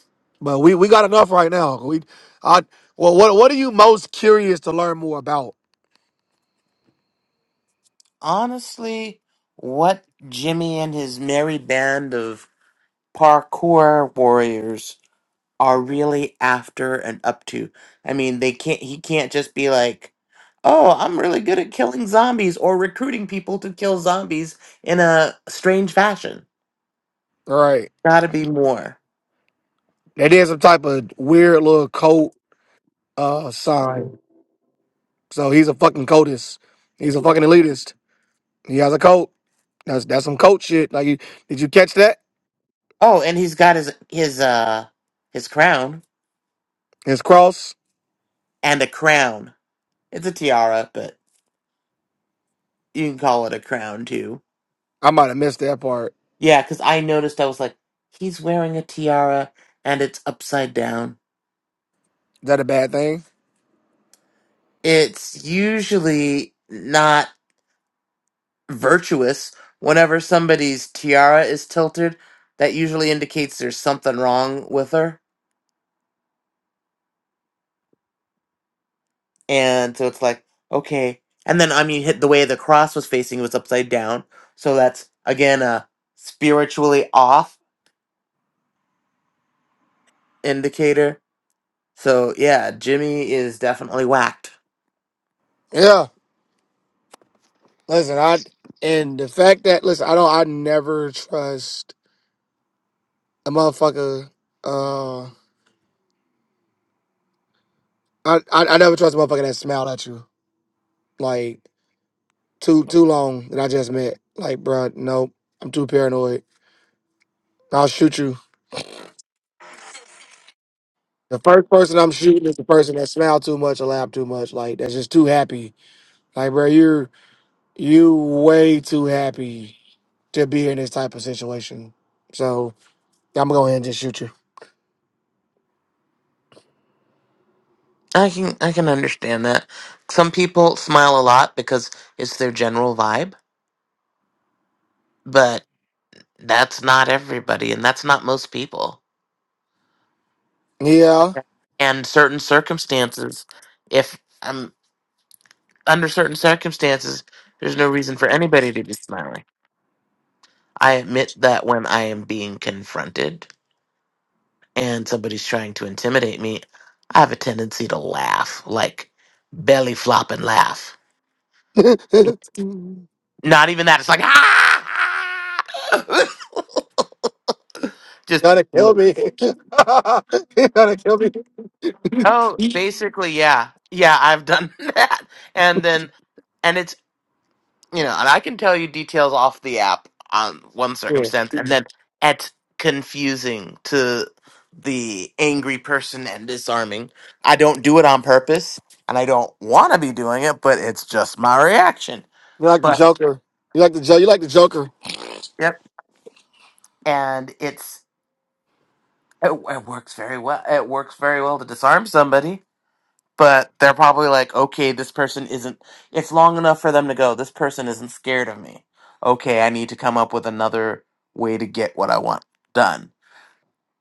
Speaker 2: But we, we got enough right now. We, I, well, what, what are you most curious to learn more about?
Speaker 1: Honestly, what Jimmy and his merry band of parkour warriors are really after and up to. I mean, they can't he can't just be like, "Oh, I'm really good at killing zombies or recruiting people to kill zombies in a strange fashion."
Speaker 2: All right,
Speaker 1: Got to be more.
Speaker 2: they did some type of weird little cult uh sign. So he's a fucking cultist. He's a fucking elitist. He has a cult. That's that's some cult shit. Like, you, did you catch that?
Speaker 1: Oh, and he's got his his uh his crown
Speaker 2: His cross.
Speaker 1: and a crown. It's a tiara, but you can call it a crown too.
Speaker 2: I might have missed that part.
Speaker 1: Yeah, cuz I noticed I was like, "He's wearing a tiara and it's upside down."
Speaker 2: Is that a bad thing?
Speaker 1: It's usually not virtuous. Whenever somebody's tiara is tilted, that usually indicates there's something wrong with her. And so it's like, okay. And then, I mean, hit the way the cross was facing was upside down. So that's, again, a spiritually off indicator. So yeah, Jimmy is definitely whacked.
Speaker 2: Yeah. Listen, I and the fact that listen, I don't. I never trust a motherfucker. Uh, I I, I never trust a motherfucker that smiled at you like too too long that I just met. Like, bruh, nope. I'm too paranoid. I'll shoot you. The first person I'm shooting is the person that smiled too much or laughed too much. Like, that's just too happy Like, bro, you're you way too happy to be in this type of situation. So I'm gonna go ahead and just shoot you.
Speaker 1: I can I can understand that. Some people smile a lot because it's their general vibe, but that's not everybody and that's not most people.
Speaker 2: Yeah.
Speaker 1: and certain circumstances if i'm under certain circumstances there's no reason for anybody to be smiling i admit that when i am being confronted and somebody's trying to intimidate me i have a tendency to laugh like belly flop and laugh
Speaker 2: (laughs)
Speaker 1: it's not even that it's like ah! (laughs) just
Speaker 2: Gotta kill me. (laughs) you gotta kill me.
Speaker 1: oh
Speaker 2: (laughs)
Speaker 1: basically yeah yeah i've done (laughs) that and then and it's. you know, and I can tell you details off the app on one
Speaker 2: Yeah.
Speaker 1: circumstance, and then at confusing to the angry person and disarming. I don't do it on purpose, and I don't want to be doing it, but it's just my reaction.
Speaker 2: You're like the
Speaker 1: But
Speaker 2: Joker. You like the jo- you like the Joker.
Speaker 1: yep, and it's it, it works very well. It works very well to disarm somebody but they're probably like, okay, this person isn't. It's long enough for them to go. This person isn't scared of me. Okay, I need to come up with another way to get what I want done.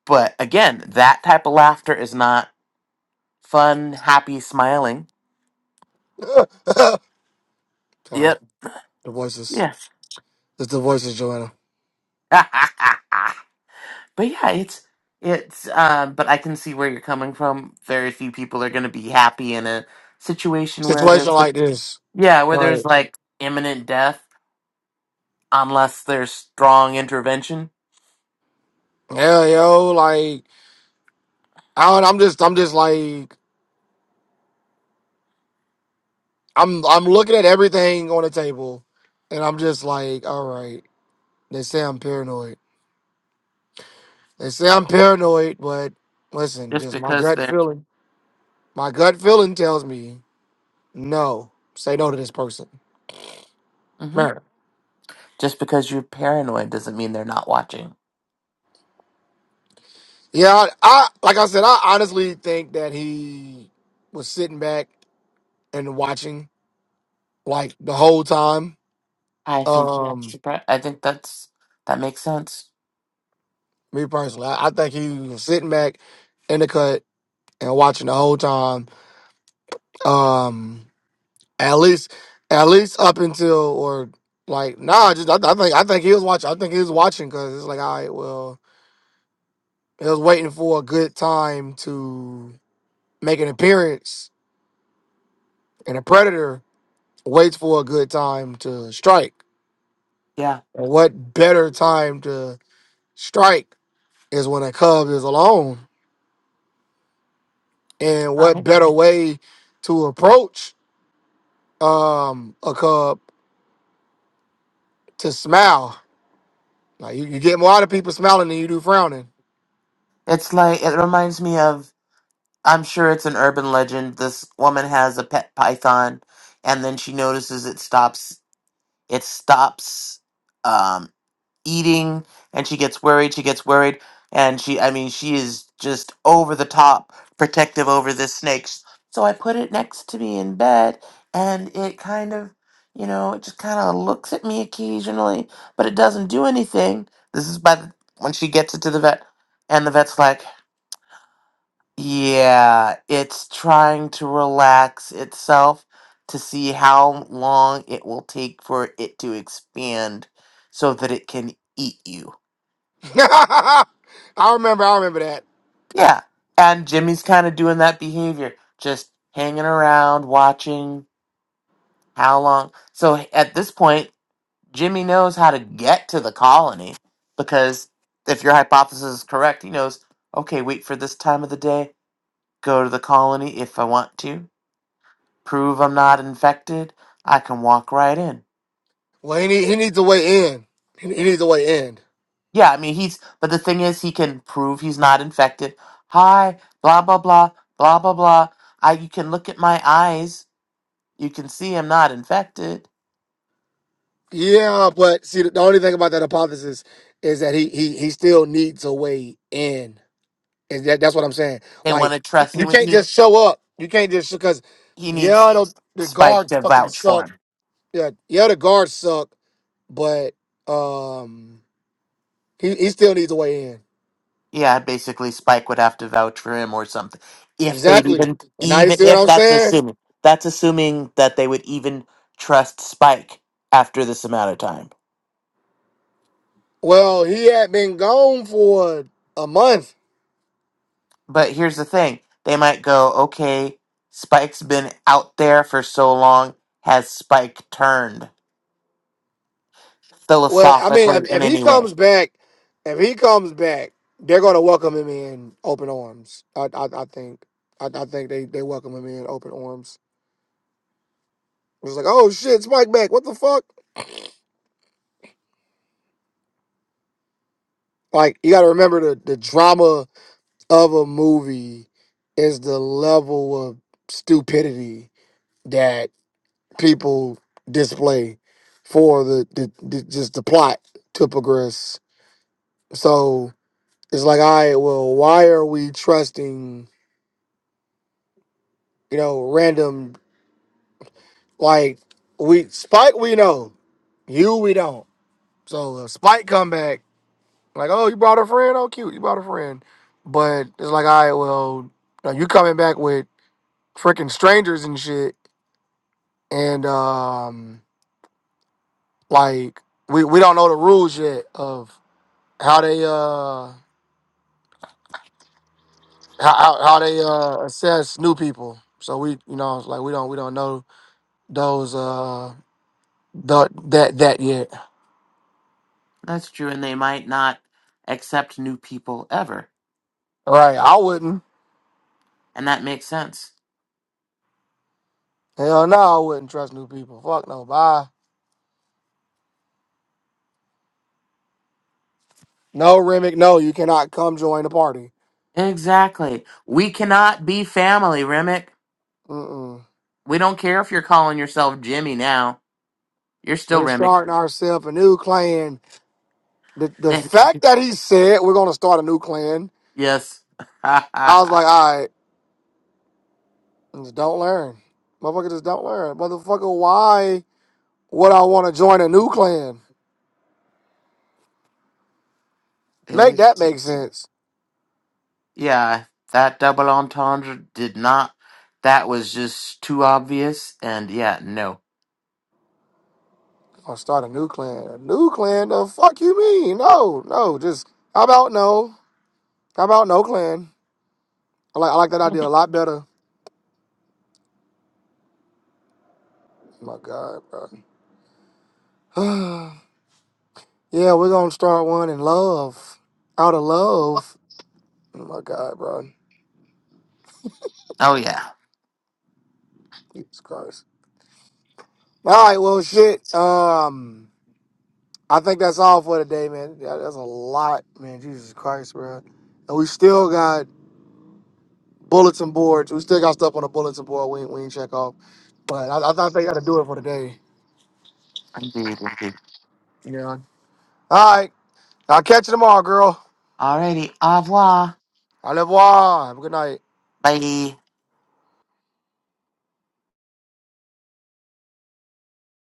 Speaker 1: But again, that type of laughter is not fun, happy, smiling.
Speaker 2: (laughs) God,
Speaker 1: Yep.
Speaker 2: the voices.
Speaker 1: Yes.
Speaker 2: It's the voices, Joanna.
Speaker 1: (laughs) but yeah, it's it's. Um, but I can see where you're coming from. Very few people are going to be happy in a situation where
Speaker 2: Situation
Speaker 1: there's like,
Speaker 2: like this.
Speaker 1: yeah, where
Speaker 2: Right.
Speaker 1: there's like imminent death unless there's strong intervention
Speaker 2: Yeah, yo, like I don't I'm just I'm just like I'm I'm looking at everything on the table, and I'm just like, all right. They say I'm paranoid. They say I'm paranoid, but listen,
Speaker 1: Just
Speaker 2: just my
Speaker 1: because
Speaker 2: gut
Speaker 1: they're
Speaker 2: feeling. My gut feeling tells me no. Say no to this person.
Speaker 1: hmm
Speaker 2: Man.
Speaker 1: just because you're paranoid doesn't mean they're not watching.
Speaker 2: Yeah, I, I like I said, I honestly think that he was sitting back and watching like the whole time.
Speaker 1: I think that's
Speaker 2: Um,
Speaker 1: the pri- I think that's that makes sense.
Speaker 2: me personally, I, I think he was sitting back in the cut and watching the whole time. Um, At least, at least up until or like nah, just I, I think I think he was watching. I think he was watching because it's like all right, well, he was waiting for a good time to make an appearance, and a predator waits for a good time to strike.
Speaker 1: Yeah,
Speaker 2: And what better time to strike is when a cub is alone, and what
Speaker 1: I,
Speaker 2: better way to approach um a cub to smile? Like you, you get more out of people smiling than you do frowning.
Speaker 1: it's like it reminds me of. I'm sure it's an urban legend. This woman has a pet python, and then she notices it stops. It stops. um, eating and she gets worried she gets worried and she i mean she is just over the top protective over this snake S- so i put it next to me in bed and it kind of you know it just kind of looks at me occasionally but it doesn't do anything this is by the, when she gets it to the vet and the vet's like yeah it's trying to relax itself to see how long it will take for it to expand so that it can eat you
Speaker 2: (laughs) I remember. I remember that.
Speaker 1: Yeah. And Jimmy's kind of doing that behavior, just hanging around, watching how long. So at this point, Jimmy knows how to get to the colony because if your hypothesis is correct, he knows, okay, wait for this time of the day, go to the colony if I want to, prove I'm not infected, I can walk right in.
Speaker 2: Well, he, need, he needs a way in. He, he needs a way in.
Speaker 1: Yeah, I mean, he's, but the thing is, he can prove he's not infected. Hi, blah, blah, blah, blah, blah, blah. I, you can look at my eyes You can see him not infected.
Speaker 2: Yeah, but see, the, only thing about that hypothesis is that he he he still needs a way in. Is that that's what I'm saying?
Speaker 1: They want
Speaker 2: Like
Speaker 1: to trust
Speaker 2: you
Speaker 1: him.
Speaker 2: can't
Speaker 1: he
Speaker 2: just show up. You can't just because
Speaker 1: he needs
Speaker 2: yeah, those, the
Speaker 1: Spike
Speaker 2: guards
Speaker 1: to
Speaker 2: fucking
Speaker 1: vouch for
Speaker 2: suck.
Speaker 1: him.
Speaker 2: Yeah, yeah, the guards suck. But um, he he still needs a way in.
Speaker 1: Yeah, basically Spike would have to vouch for him or something. If they'd
Speaker 2: Exactly.
Speaker 1: even
Speaker 2: And now you
Speaker 1: even
Speaker 2: see what
Speaker 1: if
Speaker 2: I'm
Speaker 1: that's
Speaker 2: saying?
Speaker 1: assuming that's assuming that they would even trust Spike after this amount of time.
Speaker 2: Well, he had been gone for a month.
Speaker 1: But here's the thing. They might go, "Okay, Spike's been out there for so long. Has Spike turned
Speaker 2: Well, I mean,
Speaker 1: philosophically
Speaker 2: if, if
Speaker 1: in
Speaker 2: he
Speaker 1: any way?"
Speaker 2: comes back, if he comes back, they're going to welcome him in open arms. I I, I think I, I think they, they welcome him in open arms. It's like, oh shit, it's Mike back. What the fuck? Like you got to remember the the drama of a movie is the level of stupidity that people display for the, the, the just the plot to progress. So it's like, all right, well, why are we trusting? you know, random like we Spike we know, you we don't. So uh, Spike come back like, oh, you brought a friend, oh cute, you brought a friend, but it's like, all right, well, now you coming back with freaking strangers and shit, and um, like we we don't know the rules yet of how they uh how how how they uh assess new people. So we you know it's like we don't we don't know those uh the that that yet.
Speaker 1: That's true and they might not accept new people ever
Speaker 2: Right, I wouldn't.
Speaker 1: And that makes sense.
Speaker 2: Hell no, I wouldn't trust new people. Fuck no. Bye. No, Remick, no, you cannot come join the party.
Speaker 1: Exactly. We cannot be family, Remick.
Speaker 2: Mm-mm.
Speaker 1: We don't care if you're calling yourself Jimmy now. You're still
Speaker 2: We're
Speaker 1: Remick.
Speaker 2: starting ourselves a new clan. The, the
Speaker 1: (laughs)
Speaker 2: fact that he said we're going to start a new clan,
Speaker 1: yes. (laughs)
Speaker 2: I was like, all right, just don't learn. Motherfucker, just don't learn. Motherfucker, why would I want to join a new clan?
Speaker 1: Eh,
Speaker 2: Make that make sense.
Speaker 1: yeah, that double entendre did not. That was just too obvious. And yeah, no.
Speaker 2: I'll start a new clan. A new clan? The fuck you mean? No, no, just, how about no? How about no clan? I like, I like that idea a lot better. Oh my God, bro. (sighs) yeah, we're gonna start one in love. Out of love. Oh my god, bro.
Speaker 1: Oh, yeah.
Speaker 2: Jesus Christ. All right, well shit. Um I think that's all for today, man. Yeah, That's a lot, man. Jesus Christ, bro. And we still got bulletin boards. We still got stuff on the bulletin board we, ain't- we ain't check off. But I, I thought they gotta do it for today.
Speaker 1: Indeed, indeed.
Speaker 2: You know. All right. I'll catch you tomorrow, girl.
Speaker 1: Alrighty. Au revoir.
Speaker 2: Au revoir. Have a good night.
Speaker 1: Bye.